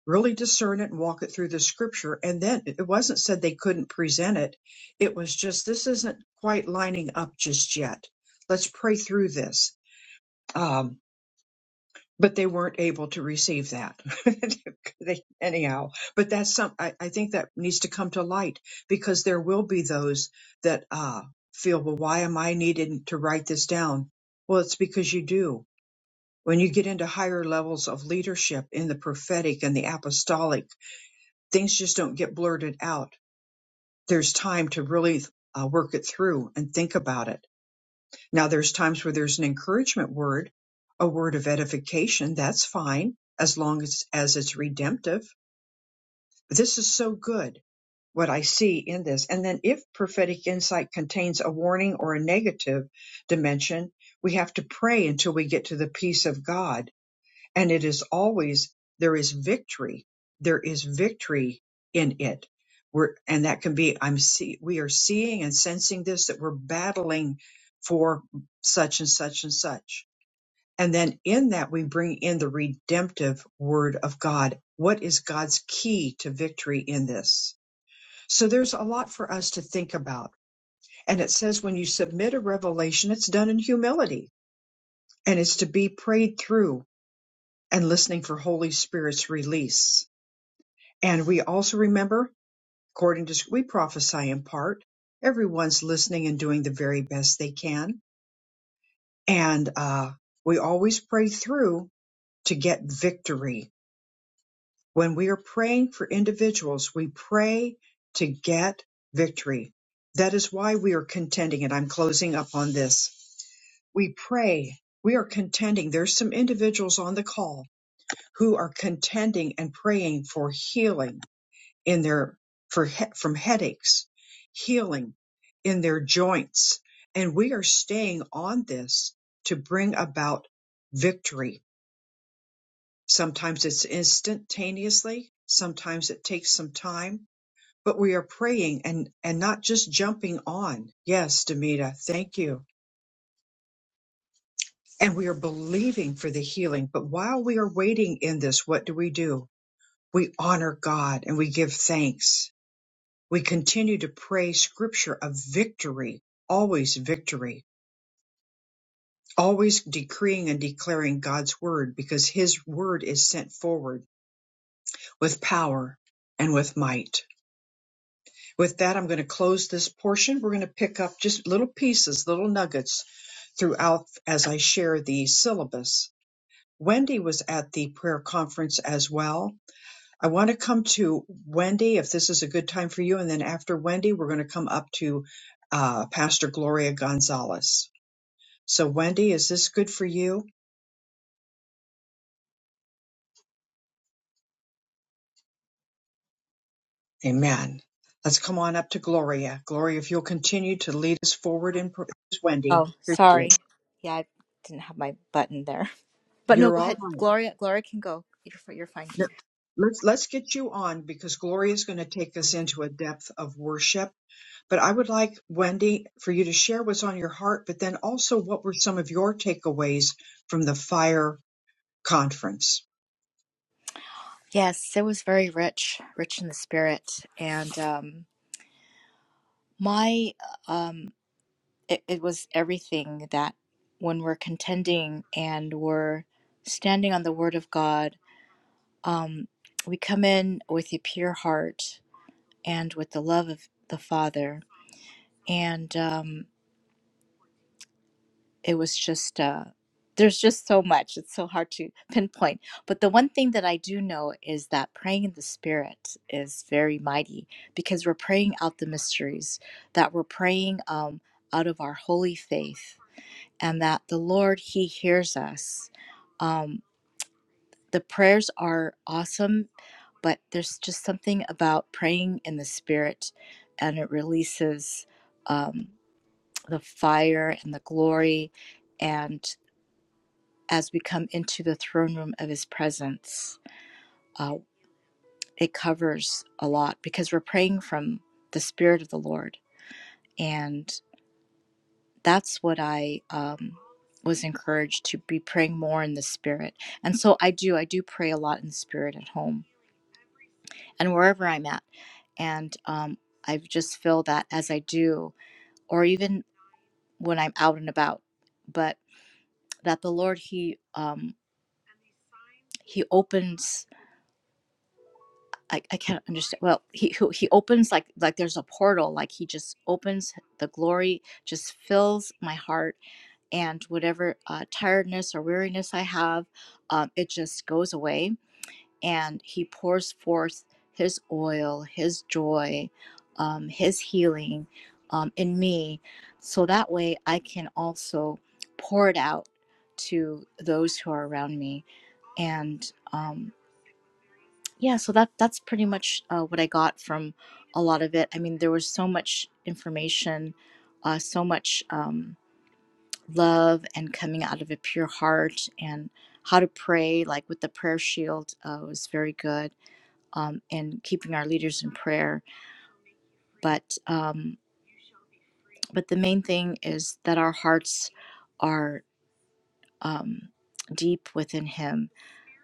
A: really discern it and walk it through the scripture. And then it wasn't said they couldn't present it. It was just, this isn't quite lining up just yet. Let's pray through this. Um, but they weren't able to receive that They- anyhow. But that's some, I, I think that needs to come to light because there will be those that, uh, feel, well, why am I needed to write this down? Well, it's because you do. When you get into higher levels of leadership in the prophetic and the apostolic, things just don't get blurted out. There's time to really uh, work it through and think about it. Now, there's times where there's an encouragement word, a word of edification. That's fine as long as, as it's redemptive. But this is so good what I see in this. And then if prophetic insight contains a warning or a negative dimension, we have to pray until we get to the peace of God and it is always there is victory there is victory in it we're and that can be i'm see we are seeing and sensing this that we're battling for such and such and such and then in that we bring in the redemptive word of god what is god's key to victory in this so there's a lot for us to think about and it says when you submit a revelation it's done in humility and it's to be prayed through and listening for holy spirit's release And we also remember, according to we prophesy in part. Everyone's listening and doing the very best they can. And uh, we always pray through to get victory. When we are praying for individuals, we pray to get victory. That is why we are contending. And I'm closing up on this. We pray. We are contending. There's some individuals on the call who are contending and praying for healing in their for he, from headaches, healing in their joints, and we are staying on this to bring about victory. Sometimes it's instantaneously, sometimes it takes some time, but we are praying and and not just jumping on. Yes, Demita, thank you. And we are believing for the healing, but while we are waiting in this, what do we do? We honor God and we give thanks We continue to pray scripture of victory, always victory, always decreeing and declaring God's word because his word is sent forward with power and with might. With that, I'm going to close this portion. We're going to pick up just little pieces, little nuggets throughout as I share the syllabus. Wendy was at the prayer conference as well I want to come to Wendy if this is a good time for you. And then after Wendy, we're going to come up to uh, Pastor Gloria Gonzalez. So, Wendy, is this good for you? Amen. Let's come on up to Gloria. Gloria, if you'll continue to lead us forward in prayer. Wendy,
H: Oh,
A: here she is.
H: sorry. Yeah, I didn't have my button there. But no,
A: You're
H: go
A: all
H: ahead.
A: right.
H: Gloria, Gloria can go. You're, fi- you're fine.
A: No, Let's, let's get you on because Gloria is going to take us into a depth of worship. But I would like, Wendy, for you to share what's on your heart, but then also what were some of your takeaways from the fire conference
H: Yes, it was very rich, rich in the spirit, and um, my um, it, it was everything that when we're contending and we're standing on the Word of God, um, we come in with a pure heart and with the love of the Father, and um, it was just uh there's just so much it's so hard to pinpoint but the one thing that i do know is that praying in the spirit is very mighty because we're praying out the mysteries that we're praying um, out of our holy faith and that the lord he hears us um, the prayers are awesome but there's just something about praying in the spirit and it releases um, the fire and the glory and as we come into the throne room of his presence. Uh, it covers a lot because we're praying from the Spirit of the Lord. And that's what I um, was encouraged to be praying more in the Spirit. And so I do, I do pray a lot in the Spirit at home and wherever I'm at. And um, I just feel that as I do, or even when I'm out and about, but that the Lord, He, um, he opens I, I can't understand. Well, he he opens like like there's a portal. Like he just opens the glory, just fills my heart, and whatever uh, tiredness or weariness I have, um, it just goes away. And he pours forth his oil, his joy, um, his healing um, in me, so that way I can also pour it out to those who are around me. And um, yeah, so that that's pretty much uh, what I got from a lot of it. I mean, there was so much information, uh, so much um, love, and coming out of a pure heart, and how to pray, like with the prayer shield, uh, was very good, um, and keeping our leaders in prayer. But um, but the main thing is that our hearts are um, deep within Him,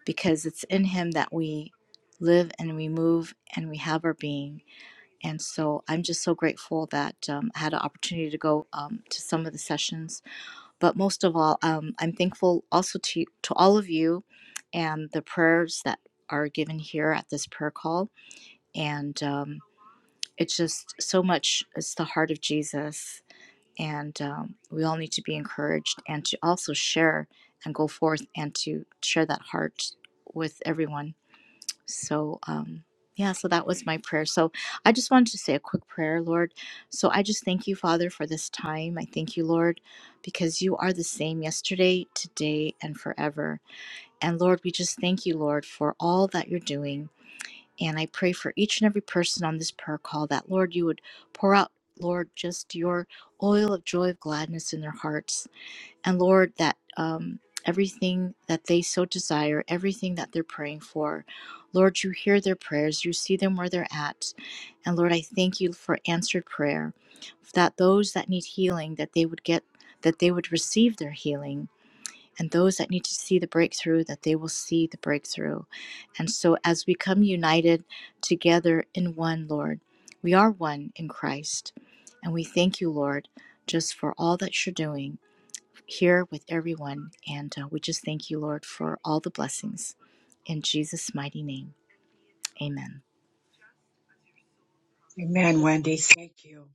H: because it's in Him that we live and we move and we have our being And so I'm just so grateful that um, I had an opportunity to go um, to some of the sessions. But most of all, um, I'm thankful also to, to all of you and the prayers that are given here at this prayer call. And um, it's just so much, it's the heart of Jesus. And um, we all need to be encouraged and to also share and go forth and to share that heart with everyone so, um, yeah, so that was my prayer. So, I just wanted to say a quick prayer, Lord. So, I just thank you, Father, for this time. I thank you, Lord, because you are the same yesterday, today, and forever. And, Lord, we just thank you, Lord, for all that you're doing. And I pray for each and every person on this prayer call that, Lord, you would pour out, Lord, just your oil of joy, of gladness in their hearts. And Lord, that um, everything that they so desire, everything that they're praying for, Lord, you hear their prayers, you see them where they're at. And Lord, I thank you for answered prayer, that those that need healing, that they would get, that they would receive their healing. And those that need to see the breakthrough, that they will see the breakthrough. And so, as we come united together in one, Lord, we are one in Christ. And we thank you, Lord, just for all that you're doing here with everyone. And uh, we just thank you, Lord, for all the blessings. In Jesus' mighty name, amen.
A: Amen, Wendy. Thank you.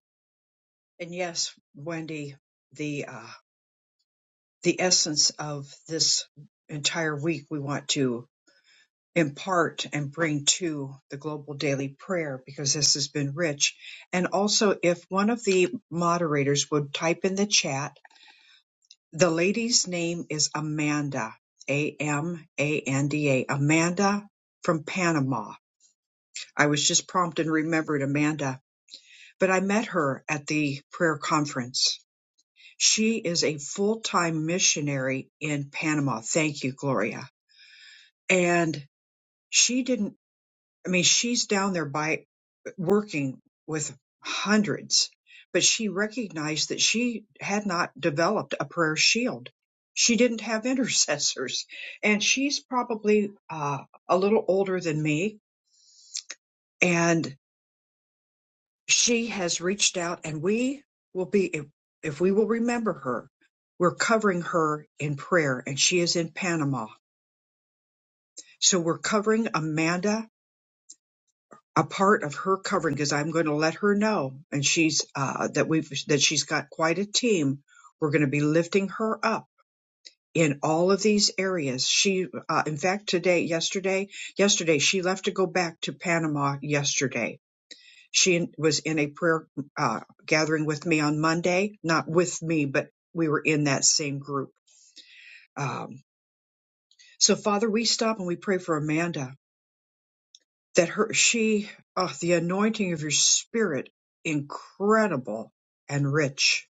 A: And yes, Wendy, the uh, the essence of this entire week we want to impart and bring to the global daily prayer because this has been rich. And also, if one of the moderators would type in the chat The lady's name is Amanda, A M A N D A, Amanda from Panama. I was just prompted and remembered Amanda, but I met her at the prayer conference. She is a full time missionary in Panama. Thank you, Gloria. And she didn't I mean, she's down there by working with hundreds, but she recognized that she had not developed a prayer shield. She didn't have intercessors. And she's probably uh, a little older than me. And she has reached out, and we will be, if, if we will remember her, we're covering her in prayer, and she is in Panama. So we're covering Amanda a part of her covering because I'm going to let her know, and she's uh, that we've that she's got quite a team. We're going to be lifting her up in all of these areas. She, uh, in fact, today, yesterday, yesterday she left to go back to Panama. Yesterday, she was in a prayer uh, gathering with me on Monday, not with me, but we were in that same group. Um, so, Father, we stop and we pray for Amanda that her she oh, the anointing of your spirit incredible and rich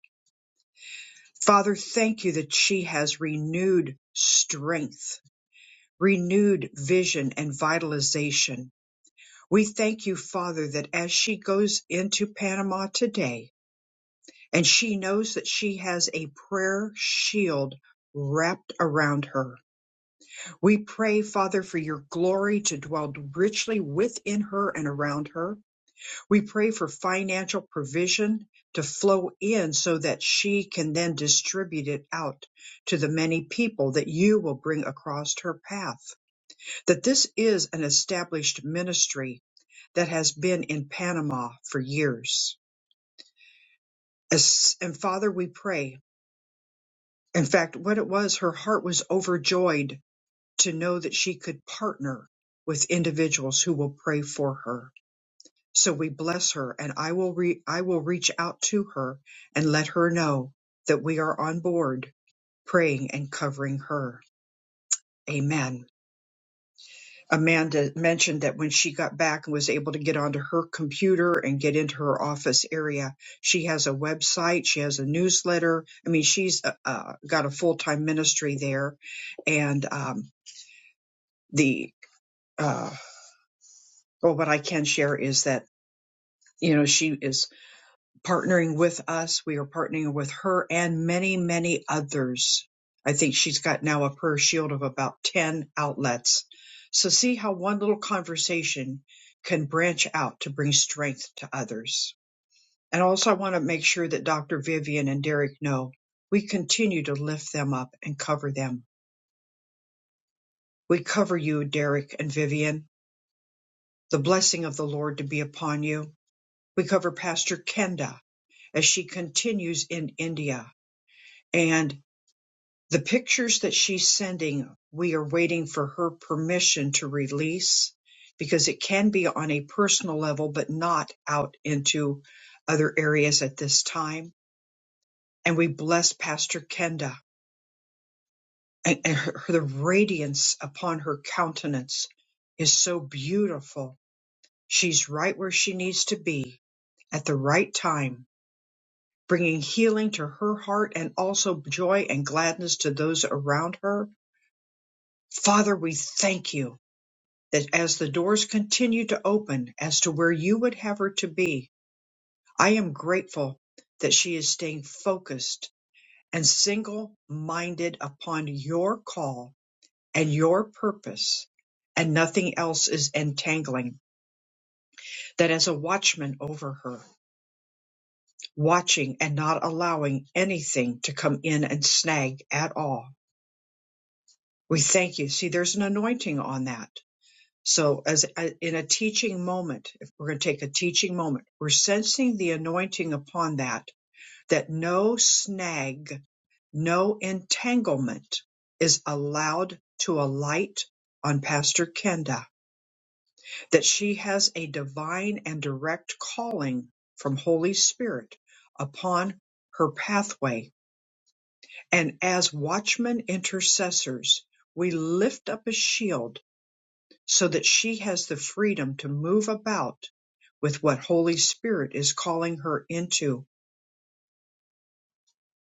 A: father thank you that she has renewed strength renewed vision and vitalization we thank you father that as she goes into panama today and she knows that she has a prayer shield wrapped around her we pray father for your glory to dwell richly within her and around her We pray for financial provision to flow in so that she can then distribute it out to the many people that you will bring across her path. That this is an established ministry that has been in Panama for years. As- And Father, we pray. In fact, what it was, her heart was overjoyed to know that she could partner with individuals who will pray for her So we bless her and I will re- I will reach out to her and let her know that we are on board praying and covering her. Amen. Amanda mentioned that when she got back and was able to get onto her computer and get into her office area, she has a website, she has a newsletter. I mean, she's uh, uh, got a full time ministry there, and um, the uh, well, what I can share is that you know she is partnering with us. We are partnering with her and many, many others. I think she's got now a prayer shield of about 10 outlets. So see how one little conversation can branch out to bring strength to others. And also I want to make sure that Dr. Vivian and Derek know we continue to lift them up and cover them. We cover you, Derek and Vivian. The blessing of the Lord to be upon you. We cover Pastor Kenda as she continues in India. and. The pictures that she's sending, we are waiting for her permission to release because it can be on a personal level, but not out into other areas at this time. And we bless Pastor Kenda and, and her, the radiance upon her countenance is so beautiful. She's right where she needs to be at the right time, bringing healing to her heart and also joy and gladness to those around her. Father, we thank you that as the doors continue to open as to where you would have her to be, I am grateful that she is staying focused and single minded upon your call and your purpose, and nothing else is entangling. That as a watchman over her, watching and not allowing anything to come in and snag at all. We thank you. See, there's an anointing on that So, as a- in a teaching moment, if we're going to take a teaching moment, we're sensing the anointing upon that, that no snag, no entanglement is allowed to alight on Pastor Kenda, that she has a divine and direct calling from Holy Spirit upon her pathway. And as watchmen intercessors, we lift up a shield so that she has the freedom to move about with what Holy Spirit is calling her into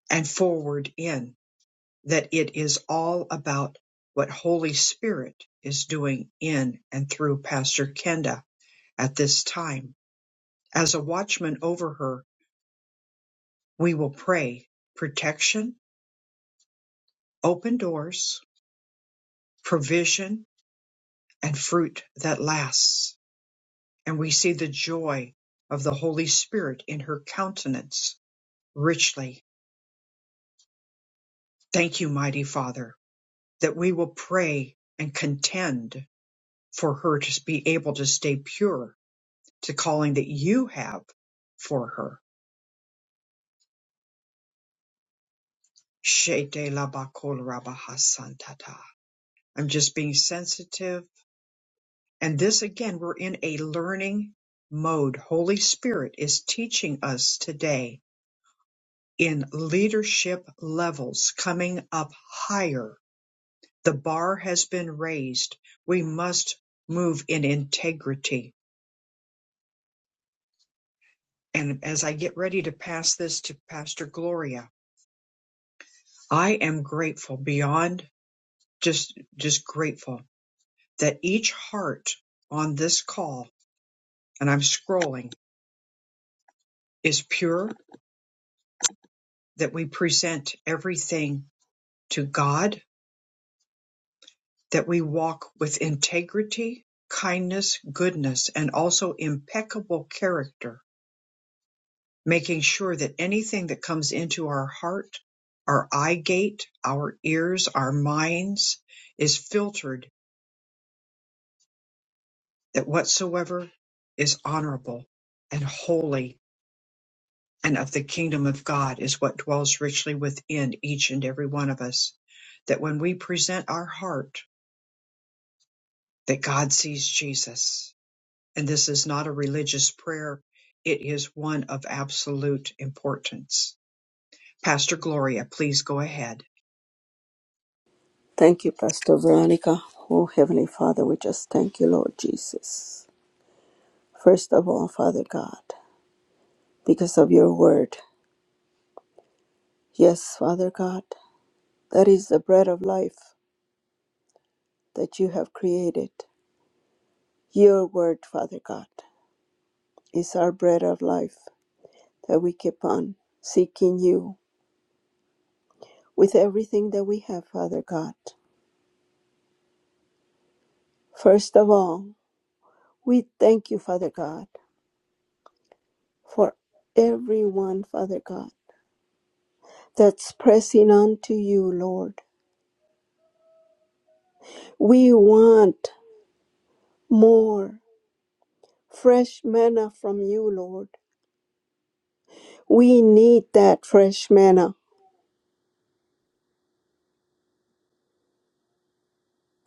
A: and forward in, that it is all about what Holy Spirit is doing in and through Pastor Kenda at this time. As a watchman over her, we will pray protection, open doors, provision, and fruit that lasts. And we see the joy of the Holy Spirit in her countenance richly Thank you, mighty Father, that we will pray and contend for her to be able to stay pure to calling that you have for her. Shete labakol rabahasantata. I'm just being sensitive. And this again, we're in a learning mode. Holy Spirit is teaching us today in leadership levels coming up higher. The bar has been raised. We must move in integrity And as I get ready to pass this to Pastor Gloria, I am grateful beyond just, just grateful that each heart on this call, and I'm scrolling, is pure, that we present everything to God, that we walk with integrity, kindness, goodness, and also impeccable character, making sure that anything that comes into our heart, our eye gate, our ears, our minds is filtered that whatsoever is honorable and holy and of the kingdom of God is what dwells richly within each and every one of us. That when we present our heart, that God sees Jesus. And this is not a religious prayer. It is one of absolute importance. Pastor Gloria, please go ahead.
E: Thank you, Pastor Veronica. Oh, Heavenly Father, we just thank you, Lord Jesus. First of all, Father God, because of your word. Yes, Father God, that is the bread of life that you have created. Your word, Father God, is our bread of life that we keep on seeking you with everything that we have, Father God. First of all, we thank you, Father God, for everyone, Father God, that's pressing on to you, Lord. We want more fresh manna from you, Lord. We need that fresh manna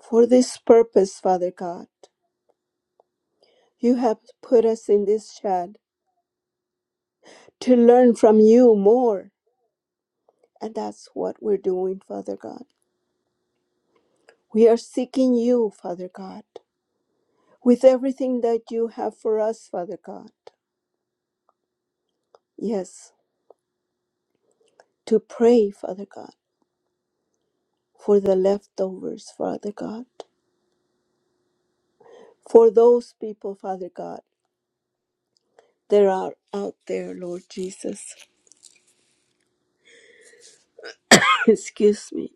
E: for this purpose, Father God. You have put us in this shed to learn from you more, and that's what we're doing, Father God. We are seeking you, Father God, with everything that you have for us, Father God. Yes, to pray, Father God for the leftovers, Father God. For those people, Father God, that are out there, Lord Jesus. Excuse me.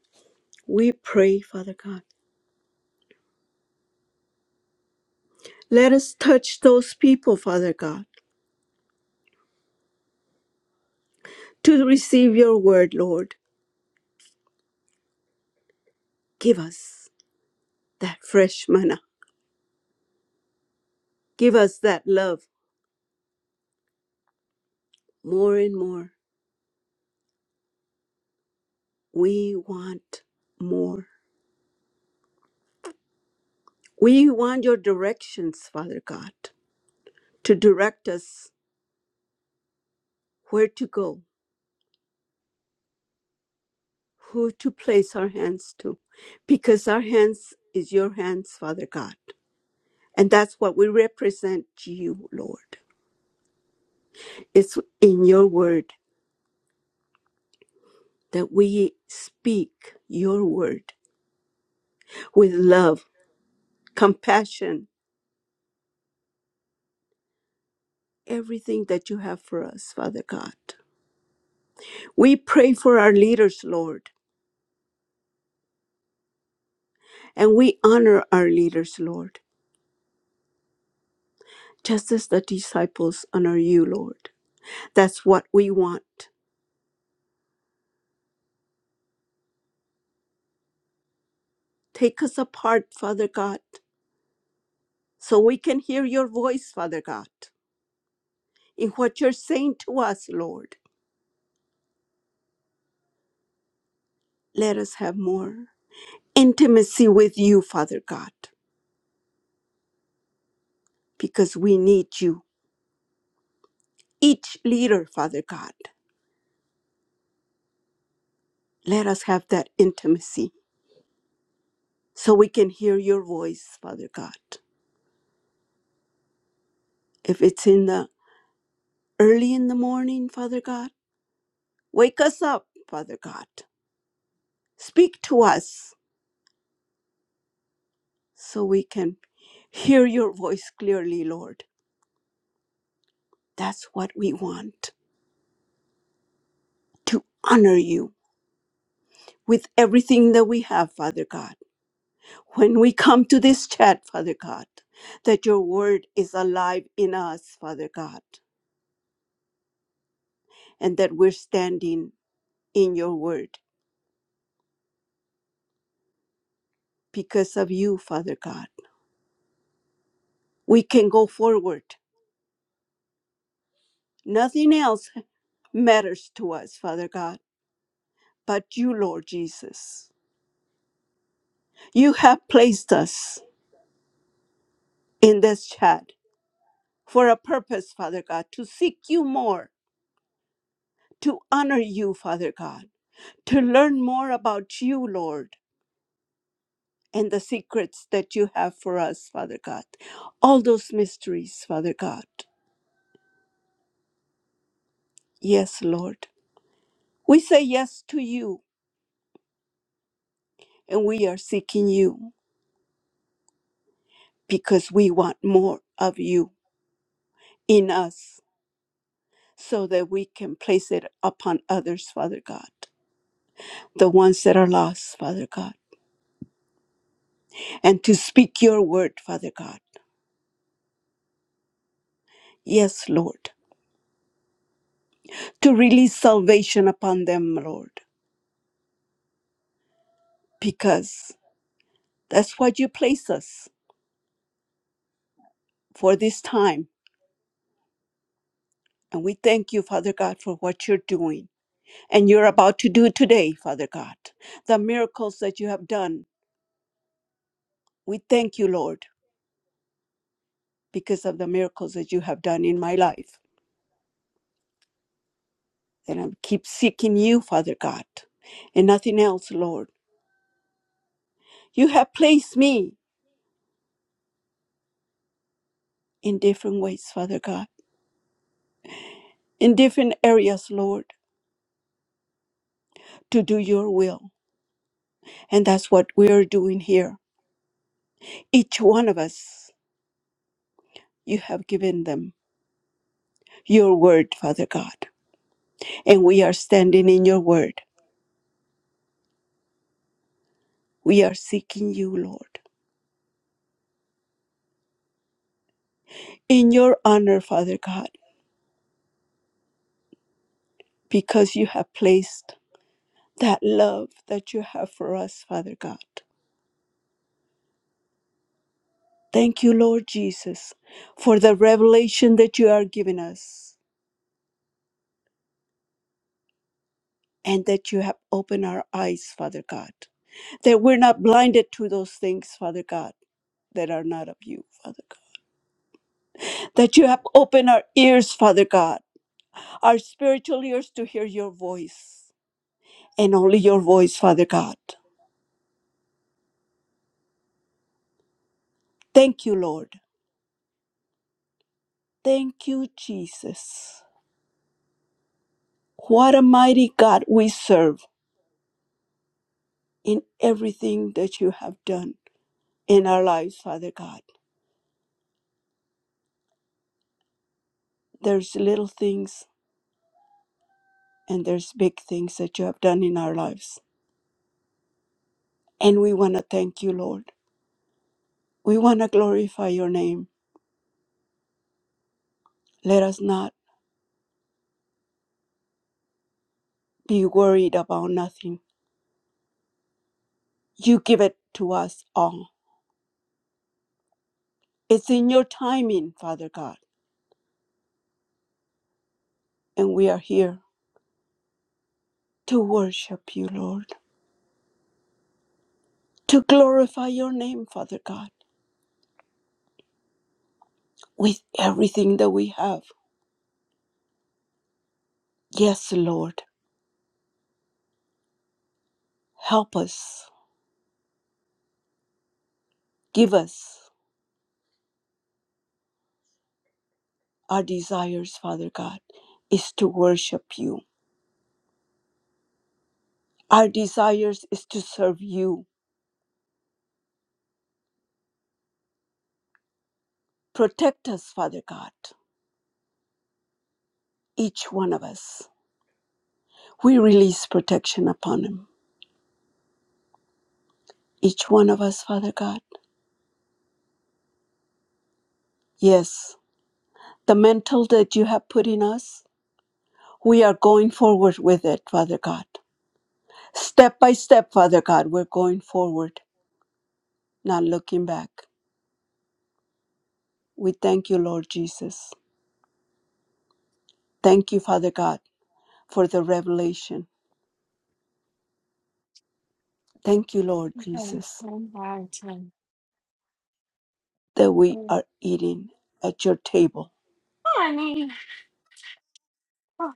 E: We pray, Father God. Let us touch those people, Father God, to receive your word, Lord. Give us that fresh manna. Give us that love more and more. We want more. We want your directions, Father God, to direct us where to go who to place our hands to because our hands is your hands father god and that's what we represent to you lord it's in your word that we speak your word with love compassion everything that you have for us father god we pray for our leaders lord and we honor our leaders lord just as the disciples honor you lord that's what we want take us apart father god So we can hear your voice, Father God, in what you're saying to us, Lord. Let us have more intimacy with you, Father God, because we need you. Each leader, Father God, let us have that intimacy so we can hear your voice, Father God. If it's in the early in the morning, Father God, wake us up, Father God. Speak to us so we can hear your voice clearly, Lord. That's what we want. to honor you with everything that we have, Father God. When we come to this chat, Father God, that your word is alive in us, Father God, and that we're standing in your word because of you, Father God. We can go forward. Nothing else matters to us, Father God, but you, Lord Jesus. You have placed us in this chat for a purpose, Father God, to seek you more, to honor you, Father God to learn more about you, Lord, and the secrets that you have for us, Father God. All those mysteries, Father God. Yes, Lord. We say yes to you, and we are seeking you because we want more of you in us so that we can place it upon others, Father God, the ones that are lost, Father God, and to speak your word, Father God. Yes, Lord. To release salvation upon them, Lord, because That's what you place us for this time. And we thank you, Father God, for what you're doing and you're about to do today, Father God. The miracles that you have done, we thank you, Lord, because of the miracles that you have done in my life. And I keep seeking you, Father God, and nothing else, Lord. You have placed me in different ways, Father God, in different areas, Lord, to do your will. And that's what we are doing here. Each one of us, you have given them your word, Father God. And we are standing in your word. We are seeking you, Lord, in your honor, Father God, because you have placed that love that you have for us, Father God. Thank you, Lord Jesus, for the revelation that you are giving us and that you have opened our eyes, Father God, that we're not blinded to those things, Father God, that are not of you, Father God, that you have opened our ears, Father God, our spiritual ears to hear your voice and only your voice, Father God. Thank you, Lord. Thank you, Jesus. What a mighty God we serve in everything that you have done in our lives, Father God. There's little things and there's big things that you have done in our lives. And we want to thank you, Lord. We want to glorify your name. Let us not be worried about nothing. You give it to us all. It's in your timing, Father God. And we are here to worship you, Lord to glorify your name, Father God, with everything that we have. Yes, Lord, help us. Give us our desires, Father God, is to worship you. Our desires is to serve you. Protect us, Father God, each one of us. We release protection upon him, each one of us, Father God. Yes, the mantle that you have put in us, we are going forward with it, Father God. Step by step, Father God, we're going forward not looking back. We thank you, Lord Jesus. Thank you, Father God, for the revelation. Thank you, Lord
G: Oh,
E: Jesus,
G: oh, wow.
E: that we
G: Mhm.
E: are eating at your table.
G: I mean, oh,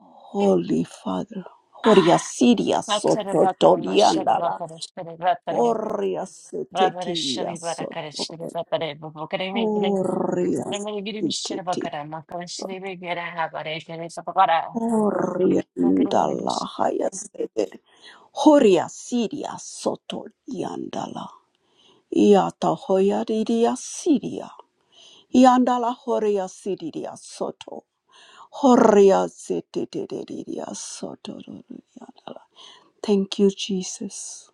E: Holy Father. Horia
G: ah,
E: siria
G: Vatsara
E: soto
G: Vakara Mashala
E: toriandala.
G: Vakara Shri Vatara
E: Horia
G: Vavara
E: setetiria
G: Shri Varakara Shri
E: soto.
G: Vatara Vavakara Vavakara Vavakara
E: Horia
G: Vavakara Shri
E: setetiria.
G: Vakara Makara Shri Vigara Havara Shri Sapakara
E: Horia ndala haya setet. Horia siria soto yandala. Ia tahoia riria siria. Iandala horia siriria soto. Horia zitiriria soto. roriandala. Thank you, Jesus.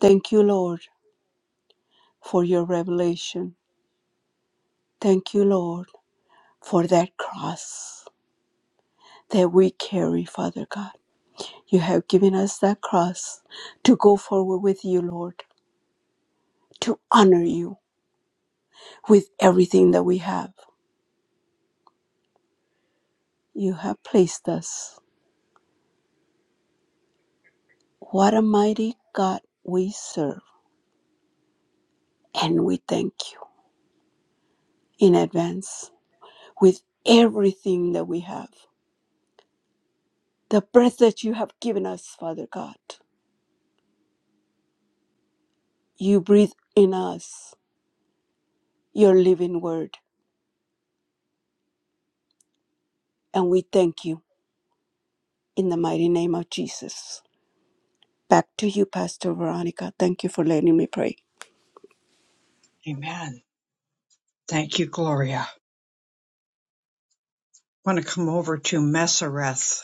E: Thank you, Lord, for your revelation. Thank you, Lord, for that cross that we carry, Father God. You have given us that cross to go forward with you, Lord, to honor you with everything that we have. You have placed us. What a mighty God we serve, and we thank you in advance with everything that we have. The breath that you have given us, Father God, you breathe in us your living word, and we thank you in the mighty name of Jesus. Back to you, Pastor Veronica. Thank you for letting me pray.
A: Amen. Thank you, Gloria. I want to come over to Messereth.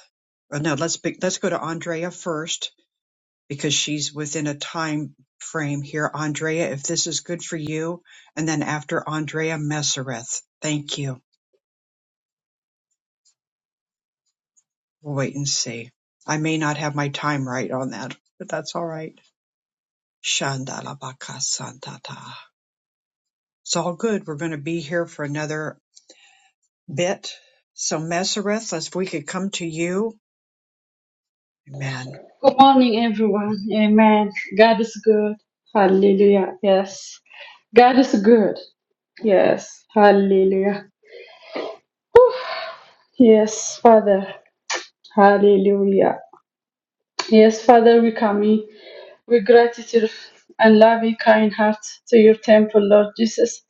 A: Uh, No, let's be, let's go to Andrea first. because she's within a time frame here. Andrea, if this is good for you, and then after Andrea Messereth. Thank you. We'll wait and see. I may not have my time right on that, but that's all right. Shandalabaka santata. It's all good. We're going to be here for another bit. So Messereth, if we could come to you, man,
I: Good morning, everyone. Amen. God is good. Hallelujah. Yes. God is good. Yes. Hallelujah. Yes, Father. Hallelujah. Yes, Father, we come in with gratitude and loving kind heart to your temple, Lord Jesus.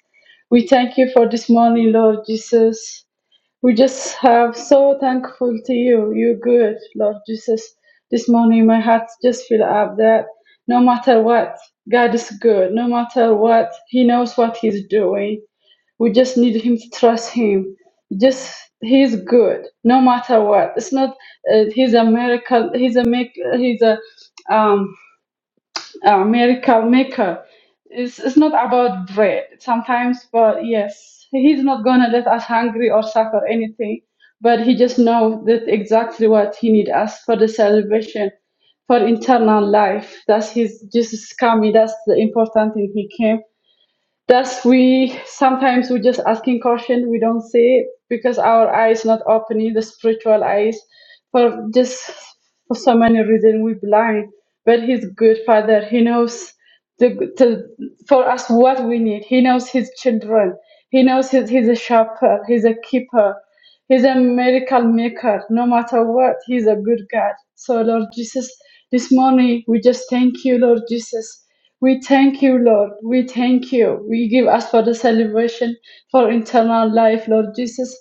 I: We thank you for this morning, Lord Jesus. We just have so thankful to you. You're good, Lord Jesus. This morning, my heart just fill up that no matter what, God is good. No matter what, He knows what He's doing. We just need Him to trust Him. Just He's good, no matter what. It's not. Uh, he's a miracle. He's a make. He's a. Um, uh, miracle maker. It's, it's not about bread sometimes, but yes, he's not gonna let us hungry or suffer anything. But he just knows that exactly what he need us for the salvation, for internal life. That's his Jesus coming. That's the important thing. He came. Thus, we sometimes we just asking caution. We don't see it because our eyes not opening the spiritual eyes for just for so many reasons we blind. But He's good Father. He knows the, the for us what we need. He knows His children. He knows he's, he's a shepherd. He's a keeper. He's a miracle maker. No matter what, He's a good God. So, Lord Jesus, this morning we just thank you, Lord Jesus. We thank you, Lord. We thank you. We give us for the celebration for eternal life, Lord Jesus.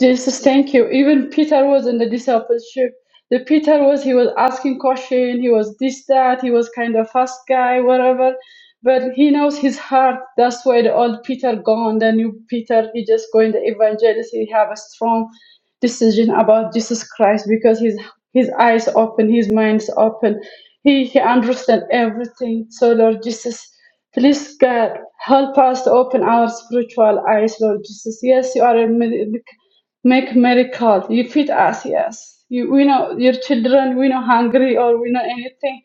I: Jesus, thank you. Even Peter was in the discipleship. The Peter was he was asking question. He was this that. He was kind of fast guy, whatever but he knows his heart. That's why the old Peter gone, the new Peter, he just going the evangelist. He have a strong decision about Jesus Christ because his his eyes open, his mind's open. He he understand everything. So Lord Jesus, please God help us to open our spiritual eyes, Lord Jesus. Yes, you are a mid- make miracle. You feed us, yes. You, we know your children, we know hungry or we know anything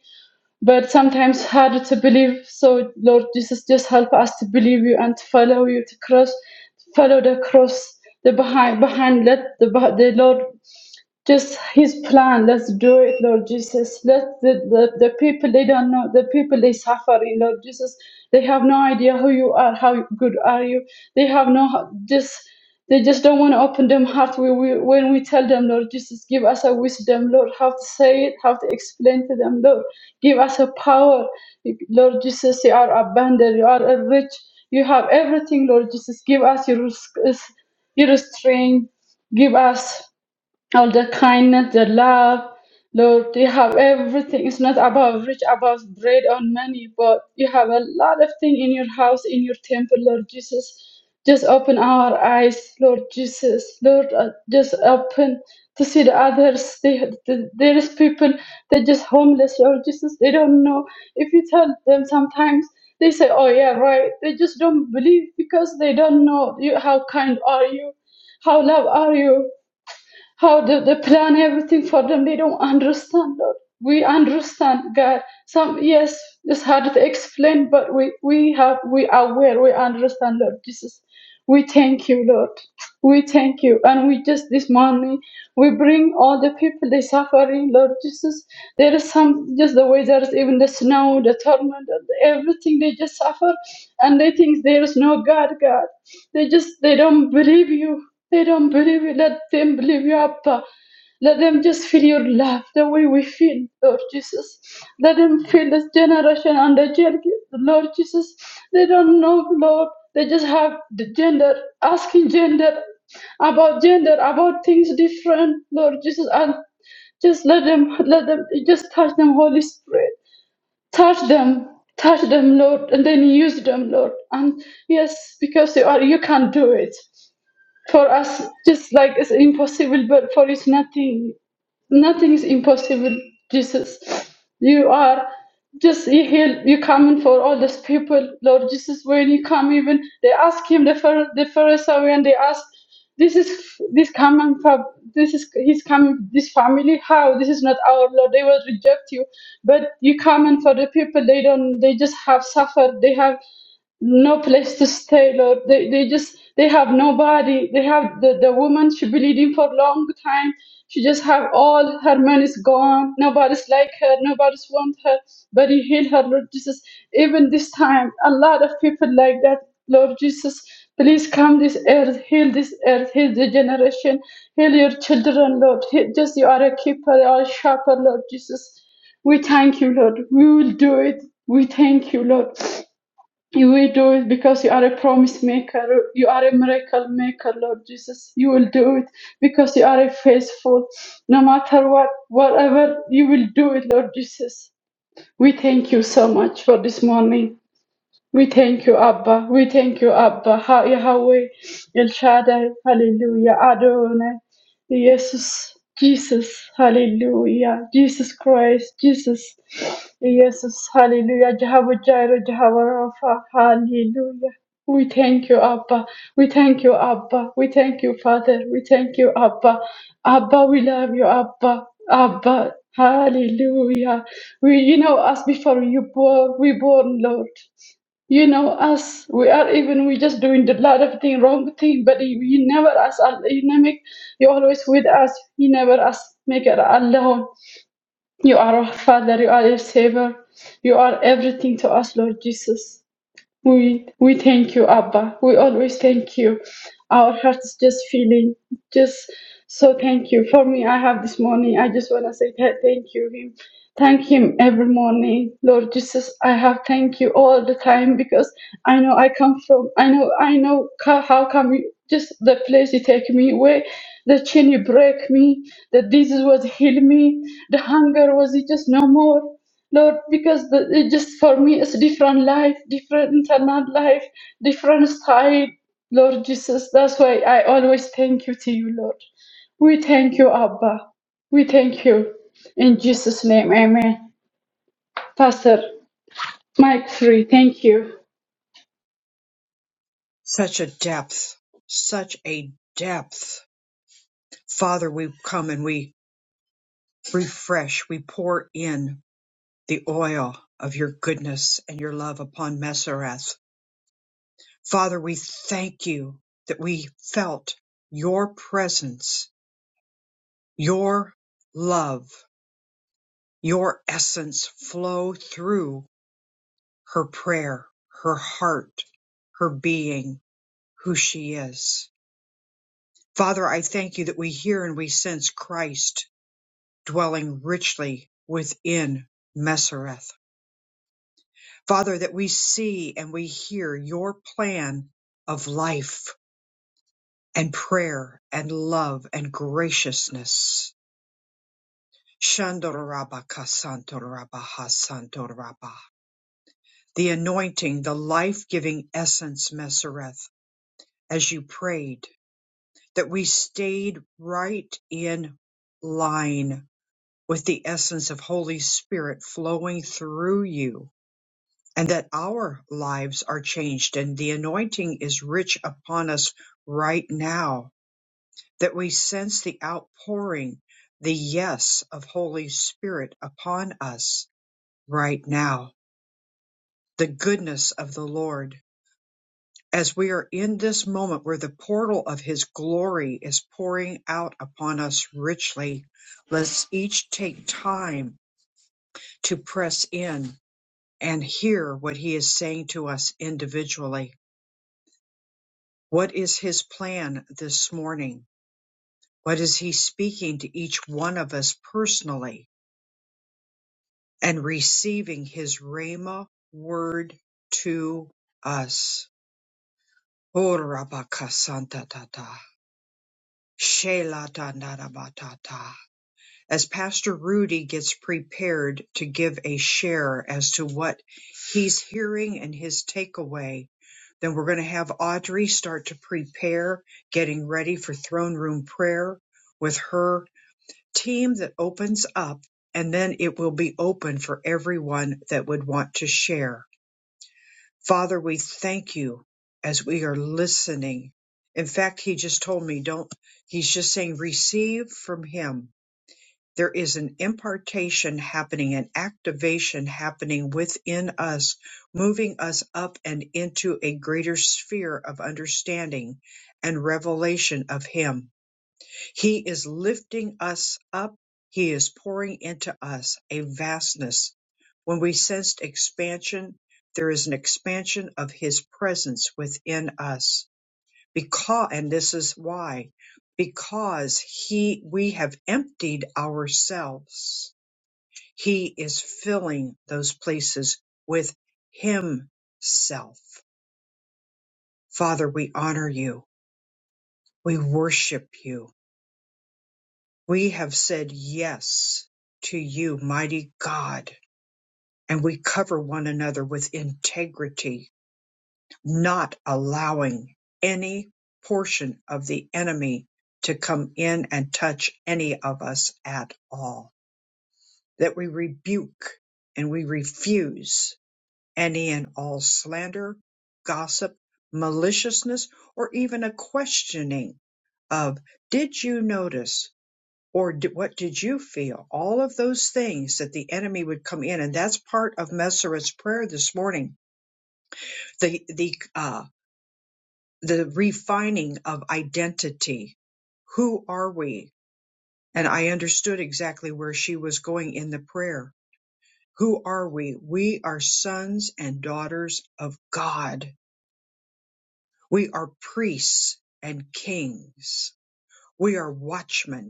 I: but sometimes harder to believe. So, Lord Jesus, just help us to believe you and to follow you to cross, follow the cross, the behind, behind. Let the, the Lord just his plan. Let's do it, Lord Jesus. Let the, the, the people they don't know, the people they suffering, Lord Jesus. They have no idea who you are, how good are you. They have no just they just don't want to open them heart we, we, when we tell them, Lord Jesus, give us a wisdom, Lord, how to say it, how to explain to them, Lord. Give us a power. Lord Jesus, you are abundant, you are a rich, you have everything, Lord Jesus. Give us your, your strength, give us all the kindness, the love. Lord, you have everything. It's not about rich, about bread or money, but you have a lot of things in your house, in your temple, Lord Jesus. Just open our eyes, Lord Jesus. Lord, uh, just open to see the others. They, the, there is people, they're just homeless, Lord Jesus. They don't know. If you tell them sometimes, they say, oh yeah, right. They just don't believe because they don't know you, how kind are you how love are you how the, the plan everything for them they don't understand Lord. we understand god some yes it's hard to explain but we we have we are aware we understand lord jesus we thank you lord we thank you and we just this morning we bring all the people they suffering lord jesus there is some just the weather, even the snow the torment everything they just suffer and they think there is no god god they just they don't believe you. They don't believe you. Let them believe you, Abba. Let them just feel your love the way we feel, Lord Jesus. Let them feel this generation and the gen- Lord Jesus. They don't know, Lord. They just have the gender, asking gender about gender, about things different, Lord Jesus, and just let them let them just touch them, Holy Spirit touch them touch them lord and then use them lord and yes because you are you can do it for us, just like it's impossible, but for you, nothing, nothing is impossible. Jesus, you are just you heal. You coming for all these people, Lord Jesus. When you come, even they ask him the Phar- the Pharisee, and they ask, "This is this coming from this is he's coming this family. How this is not our Lord? They will reject you, but you coming for the people. They don't. They just have suffered. They have." no place to stay, Lord. They they just they have nobody. They have the, the woman she bleeding for a long time. She just have all her money's gone. Nobody's like her. Nobody's want her. But you heal her, Lord Jesus. Even this time, a lot of people like that, Lord Jesus. Please come this earth, heal this earth, heal the generation, heal your children, Lord. Heal, just you are a keeper, you are a shepherd, Lord Jesus. We thank you, Lord. We will do it. We thank you, Lord. You will do it because you are a promise maker. You are a miracle maker, Lord Jesus. You will do it because you are a faithful. No matter what, whatever, you will do it, Lord Jesus. We thank you so much for this morning. We thank you, Abba. We thank you, Abba. Ha- Yahweh, El Shaddai, Hallelujah. Adonai, Jesus, Jesus, Hallelujah. Jesus Christ, Jesus, Jesus, Hallelujah. Jehovah Jireh, Jehovah Rapha, Hallelujah. We thank you, Abba. We thank you, Abba. We thank you, Father. We thank you, Abba. Abba, we love you, Abba. Abba, Hallelujah. We, you know, us before you born, we born, Lord. You know us. We are even we just doing the lot of thing wrong thing, but you, you never us. al- You never you always with us. You never us make it alone. You are our Father. You are our Savior. You are everything to us, Lord Jesus. We we thank you, Abba. We always thank you. Our hearts just feeling just so thank you. For me, I have this morning. I just wanna say th- thank you him. Thank him every morning, Lord Jesus. I have thank you all the time because I know I come from. I know I know ca- how come you just the place you take me away, the chain you break me, the disease was heal me, the hunger was it just no more. Lord, because the, it just for me it's different life, different internal life, different style. Lord Jesus, that's why I always thank you to you, Lord. We thank you, Abba. We thank you. In Jesus' name, amen. Pastor Mike Free, thank you.
A: such a depth, such a depth. Father, we come and we refresh, we pour in, the oil of your goodness and your love upon Messereth. Father, we thank you that we felt your presence, your love, your essence flow through her prayer, her heart, her being, who she is. Father, I thank you that we hear and we sense Christ dwelling richly within Messereth. Father, that we see and we hear your plan of life and prayer and love and graciousness. Shandorabakasantorabahasantoraba. The anointing, the life giving essence, Mesereth, as you prayed, that we stayed right in line with the essence of Holy Spirit flowing through you, and that our lives are changed, and the anointing is rich upon us right now that we sense the outpouring, the yes of Holy Spirit upon us right now, the goodness of the Lord. As we are in this moment where the portal of His glory is pouring out upon us richly, let's each take time to press in and hear what He is saying to us individually. What is His plan this morning? What is He speaking to each one of us personally? and receiving his Rhema word to us. Oh, rabakasantatata, shelatanarabatata. As Pastor Rudy gets prepared to give a share as to what he's hearing and his takeaway, then we're going to have Audrey start to prepare, getting ready for throne room prayer with her team that opens up, and then it will be open for everyone that would want to share. Father, we thank you as we are listening. In fact, he just told me, don't, he's just saying, receive from him. There is an impartation happening, an activation happening within us, moving us up and into a greater sphere of understanding and revelation of him. He is lifting us up. He is pouring into us a vastness. When we sensed expansion, there is an expansion of His presence within us. Because, and this is why, because He, we have emptied ourselves. He is filling those places with Himself. Father, we honor you. We worship you. We have said yes to you, mighty God, and we cover one another with integrity, not allowing any portion of the enemy to come in and touch any of us at all. That we rebuke and we refuse any and all slander, gossip, maliciousness, or even a questioning of, did you notice? or d what did you feel? All of those things that the enemy would come in, and that's part of Messereth's prayer this morning. The the uh, the refining of identity. Who are we? And I understood exactly where she was going in the prayer. Who are we? We are sons and daughters of God. We are priests and kings. We are watchmen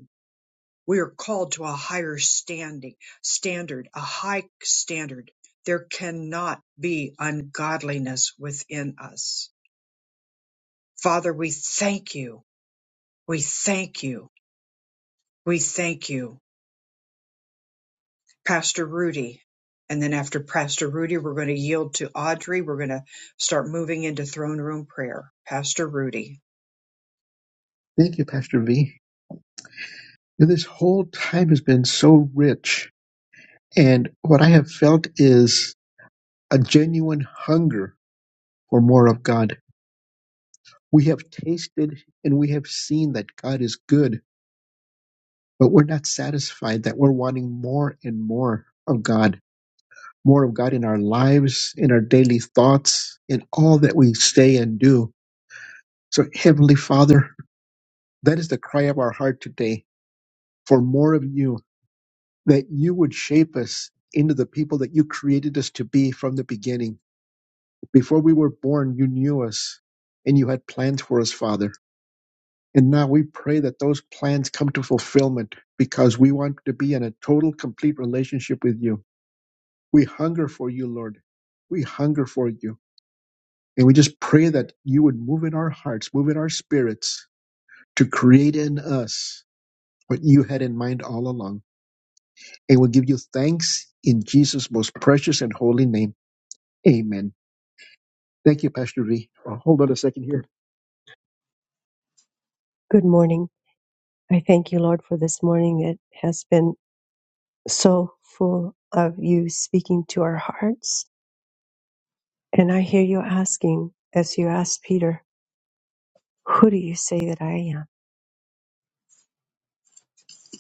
A: We are called to a higher standing standard, a high standard. There cannot be ungodliness within us. Father, we thank you. We thank you. We thank you. Pastor Rudy. And then after Pastor Rudy, we're going to yield to Audrey. We're going to start moving into throne room prayer. Pastor Rudy.
D: Thank you, Pastor V. This whole time has been so rich. And what I have felt is a genuine hunger for more of God. We have tasted and we have seen that God is good, but we're not satisfied that we're wanting more and more of God. more of God in our lives, in our daily thoughts, in all that we say and do. So, Heavenly Father, that is the cry of our heart today for more of you, that you would shape us into the people that you created us to be from the beginning. Before we were born, you knew us and you had plans for us, Father. And now we pray that those plans come to fulfillment because we want to be in a total, complete relationship with you. We hunger for you, Lord. We hunger for you. And we just pray that you would move in our hearts, move in our spirits to create in us what you had in mind all along. And we'll give you thanks in Jesus' most precious and holy name. Amen. Thank you, Pastor V. Uh, Hold on a second here. Good morning. I thank you, Lord, for this morning. It has been so full of you speaking to our hearts. And I hear you asking, as you asked Peter, who do you say that I am?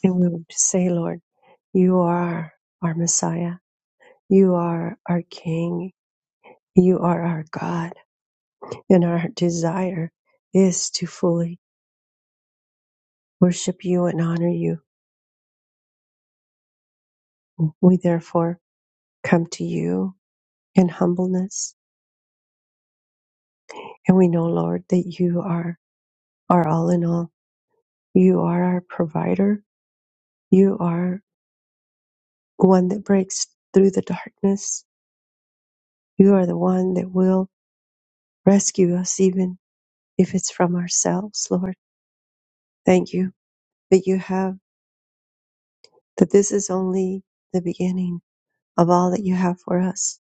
D: And we would say, Lord, you are our Messiah. You are our King. You are our God. And our desire is to fully worship you and honor you. We therefore come to you in humbleness. And we know, Lord, that you are our all in all. You are our provider. You are one that breaks through the darkness. You are the one that will rescue us, even if it's from ourselves, Lord. Thank you that you have, that this is only the beginning of all that you have for us.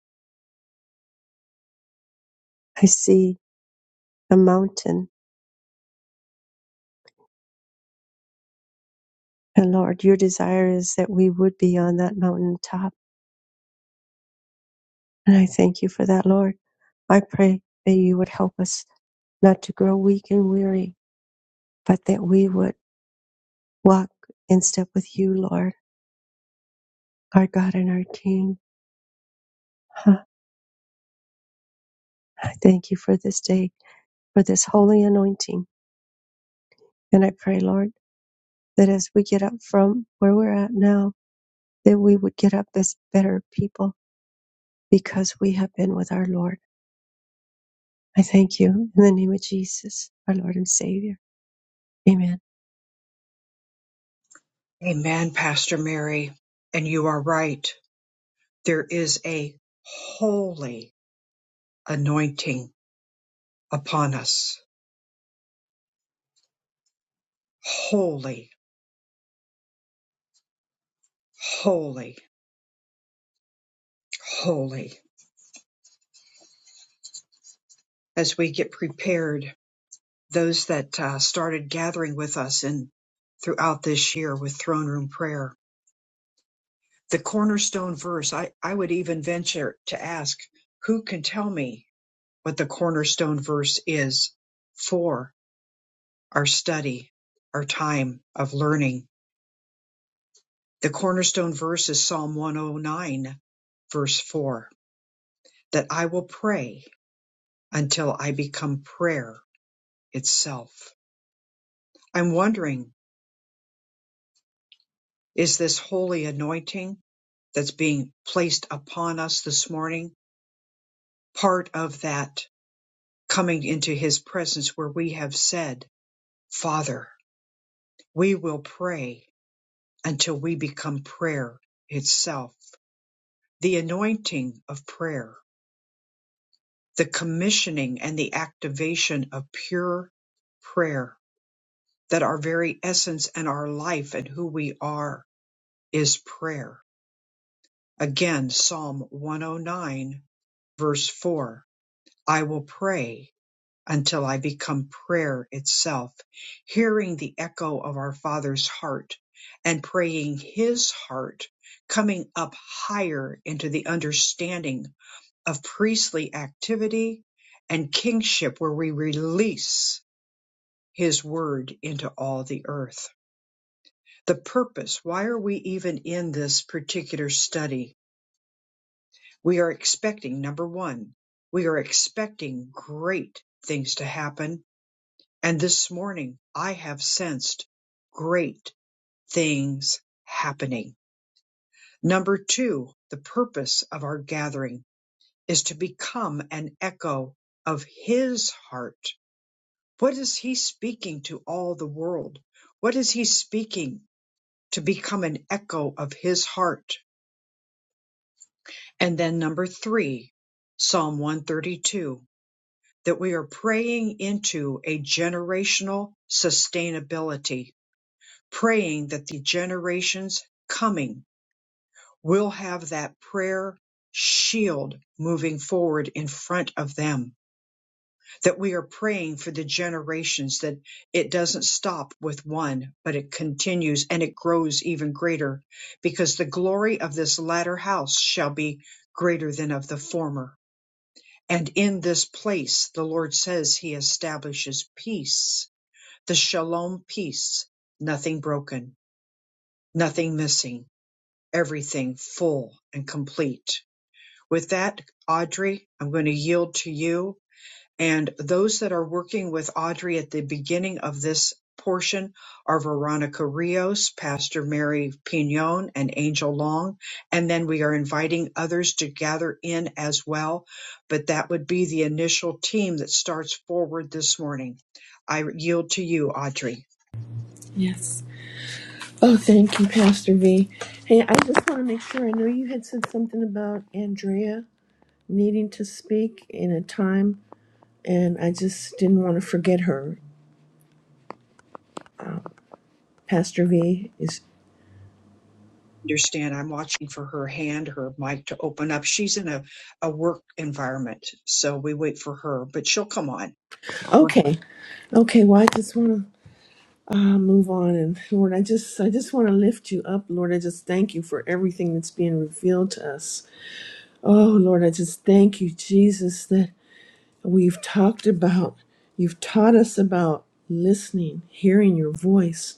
D: I see a mountain, and Lord, your desire is that we would be on that mountaintop. And I thank you for that, Lord. I pray that you would help us not to grow weak and weary, but that we would walk in step with you, Lord, our God and our King. Huh. I thank you for this day, for this holy anointing. And I pray, Lord, that as we get up from where we're at now, that we would get up as better people because we have been with our Lord. I thank you in the name of Jesus, our Lord and Savior. Amen.
A: Amen, Pastor Mary. And you are right. There is a holy anointing upon us holy, holy, holy. As we get prepared, those that uh, started gathering with us in throughout this year with throne room prayer, the cornerstone verse, I, I would even venture to ask, who can tell me what the cornerstone verse is for our study, our time of learning? The cornerstone verse is Psalm 109, verse 4, that I will pray until I become prayer itself. I'm wondering, is this holy anointing that's being placed upon us this morning part of that coming into his presence where we have said, Father, we will pray until we become prayer itself? The anointing of prayer, the commissioning and the activation of pure prayer, that our very essence and our life and who we are is prayer Again Psalm 109 verse 4, I will pray until I become prayer itself, hearing the echo of our Father's heart and praying His heart, coming up higher into the understanding of priestly activity and kingship where we release His word into all the earth. The purpose, why are we even in this particular study? We are expecting number one, we are expecting great things to happen. And this morning I have sensed great things happening. Number two, the purpose of our gathering is to become an echo of his heart. What is he speaking to all the world? What is he speaking to become an echo of his heart? And then number three, Psalm 132. that we are praying into a generational sustainability, praying that the generations coming will have that prayer shield moving forward in front of them, that we are praying for the generations that it doesn't stop with one, but it continues and it grows even greater because the glory of this latter house shall be greater than of the former and in this place, the Lord says he establishes peace, the shalom peace, nothing broken, nothing missing, everything full and complete. With that, Audrey, I'm going to yield to you and those that are working with Audrey at the beginning of this portion are Veronica Rios, Pastor Mary Pignon, and Angel Long. And then we are inviting others to gather in as well. But that would be the initial team that starts forward this morning. I yield to you, Audrey
J: Yes. Oh, thank you, Pastor V. Hey, I just want to make sure. I know you had said something about Andrea needing to speak in a time, and I just didn't want to forget her. Pastor V is
A: understand I'm watching for her hand, her mic to open up. She's in a, a work environment, so we wait for her, but she'll come on.
J: okay. Okay, well, I just want to uh, move on, and Lord, I just, I just want to lift you up, Lord. I just thank you for everything that's being revealed to us. Oh, Lord, I just thank you, Jesus, that We've talked about, you've taught us about listening, hearing your voice,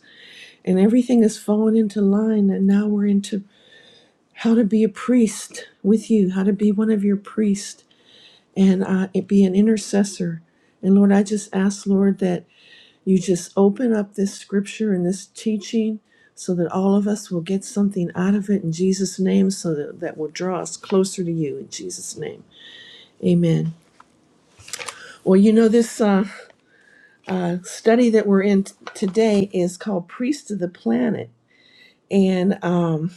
J: and everything has fallen into line. And now we're into how to be a priest with you, how to be one of your priests and uh, be an intercessor. And Lord, I just ask, Lord, that you just open up this scripture and this teaching so that all of us will get something out of it in Jesus' name, so that that will draw us closer to you in Jesus' name. Amen. Well, you know, this. Uh, uh, study that we're in t- today is called Priest of the Planet. And, um,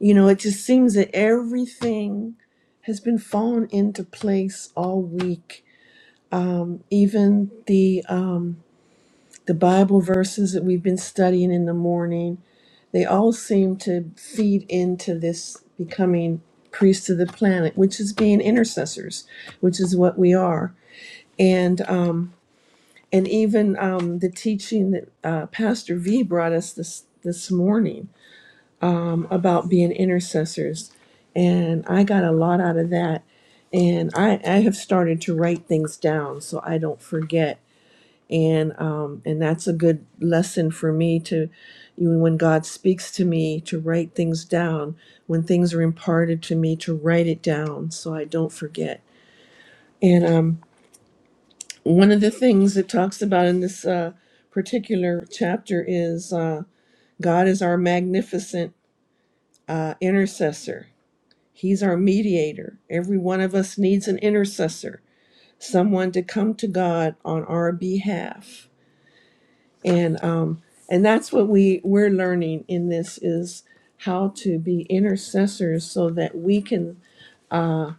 J: you know, it just seems that everything has been fallen into place all week. Even the, um, the Bible verses that we've been studying in the morning, they all seem to feed into this becoming priests of the planet, which is being intercessors, which is what we are. And, um, and even um, the teaching that uh, Pastor V brought us this this morning about being intercessors, and I got a lot out of that. And I, I have started to write things down so I don't forget, and um, and that's a good lesson for me to, even when God speaks to me, to write things down. When things are imparted to me, to write it down so I don't forget. And um, one of the things it talks about in this uh, particular chapter is uh, God is our magnificent uh, intercessor. He's our mediator. Every one of us needs an intercessor, someone to come to God on our behalf, and um, and that's what we we're learning in this is how to be intercessors so that we can uh,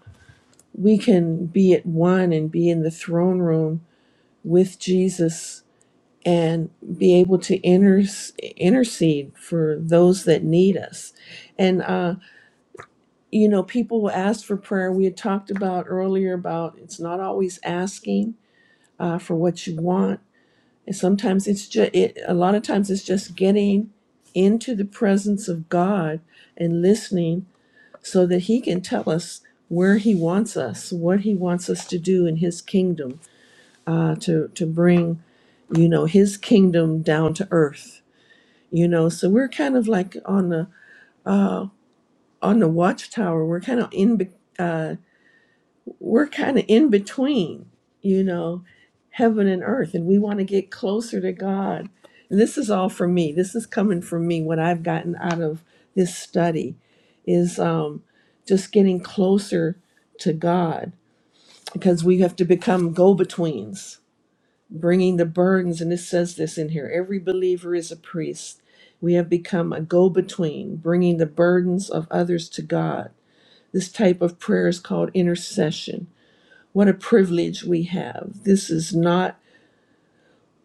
J: we can be at one and be in the throne room with Jesus and be able to inter- intercede for those that need us. And, uh, you know, people will ask for prayer. We had talked about earlier about it's not always asking uh, for what you want. And sometimes it's just, it, a lot of times it's just getting into the presence of God and listening so that He can tell us where He wants us, what He wants us to do in His kingdom uh, to, to bring, you know, His kingdom down to earth you know so we're kind of like on the uh on the watchtower we're kind of in be- uh we're kind of in between you know heaven and earth and we want to get closer to god and this is all for me this is coming from me what i've gotten out of this study is um just getting closer to god because we have to become go-betweens bringing the burdens, and it says this in here every believer is a priest. We have become a go between, bringing the burdens of others to God. This type of prayer is called intercession. What a privilege we have. This is not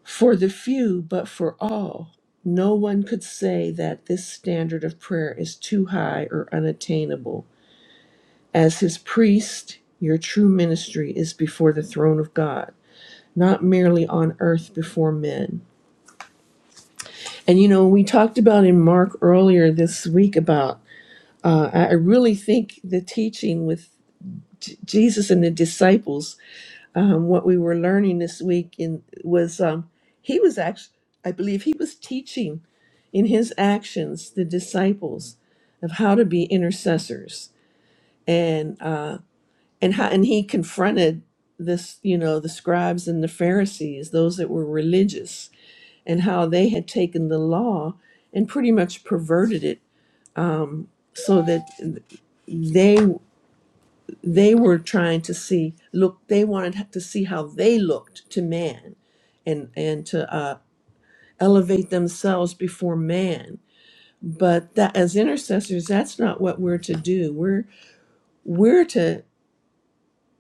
J: for the few, but for all. No one could say that this standard of prayer is too high or unattainable. As his priest, your true ministry is before the throne of God, not merely on earth before men. And you know, we talked about in Mark earlier this week about uh, I I really think the teaching with J- Jesus and the disciples, um, what we were learning this week in was um, he was actually, I believe, he was teaching in his actions the disciples of how to be intercessors and uh, and how and he confronted this you know the scribes and the Pharisees, those that were religious, and how they had taken the law and pretty much perverted it so that they they were trying to see look they wanted to see how they looked to man and and to uh, elevate themselves before man but that as intercessors that's not what we're to do we're we're to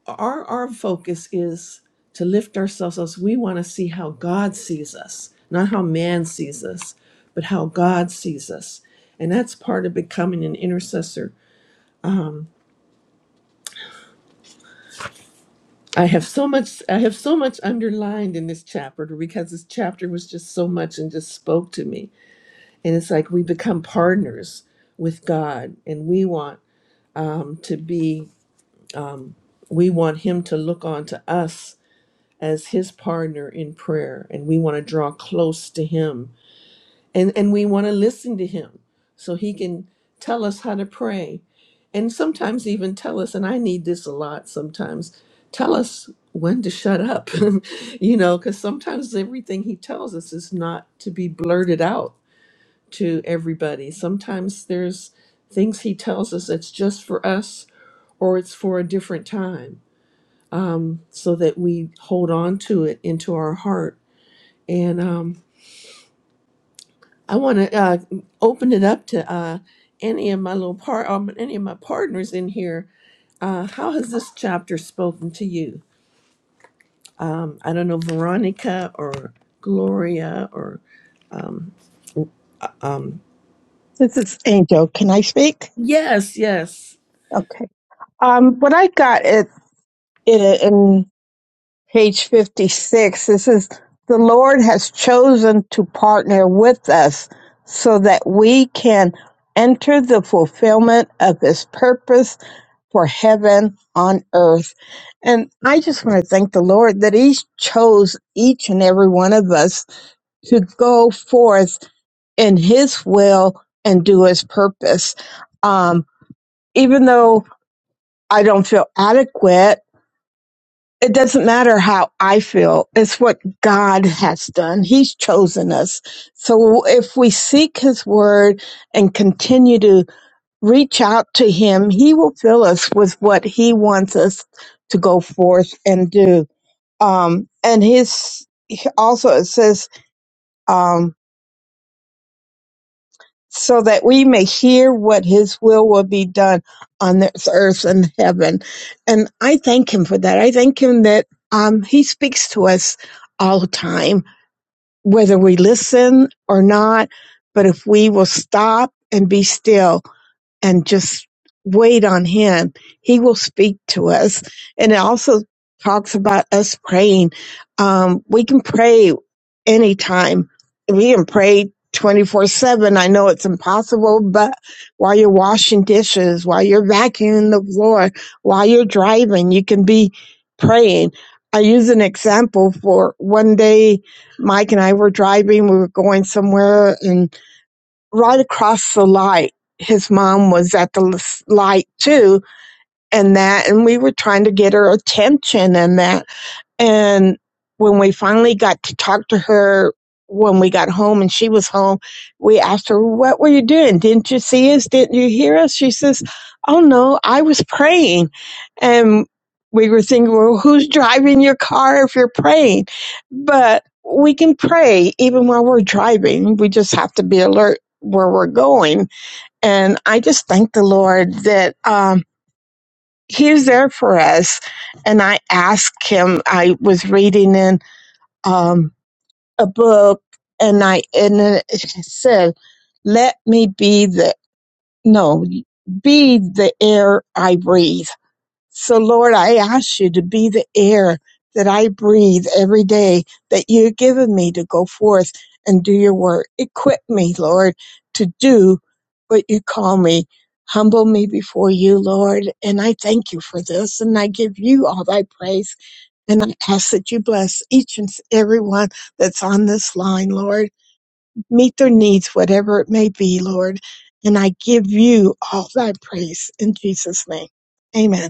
J: our our focus is to lift ourselves up we want to see how god sees us not how man sees us but how god sees us and that's part of becoming an intercessor I have so much I have so much underlined in this chapter because this chapter was just so much and just spoke to me. And it's like we become partners with God and we want him to be we want him to look on to us as his partner in prayer and we want to draw close to him and and we want to listen to him so he can tell us how to pray and sometimes even tell us and i need this a lot sometimes tell us when to shut up you know because sometimes everything he tells us is not to be blurted out to everybody sometimes there's things he tells us that's just for us or it's for a different time so that we hold on to it into our heart and um, I want to uh, open it up to uh, any of my little part, um, any of my partners in here. Uh, how has this chapter spoken to you? Um, I don't know, Veronica or Gloria or um, um,
K: This is Angel. Can I speak?
J: yes, yes.
K: Okay. Um, what I got it in, in page fifty-six. This is the Lord has chosen to partner with us so that we can enter the fulfillment of His purpose for heaven on earth. And I just want to thank the Lord that He chose each and every one of us to go forth in His will and do His purpose. Um, even though I don't feel adequate. It doesn't matter how I feel. It's what God has done. He's chosen us. So if we seek his word and continue to reach out to him, he will fill us with what he wants us to go forth and do. Um, and his also, it says, um, so that we may hear what his will will be done on this earth and heaven. And I thank him for that. I thank him that um, he speaks to us all the time, whether we listen or not. But if we will stop and be still and just wait on him, he will speak to us. And it also talks about us praying. Um, we can pray anytime. We can pray 24 7. I know it's impossible, but while you're washing dishes, while you're vacuuming the floor, while you're driving, you can be praying. I use an example for one day, Mike and I were driving, we were going somewhere, and right across the light, his mom was at the l- light too, and that, and we were trying to get her attention and that. And when we finally got to talk to her when we got home and she was home, we asked her, What were you doing? Didn't you see us? Didn't you hear us? She says, Oh no, I was praying. And we were thinking, Well, who's driving your car if you're praying? But we can pray even while we're driving. We just have to be alert where we're going. And I just thank the Lord that um he was there for us. And I asked him, I was reading in um, a book and I, and it said, let me be the, no, be the air I breathe. So, Lord, I ask you to be the air that I breathe every day that you've given me to go forth and do your work. Equip me, Lord, to do what you call me. Humble me before you, Lord. And I thank you for this. And I give you all thy praise. And I ask that you bless each and every one that's on this line, Lord. Meet their needs, whatever it may be, Lord. And I give you all thy praise in Jesus' name. Amen.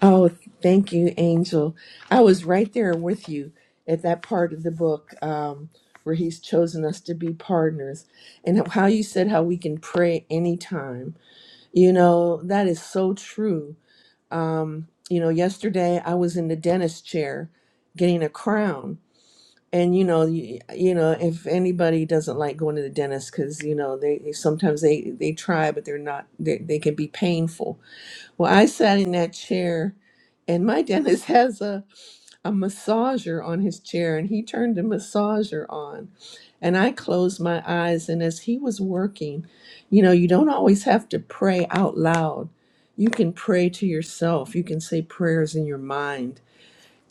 J: Oh, thank you, Angel. I was right there with you at that part of the book um, where he's chosen us to be partners, and how you said how we can pray anytime. You know that is so true Um, you know, yesterday I was in the dentist chair getting a crown. And you know, you, you know, if anybody doesn't like going to the dentist because you know they they- sometimes they they try, but they're not they, they can be painful. Well, I sat in that chair, and my dentist has a a massager on his chair and he turned the massager on. And I closed my eyes. And as he was working, you know, you don't always have to pray out loud. You can pray to yourself, you can say prayers in your mind.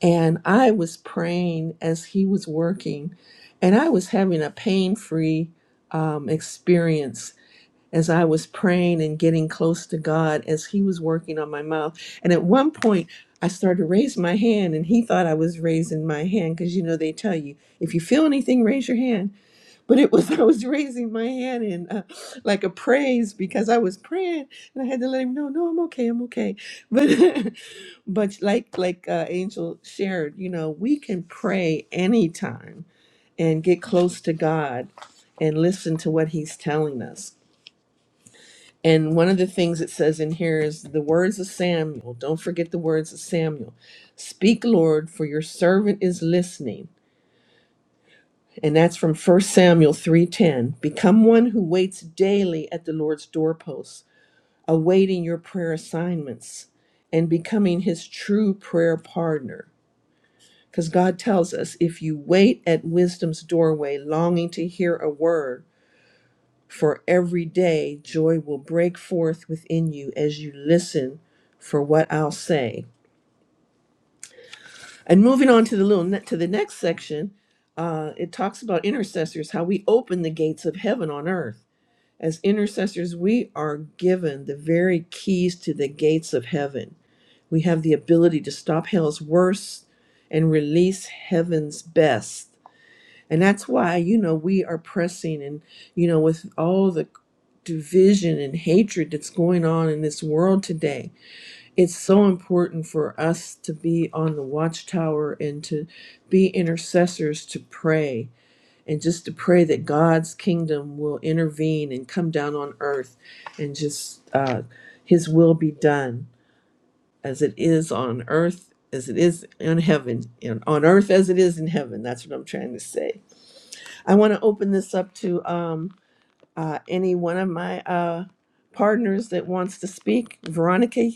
J: And I was praying as he was working, and I was having a pain free um, experience as I was praying and getting close to God as He was working on my mouth. And at one point, I started to raise my hand, and He thought I was raising my hand because you know they tell you if you feel anything, raise your hand. But it was I was raising my hand in uh, like a praise because I was praying, and I had to let Him know, no, I'm okay, I'm okay. But but like like uh, Angel shared, you know, we can pray anytime and get close to God and listen to what He's telling us and one of the things it says in here is the words of Samuel. Don't forget the words of Samuel. Speak, Lord, for your servant is listening. And that's from First Samuel 3:10. Become one who waits daily at the Lord's doorposts, awaiting your prayer assignments and becoming his true prayer partner. Because God tells us, if you wait at wisdom's doorway, longing to hear a word, For every day joy will break forth within you as you listen for what I'll say. And moving on to the little ne- to the next section, uh, it talks about intercessors, how we open the gates of heaven on earth. As intercessors, we are given the very keys to the gates of heaven. We have the ability to stop hell's worst and release heaven's best. And that's why, you know, we are pressing and, you know, with all the division and hatred that's going on in this world today, it's so important for us to be on the watchtower and to be intercessors to pray and just to pray that God's kingdom will intervene and come down on earth and just uh, his will be done as it is on earth. As it is in heaven, and on earth as it is in heaven. That's what I'm trying to say I want to open this up to um, uh, any one of my uh, partners that wants to speak. Veronica,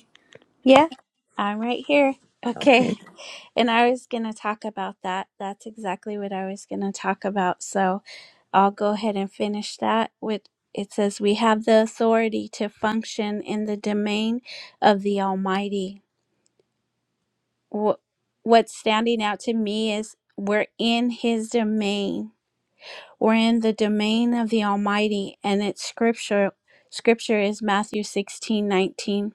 E: Yeah, I'm right here. Okay.
J: okay.
E: And I was going to talk about that. That's exactly what I was going to talk about. So I'll go ahead and finish that with it says, We have the authority to function in the domain of the Almighty. Wh- What's standing out to me is we're in His domain. We're in the domain of the Almighty, and it's scripture. Scripture is Matthew 16 19.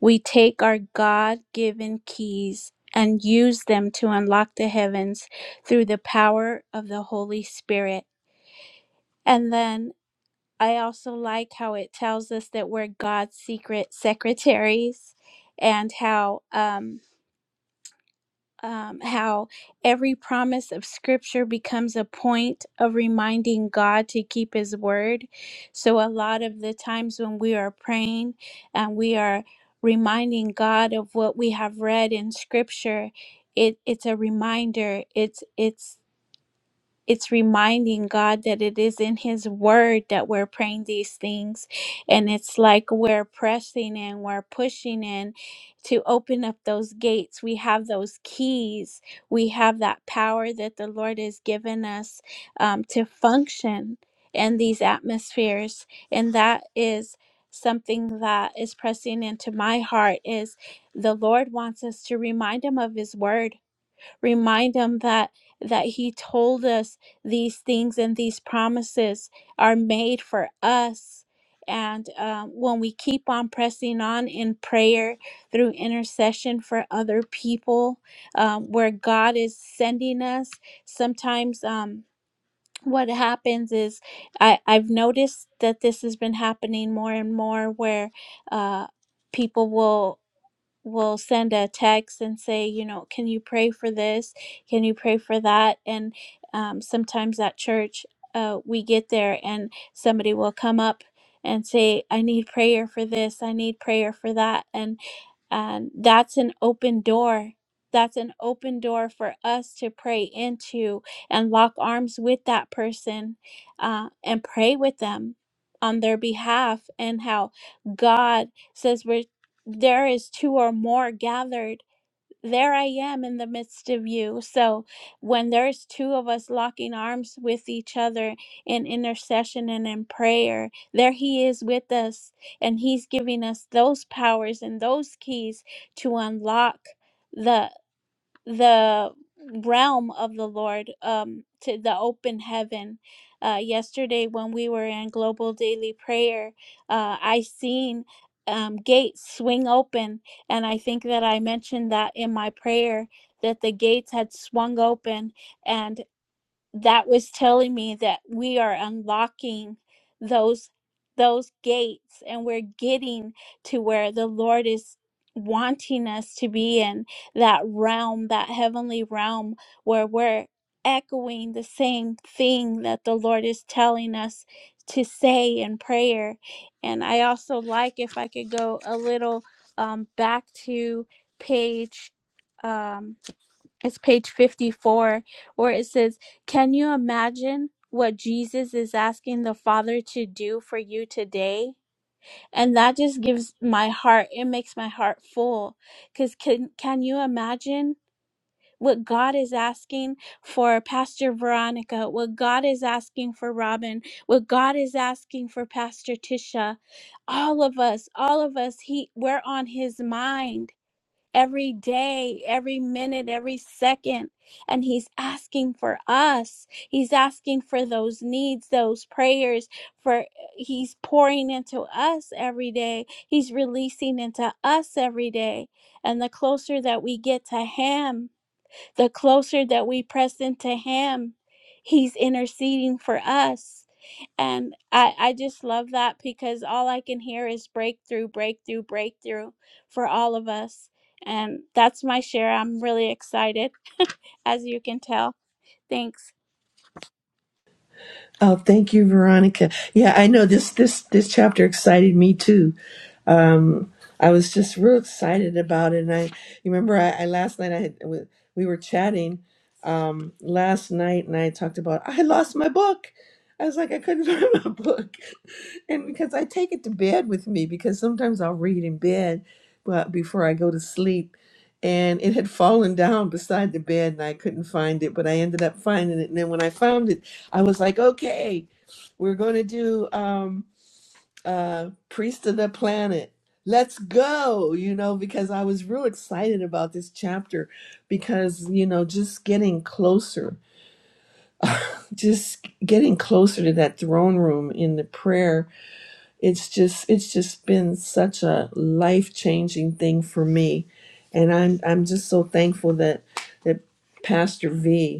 E: We take our God given keys and use them to unlock the heavens through the power of the Holy Spirit. And then I also like how it tells us that we're God's secret secretaries and how. um, um, how every promise of scripture becomes a point of reminding God to keep his word. So, a lot of the times when we are praying and we are reminding God of what we have read in scripture. It, it's a reminder it's it's it's reminding God that it is in His Word that we're praying these things. And it's like we're pressing in, we're pushing in to open up those gates. We have those keys, we have that power that the Lord has given us um, to function in these atmospheres. And that is something that is pressing into my heart is the lord wants us to remind him of his word remind him that that he told us these things and these promises are made for us and um, when we keep on pressing on in prayer through intercession for other people um, where god is sending us sometimes um, what happens is I, i've noticed that this has been happening more and more where uh, people will will send a text and say, you know, can you pray for this? Can you pray for that? And um, sometimes at church, uh, we get there and somebody will come up and say, I need prayer for this. I need prayer for that. And and that's an open door. That's an open door for us to pray into and lock arms with that person uh, and pray with them on their behalf and how God says we're there is two or more gathered, there I am in the midst of you. So when there's two of us locking arms with each other in intercession and in prayer, there He is with us. And He's giving us those powers and those keys to unlock. the the realm of the Lord, um, to the open heaven. Uh, yesterday, when we were in global daily prayer, uh, I seen um, gates swing open, and I think that I mentioned that in my prayer that the gates had swung open, and that was telling me that we are unlocking those those gates and we're getting to where the lord is wanting us to be in that realm that heavenly realm where we're echoing the same thing that the lord is telling us to say in prayer and i also like if i could go a little um, back to page um, it's page 54, where it says, Can you imagine what Jesus is asking the Father to do for you today? And that just gives my heart, it makes my heart full. Because can, can you imagine what God is asking for Pastor Veronica, what God is asking for Robin, what God is asking for Pastor Tisha? All of us, all of us, he, we're on his mind every day, every minute, every second. And He's asking for us. He's asking for those needs, those prayers, for He's pouring into us every day. He's releasing into us every day. And the closer that we get to Him, the closer that we press into Him, He's interceding for us. And I, I just love that because all I can hear is breakthrough, breakthrough, breakthrough for all of us. And that's my share. I'm really excited, as you can tell. Thanks.
J: Oh, thank you, Veronica. Yeah, I know this this this chapter excited me too. um, I was just real excited about it. And I you remember I, I last night I had, we we were chatting um, last night, and I talked about I lost my book. I was like I couldn't find my book, and because I take it to bed with me because sometimes I'll read in bed, but before I go to sleep. And it had fallen down beside the bed, and I couldn't find it. But I ended up finding it, and then when I found it, I was like, "Okay, we're going to do." Um, uh, Priest of the Planet. Let's go, you know, because I was real excited about this chapter because, you know, just getting closer, just getting closer to that throne room in the prayer. It's just, it's just been such a life changing thing for me. And I'm, I'm just so thankful that, that Pastor V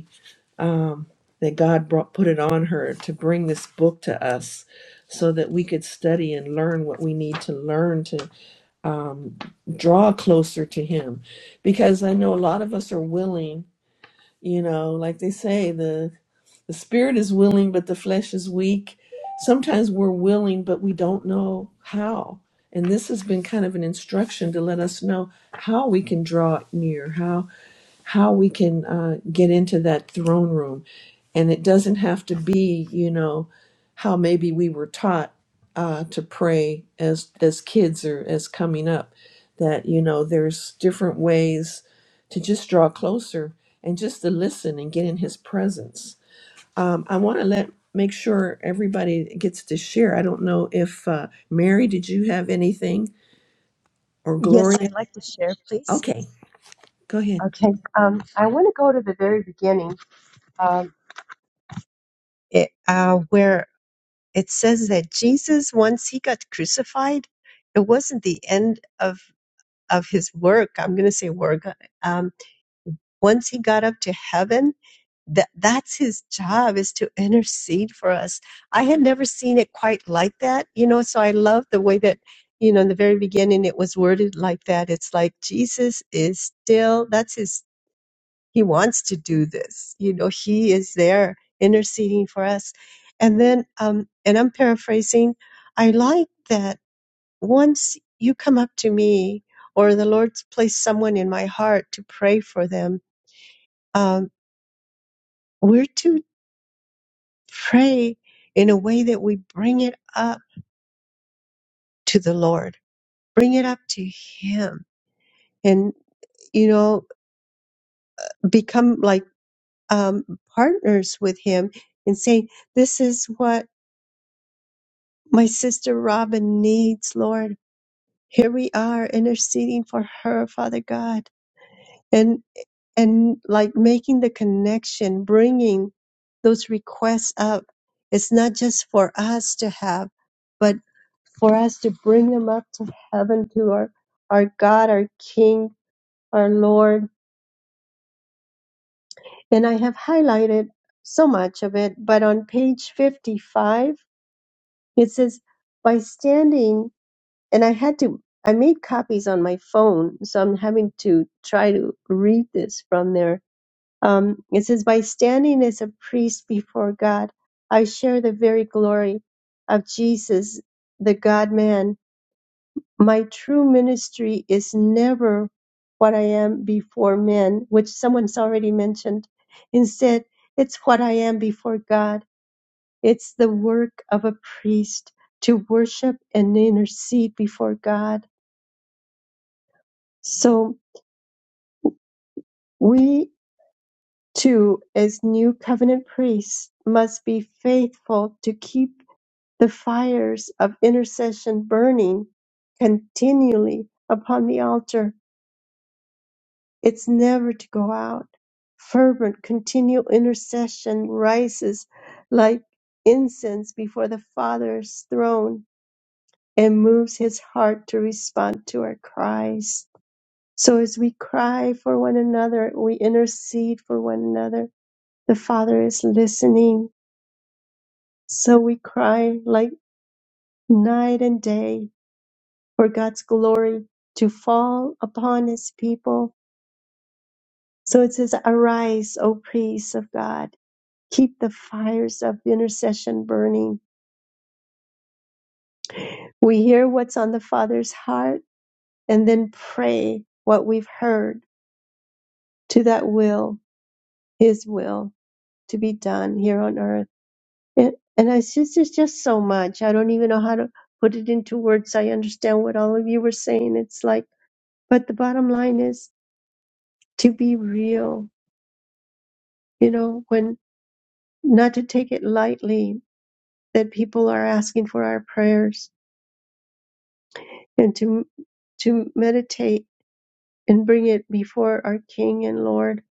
J: um, that God brought put it on her to bring this book to us so that we could study and learn what we need to learn to um, draw closer to him because I know a lot of us are willing you know like they say the the spirit is willing but the flesh is weak sometimes we're willing but we don't know how and this has been kind of an instruction to let us know how we can draw near how how we can uh, get into that throne room and it doesn't have to be, you know, how maybe we were taught uh, to pray as as kids or as coming up. That you know, there's different ways to just draw closer and just to listen and get in His presence. Um, I want to let make sure everybody gets to share. I don't know if uh, Mary, did you have anything or
D: Yes,
J: Gloria?
D: I'd like to share, please.
J: Okay, go ahead.
D: Okay. Um, I want to go to the very beginning um, it, uh, where it says that Jesus, once he got crucified, it wasn't the end of, of his work. I'm going to say work. Um, once he got up to heaven, that that's his job is to intercede for us i had never seen it quite like that you know so i love the way that you know in the very beginning it was worded like that it's like jesus is still that's his he wants to do this you know he is there interceding for us and then um and i'm paraphrasing i like that once you come up to me or the lord's placed someone in my heart to pray for them um we're to Pray in a way that we bring it up to the Lord, bring it up to Him, and, you know, become like um, partners with Him and saying, This is what my sister Robin needs, Lord. Here we are interceding for her, Father God. And, and like making the connection, bringing those requests up. It's not just for us to have, but for us to bring them up to heaven to our, our God, our King, our Lord. And I have highlighted so much of it, but on page 55, it says, by standing, and I had to, I made copies on my phone, so I'm having to try to read this from there. Um, it says, by standing as a priest before God, I share the very glory of Jesus, the God man My true ministry is never what I am before men, which someone's already mentioned. Instead, it's what I am before God. It's the work of a priest to worship and intercede before God. So we too, as new covenant priests, must be faithful to keep the fires of intercession burning continually upon the altar It's never to go out. Fervent, continual intercession rises like incense before the Father's throne and moves his heart to respond to our cries. So as we cry for one another, we intercede for one another. The Father is listening. So we cry like night and day for God's glory to fall upon his people. So it says, Arise, O priests of God Keep the fires of intercession burning. We hear what's on the Father's heart and then pray what we've heard to that will, His will, to be done here on earth. And, and it's, just, it's just so much. I don't even know how to put it into words. I understand what all of you were saying. It's like, but the bottom line is to be real, you know, when not to take it lightly that people are asking for our prayers and to to meditate and bring it before our King and Lord.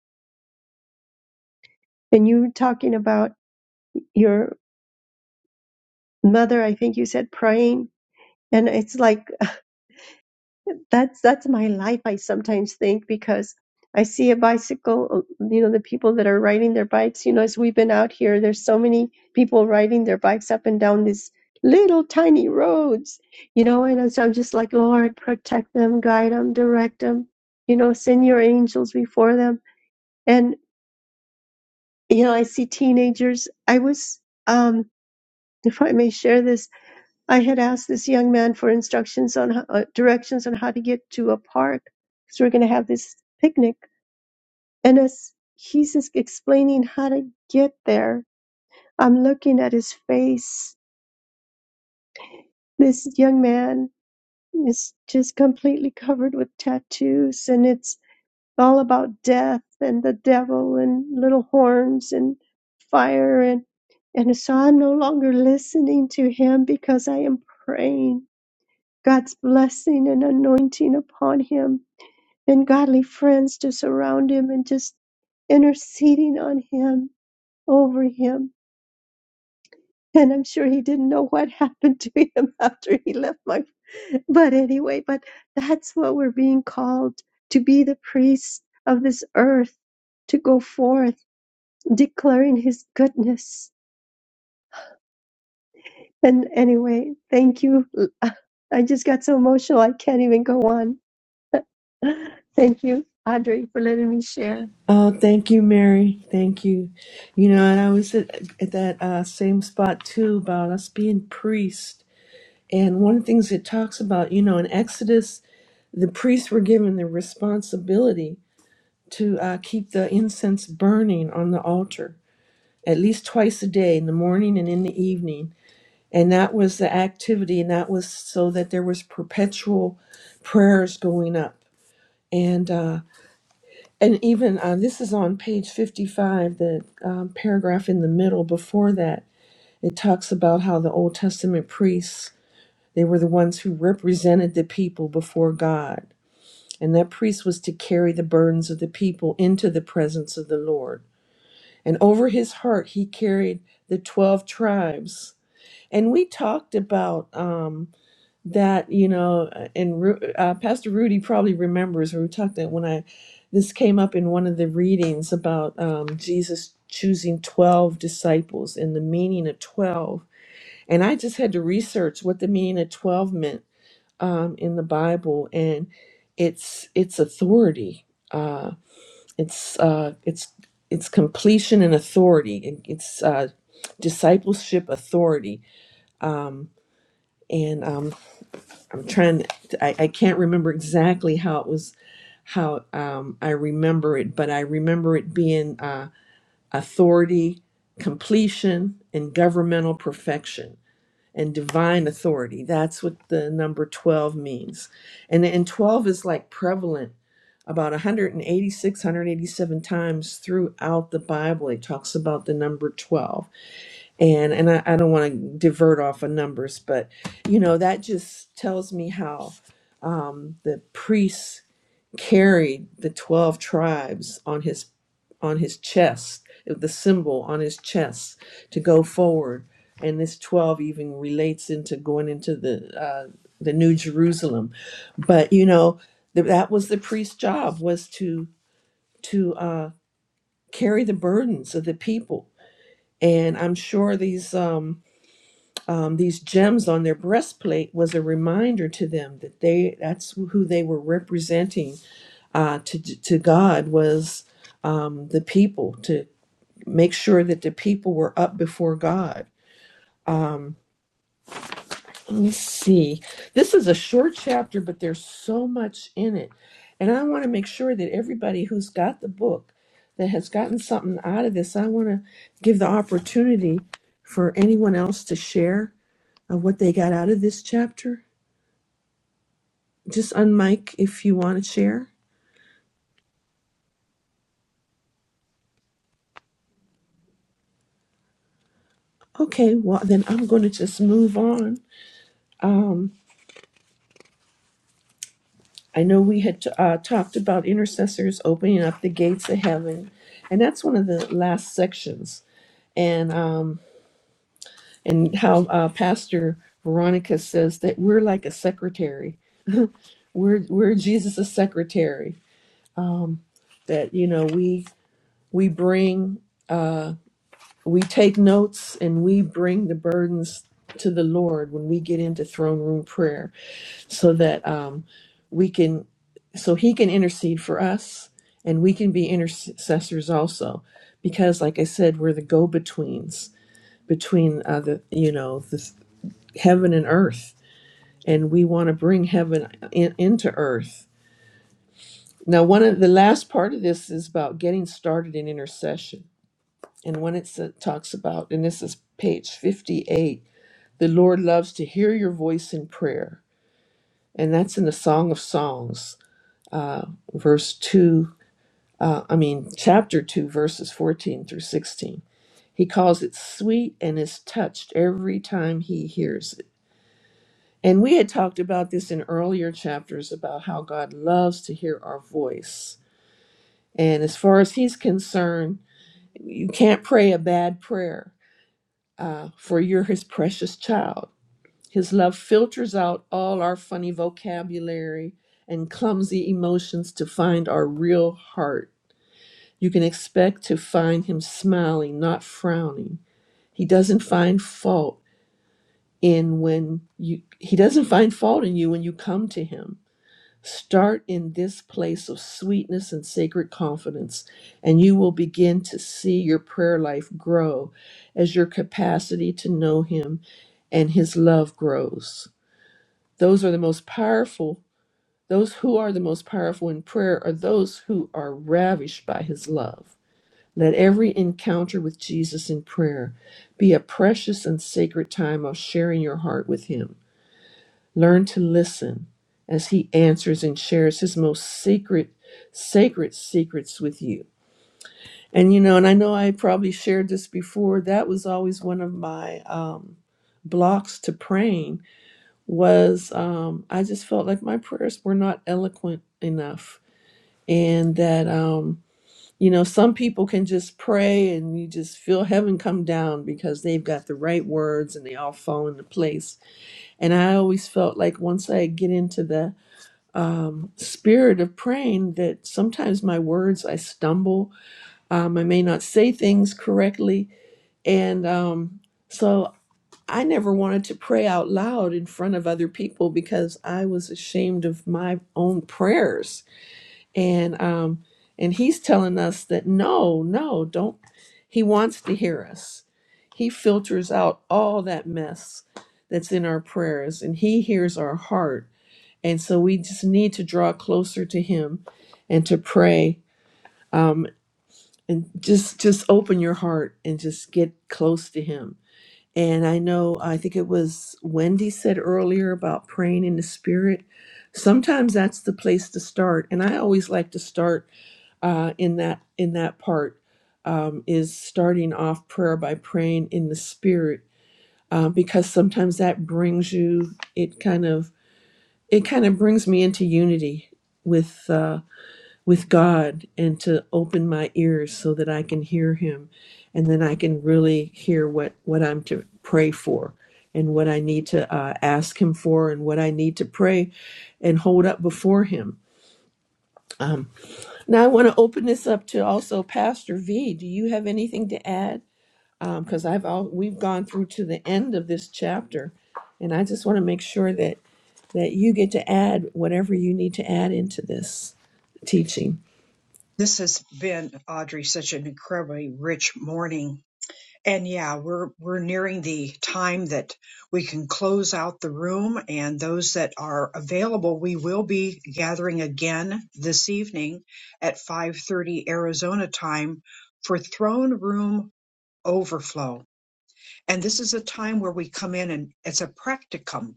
D: And you were talking about your mother, I think you said praying. And it's like that's that's my life, I sometimes think, because I see a bicycle, you know, the people that are riding their bikes, you know, as we've been out here, there's so many people riding their bikes up and down these little tiny roads, you know, and so I'm just like, Lord, protect them, guide them, direct them, you know, send your angels before them. and. you know, I see teenagers. I was, um, if I may share this, I had asked this young man for instructions on ho- uh, directions on how to get to a park because we're going to have this picnic. And as he's just explaining how to get there, I'm looking at his face. This young man is just completely covered with tattoos, and it's all about death and the devil and little horns and fire and and so I'm no longer listening to him because I am praying God's blessing and anointing upon him and godly friends to surround him and just interceding on him over him and I'm sure he didn't know what happened to him after he left my. But anyway, but that's what we're being called to be the priests of this earth, to go forth declaring his goodness. And anyway, thank you. I just got so emotional, I can't even go on. Thank you, Audrey, for letting me share.
J: Oh, thank you, Mary. Thank you. You know, and I was at, at that uh, same spot too about us being priests. And one of the things it talks about, you know, in Exodus, the priests were given the responsibility to uh, keep the incense burning on the altar at least twice a day, in the morning and in the evening. And that was the activity, and that was so that there was perpetual prayers going up. And uh, and even uh, this is on page 55, the um, paragraph in the middle before that, it talks about how the Old Testament priests, they were the ones who represented the people before God. And that priest was to carry the burdens of the people into the presence of the Lord. And over his heart, he carried the 12 tribes. And we talked about um, that you know uh, and Ru- uh, pastor rudy probably remembers or we talked that when i this came up in one of the readings about um, jesus choosing 12 disciples and the meaning of 12 and i just had to research what the meaning of 12 meant um, in the bible and it's it's authority uh, it's uh, it's it's completion and authority It- it's uh, discipleship authority um, and um, I'm trying to, I, I can't remember exactly how it was, how um, I remember it, but I remember it being uh, authority, completion, and governmental perfection and divine authority. That's what the number 12 means. And, and 12 is like prevalent about 186, 187 times throughout the Bible. It talks about the number 12 and and I, I don't want to divert off of numbers, but you know that just tells me how um, the priest carried the twelve tribes on his on his chest, the symbol on his chest to go forward, and this twelve even relates into going into the uh, the New Jerusalem, but you know th- that was the priest's job was to to uh, carry the burdens of the people, and I'm sure these. Um, um, these gems on their breastplate was a reminder to them that they that's who they were representing uh, to, to god was um, the people to make sure that the people were up before god um, let me see this is a short chapter but there's so much in it and i want to make sure that everybody who's got the book that has gotten something out of this i want to give the opportunity for anyone else to share of what they got out of this chapter Just unmic if you want to share. Okay, well, then I'm going to just move on. Um, I know we had uh, talked about intercessors opening up the gates of heaven, and that's one of the last sections. And um, and how uh, Pastor Veronica says that we're like a secretary. We're we're Jesus' secretary. Um, that you know we we bring. Uh, We take notes and we bring the burdens to the Lord when we get into throne room prayer so that um, we can, so He can intercede for us and we can be intercessors also. Because, like I said, we're the go betweens between uh, the, you know, the heaven and earth. And we want to bring heaven in, into earth. Now, one of the last part of this is about getting started in intercession. And when it sa- talks about, and this is page 58 The Lord loves to hear your voice in prayer. And that's in the Song of Songs, uh, verse 2, uh, I mean, chapter 2, verses 14 through 16. He calls it sweet and is touched every time he hears it. And we had talked about this in earlier chapters about how God loves to hear our voice. And as far as he's concerned, you can't pray a bad prayer, uh, for you're his precious child. His love filters out all our funny vocabulary and clumsy emotions to find our real heart. You can expect to find him smiling, not frowning. He doesn't find fault in when you he doesn't find fault in you when you come to him. Start in this place of sweetness and sacred confidence, and you will begin to see your prayer life grow as your capacity to know him and his love grows. Those are the most powerful. Those who are the most powerful in prayer are those who are ravished by his love. Let every encounter with Jesus in prayer be a precious and sacred time of sharing your heart with him. Learn to listen as he answers and shares his most secret, sacred secrets with you. And you know, and I know I probably shared this before, that was always one of my um, blocks to praying was um, I just felt like my prayers were not eloquent enough. And that, um, you know, some people can just pray and you just feel heaven come down because they've got the right words and they all fall into place. And I always felt like once I get into the um, spirit of praying, that sometimes my words, I stumble. Um, I may not say things correctly. And um, so I never wanted to pray out loud in front of other people because I was ashamed of my own prayers. And um and he's telling us that no, no, don't he wants to hear us. He filters out all that mess that's in our prayers and he hears our heart. And so we just need to draw closer to him and to pray um and just just open your heart and just get close to him and I know, I think it was Wendy said earlier about praying in the spirit. Sometimes that's the place to start. And I always like to start uh, in that in that part um, is starting off prayer by praying in the spirit uh, because sometimes that brings you it kind of it kind of brings me into unity with uh, with God and to open my ears so that I can hear him and then I can really hear what what I'm to pray for and what I need to uh, ask him for and what I need to pray and hold up before him. Um, now I want to open this up to also Pastor V. Do you have anything to add? Because um, I've all, we've gone through to the end of this chapter, and I just want to make sure that that you get to add whatever you need to add into this teaching.
A: This has been, Audrey, such an incredibly rich morning And yeah, we're we're nearing the time that we can close out the room and those that are available, we will be gathering again this evening at 5:30 Arizona time for throne room overflow. And this is a time where we come in and it's a practicum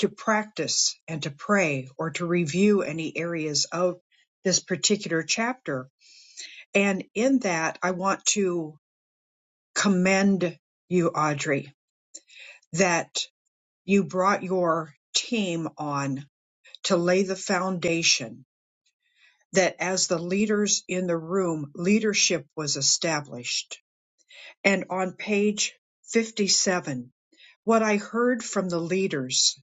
A: to practice and to pray or to review any areas of this particular chapter. And in that, I want to commend you, Audrey that you brought your team on to lay the foundation that as the leaders in the room, leadership was established. And on page 57, what I heard from the leaders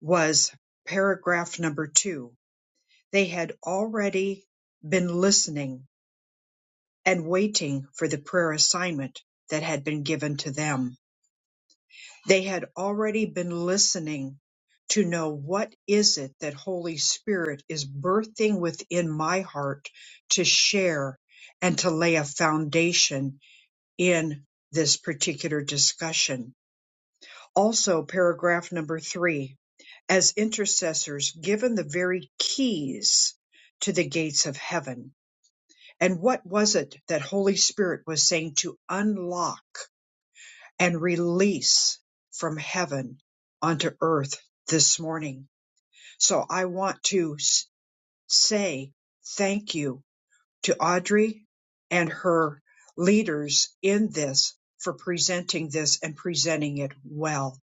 A: was paragraph number two. They had already been listening and waiting for the prayer assignment that had been given to them They had already been listening to know what is it that Holy Spirit is birthing within my heart to share and to lay a foundation in this particular discussion. Also, paragraph number three, as intercessors given the very keys to the gates of heaven. And what was it that Holy Spirit was saying to unlock? and release from heaven onto earth this morning. So I want to s- say thank you to Audrey and her leaders in this for presenting this and presenting it well.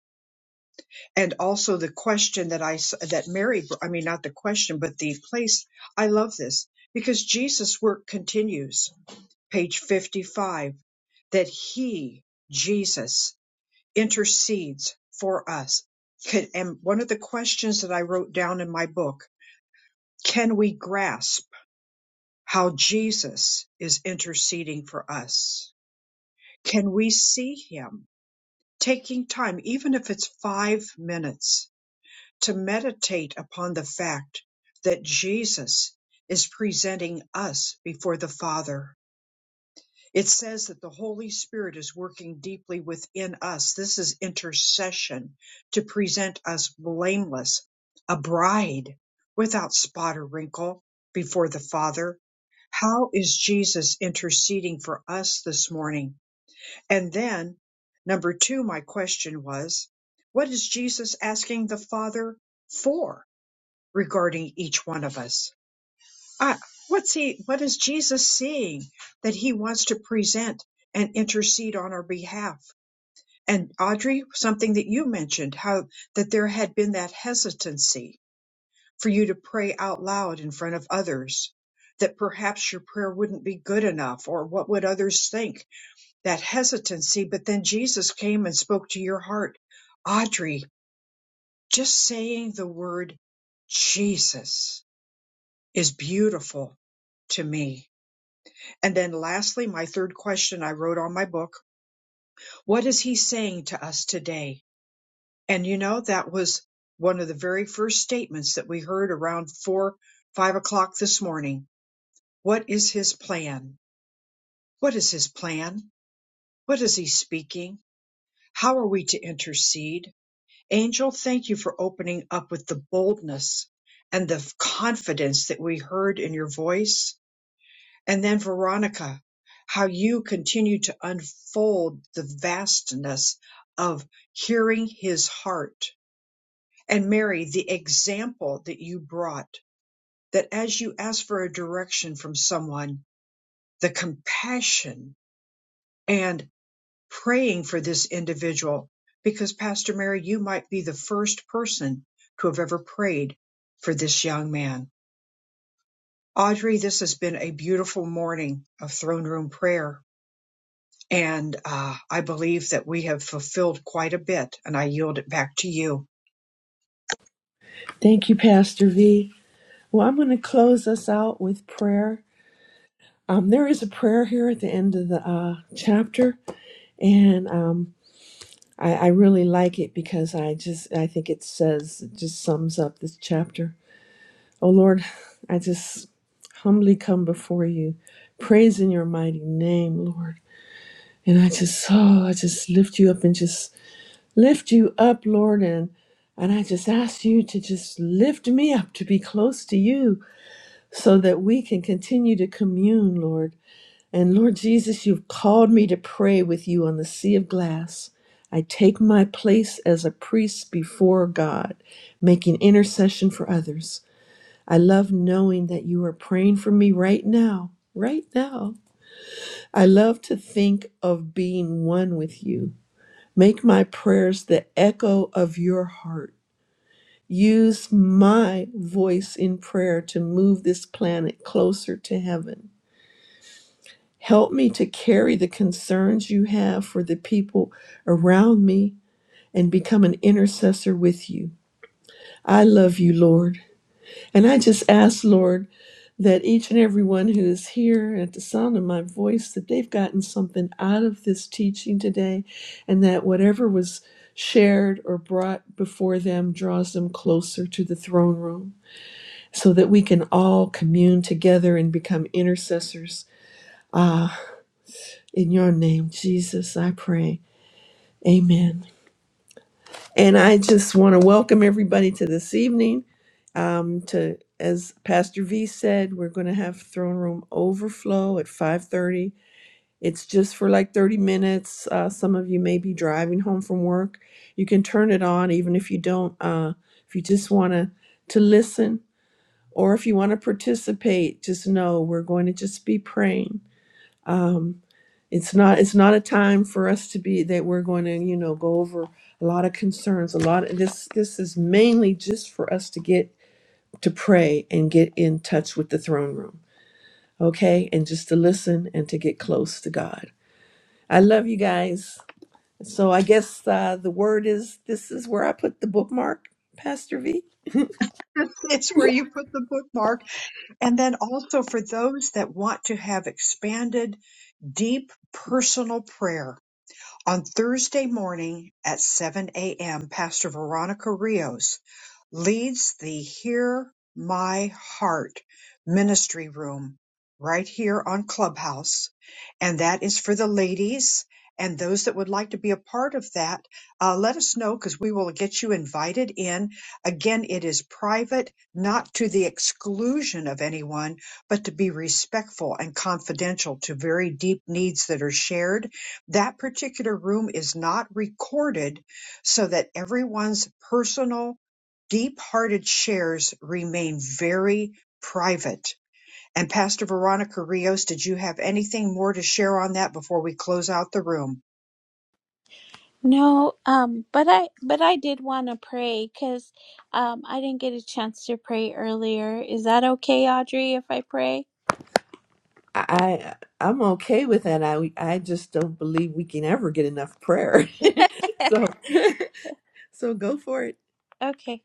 A: And also the question that I s- that Mary I mean not the question but the place I love this because Jesus work continues page 55 that he Jesus intercedes for us. Can, and one of the questions that I wrote down in my book, can we grasp how Jesus is interceding for us? Can we see him taking time, even if it's five minutes, to meditate upon the fact that Jesus is presenting us before the Father? It says that the Holy Spirit is working deeply within us. This is intercession to present us blameless, a bride without spot or wrinkle before the Father. How is Jesus interceding for us this morning? And then, number two, my question was, what is Jesus asking the Father for regarding each one of us? I, what's he what is jesus seeing that he wants to present and intercede on our behalf and audrey something that you mentioned how that there had been that hesitancy for you to pray out loud in front of others that perhaps your prayer wouldn't be good enough or what would others think that hesitancy but then jesus came and spoke to your heart audrey just saying the word jesus is beautiful to me And then lastly, my third question I wrote on my book, what is he saying to us today? And you know, that was one of the very first statements that we heard around four, five o'clock this morning. What is his plan? What is his plan? What is he speaking? How are we to intercede? Angel, thank you for opening up with the boldness and the confidence that we heard in your voice And then Veronica, how you continue to unfold the vastness of hearing his heart. And Mary, the example that you brought, that as you ask for a direction from someone, the compassion and praying for this individual, because Pastor Mary, you might be the first person to have ever prayed for this young man. Audrey, this has been a beautiful morning of throne room prayer. And uh, I believe that we have fulfilled quite a bit, and I yield it back to you.
J: Thank you, Pastor V. Well, I'm going to close us out with prayer. Um, there is a prayer here at the end of the uh, chapter, and um, I, I really like it because I just I think it says it just sums up this chapter. Oh Lord, I just humbly come before you, praising your mighty name, Lord. And I just oh, I just lift you up and just lift you up, Lord, and and I just ask you to just lift me up to be close to you so that we can continue to commune, Lord. And Lord Jesus, you've called me to pray with you on the sea of glass. I take my place as a priest before God, making intercession for others. I love knowing that you are praying for me right now, right now. I love to think of being one with you. Make my prayers the echo of your heart. Use my voice in prayer to move this planet closer to heaven. Help me to carry the concerns you have for the people around me and become an intercessor with you. I love you, Lord. And I just ask, Lord, that each and every one who is here at the sound of my voice, that they've gotten something out of this teaching today, and that whatever was shared or brought before them draws them closer to the throne room so that we can all commune together and become intercessors. Ah. In your name, Jesus, I pray. Amen. And I just want to welcome everybody to this evening. Um, to as Pastor V said, we're going to have throne room overflow at five thirty. It's just for like thirty minutes. Uh, some of you may be driving home from work. You can turn it on, even if you don't. Uh, if you just want to to listen, or if you want to participate, just know we're going to just be praying Um, it's not it's not a time for us to be that we're going to you know go over a lot of concerns a lot of this this is mainly just for us to get to pray and get in touch with the throne room okay and just to listen and to get close to god i love you guys so i guess uh, the word is this is where i put the bookmark pastor v
A: It's where you put the bookmark. And then also for those that want to have expanded, deep personal prayer on Thursday morning at 7 a.m., Pastor Veronica Rios leads the Hear My Heart ministry room right here on Clubhouse. And that is for the ladies and those that would like to be a part of that. Uh, let us know because we will get you invited in. Again, it is private, not to the exclusion of anyone, but to be respectful and confidential to very deep needs that are shared. That particular room is not recorded so that everyone's personal deep-hearted shares remain very private. And Pastor Veronica Rios, did you have anything more to share on that before we close out the room?
E: No, um, but I but I did want to pray because um, I didn't get a chance to pray earlier. Is that okay, Audrey, if I pray?
J: i I- i'm okay with that i i just don't believe we can ever get enough prayer so so go for it
E: Okay.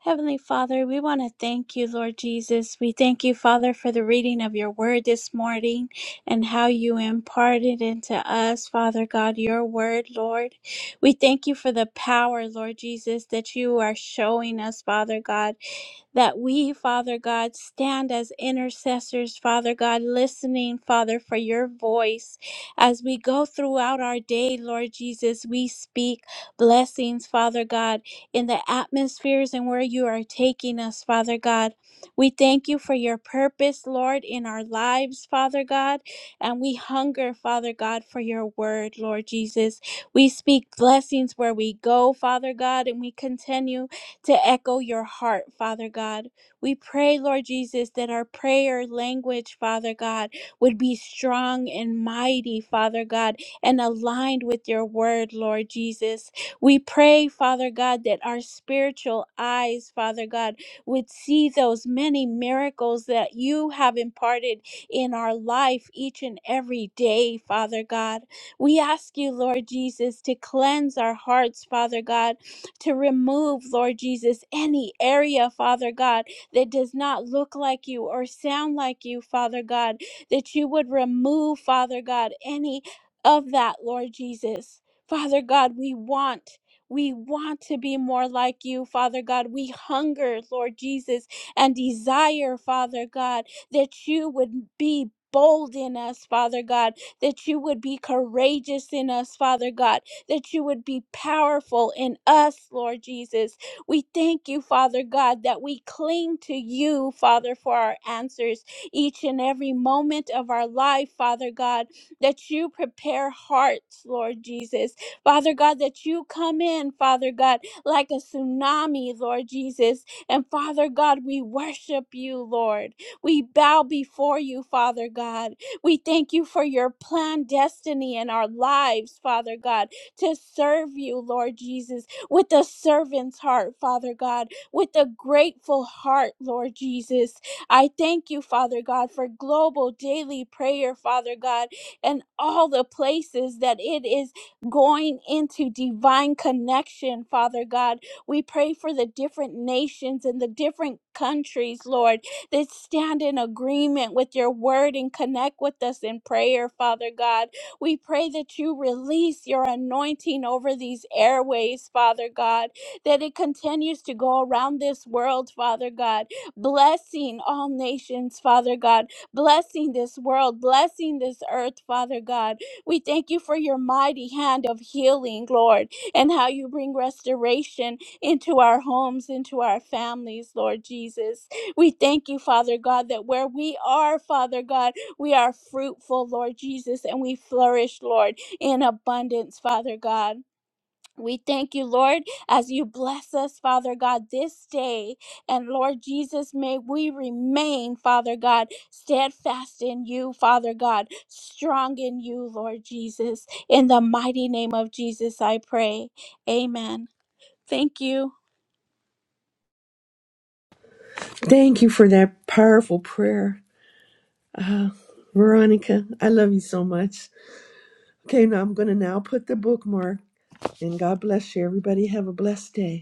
E: Heavenly Father, we want to thank you, Lord Jesus. We thank you, Father, for the reading of your word this morning and how you imparted into us, Father God, your word, Lord. We thank you for the power, Lord Jesus, that you are showing us, Father God that we, Father God, stand as intercessors, Father God, listening, Father, for your voice. As we go throughout our day, Lord Jesus, we speak blessings, Father God in the atmospheres and where you are taking us, Father God. We thank you for your purpose, Lord, in our lives, Father God. And we hunger, Father God, for your word, Lord Jesus. We speak blessings where we go, Father God, and we continue to echo your heart, Father God. We pray, Lord Jesus, that our prayer language, Father God, would be strong and mighty, Father God, and aligned with your word, Lord Jesus. We pray, Father God, that our spiritual eyes, Father God, would see those many miracles that you have imparted in our life each and every day, Father God. We ask you, Lord Jesus, to cleanse our hearts, Father God, to remove, Lord Jesus, any area, Father God, that does not look like you or sound like you, Father God, that you would remove, Father God, any of that, Lord Jesus. Father God, we want. We want to be more like you, Father God. We hunger, Lord Jesus, and desire, Father God, that you would be bold in us, Father God, that you would be courageous in us, Father God, that you would be powerful in us, Lord Jesus. We thank you, Father God, that we cling to you, Father, for our answers each and every moment of our life, Father God, that you prepare hearts, Lord Jesus Father God, that you come in, Father God, like a tsunami, Lord Jesus. And Father God, we worship you, Lord. We bow before you, Father God. We thank you for your planned destiny in our lives, Father God, to serve you, Lord Jesus, with a servant's heart, Father God, with a grateful heart, Lord Jesus. I thank you, Father God, for global daily prayer, Father God, and all the places that it is going into divine connection, Father God. We pray for the different nations and the different countries, Lord, that stand in agreement with your word and connect with us in prayer, Father God. We pray that you release your anointing over these airways, Father God, that it continues to go around this world, Father God, blessing all nations, Father God, blessing this world, blessing this earth, Father God. We thank you for your mighty hand of healing, Lord, and how you bring restoration into our homes, into our families, Lord Jesus. We thank you, Father God, that where we are, Father God, we are fruitful, Lord Jesus, and we flourish, Lord, in abundance, Father God. We thank you, Lord, as you bless us, Father God, this day. And Lord Jesus, may we remain, Father God, steadfast in you, Father God, strong in you, Lord Jesus. In the mighty name of Jesus, I pray. Amen. Thank you.
J: Thank you for that powerful prayer. Uh, Veronica, I love you so much. Okay, now I'm going to now put the bookmark, and God bless you. Everybody have a blessed day.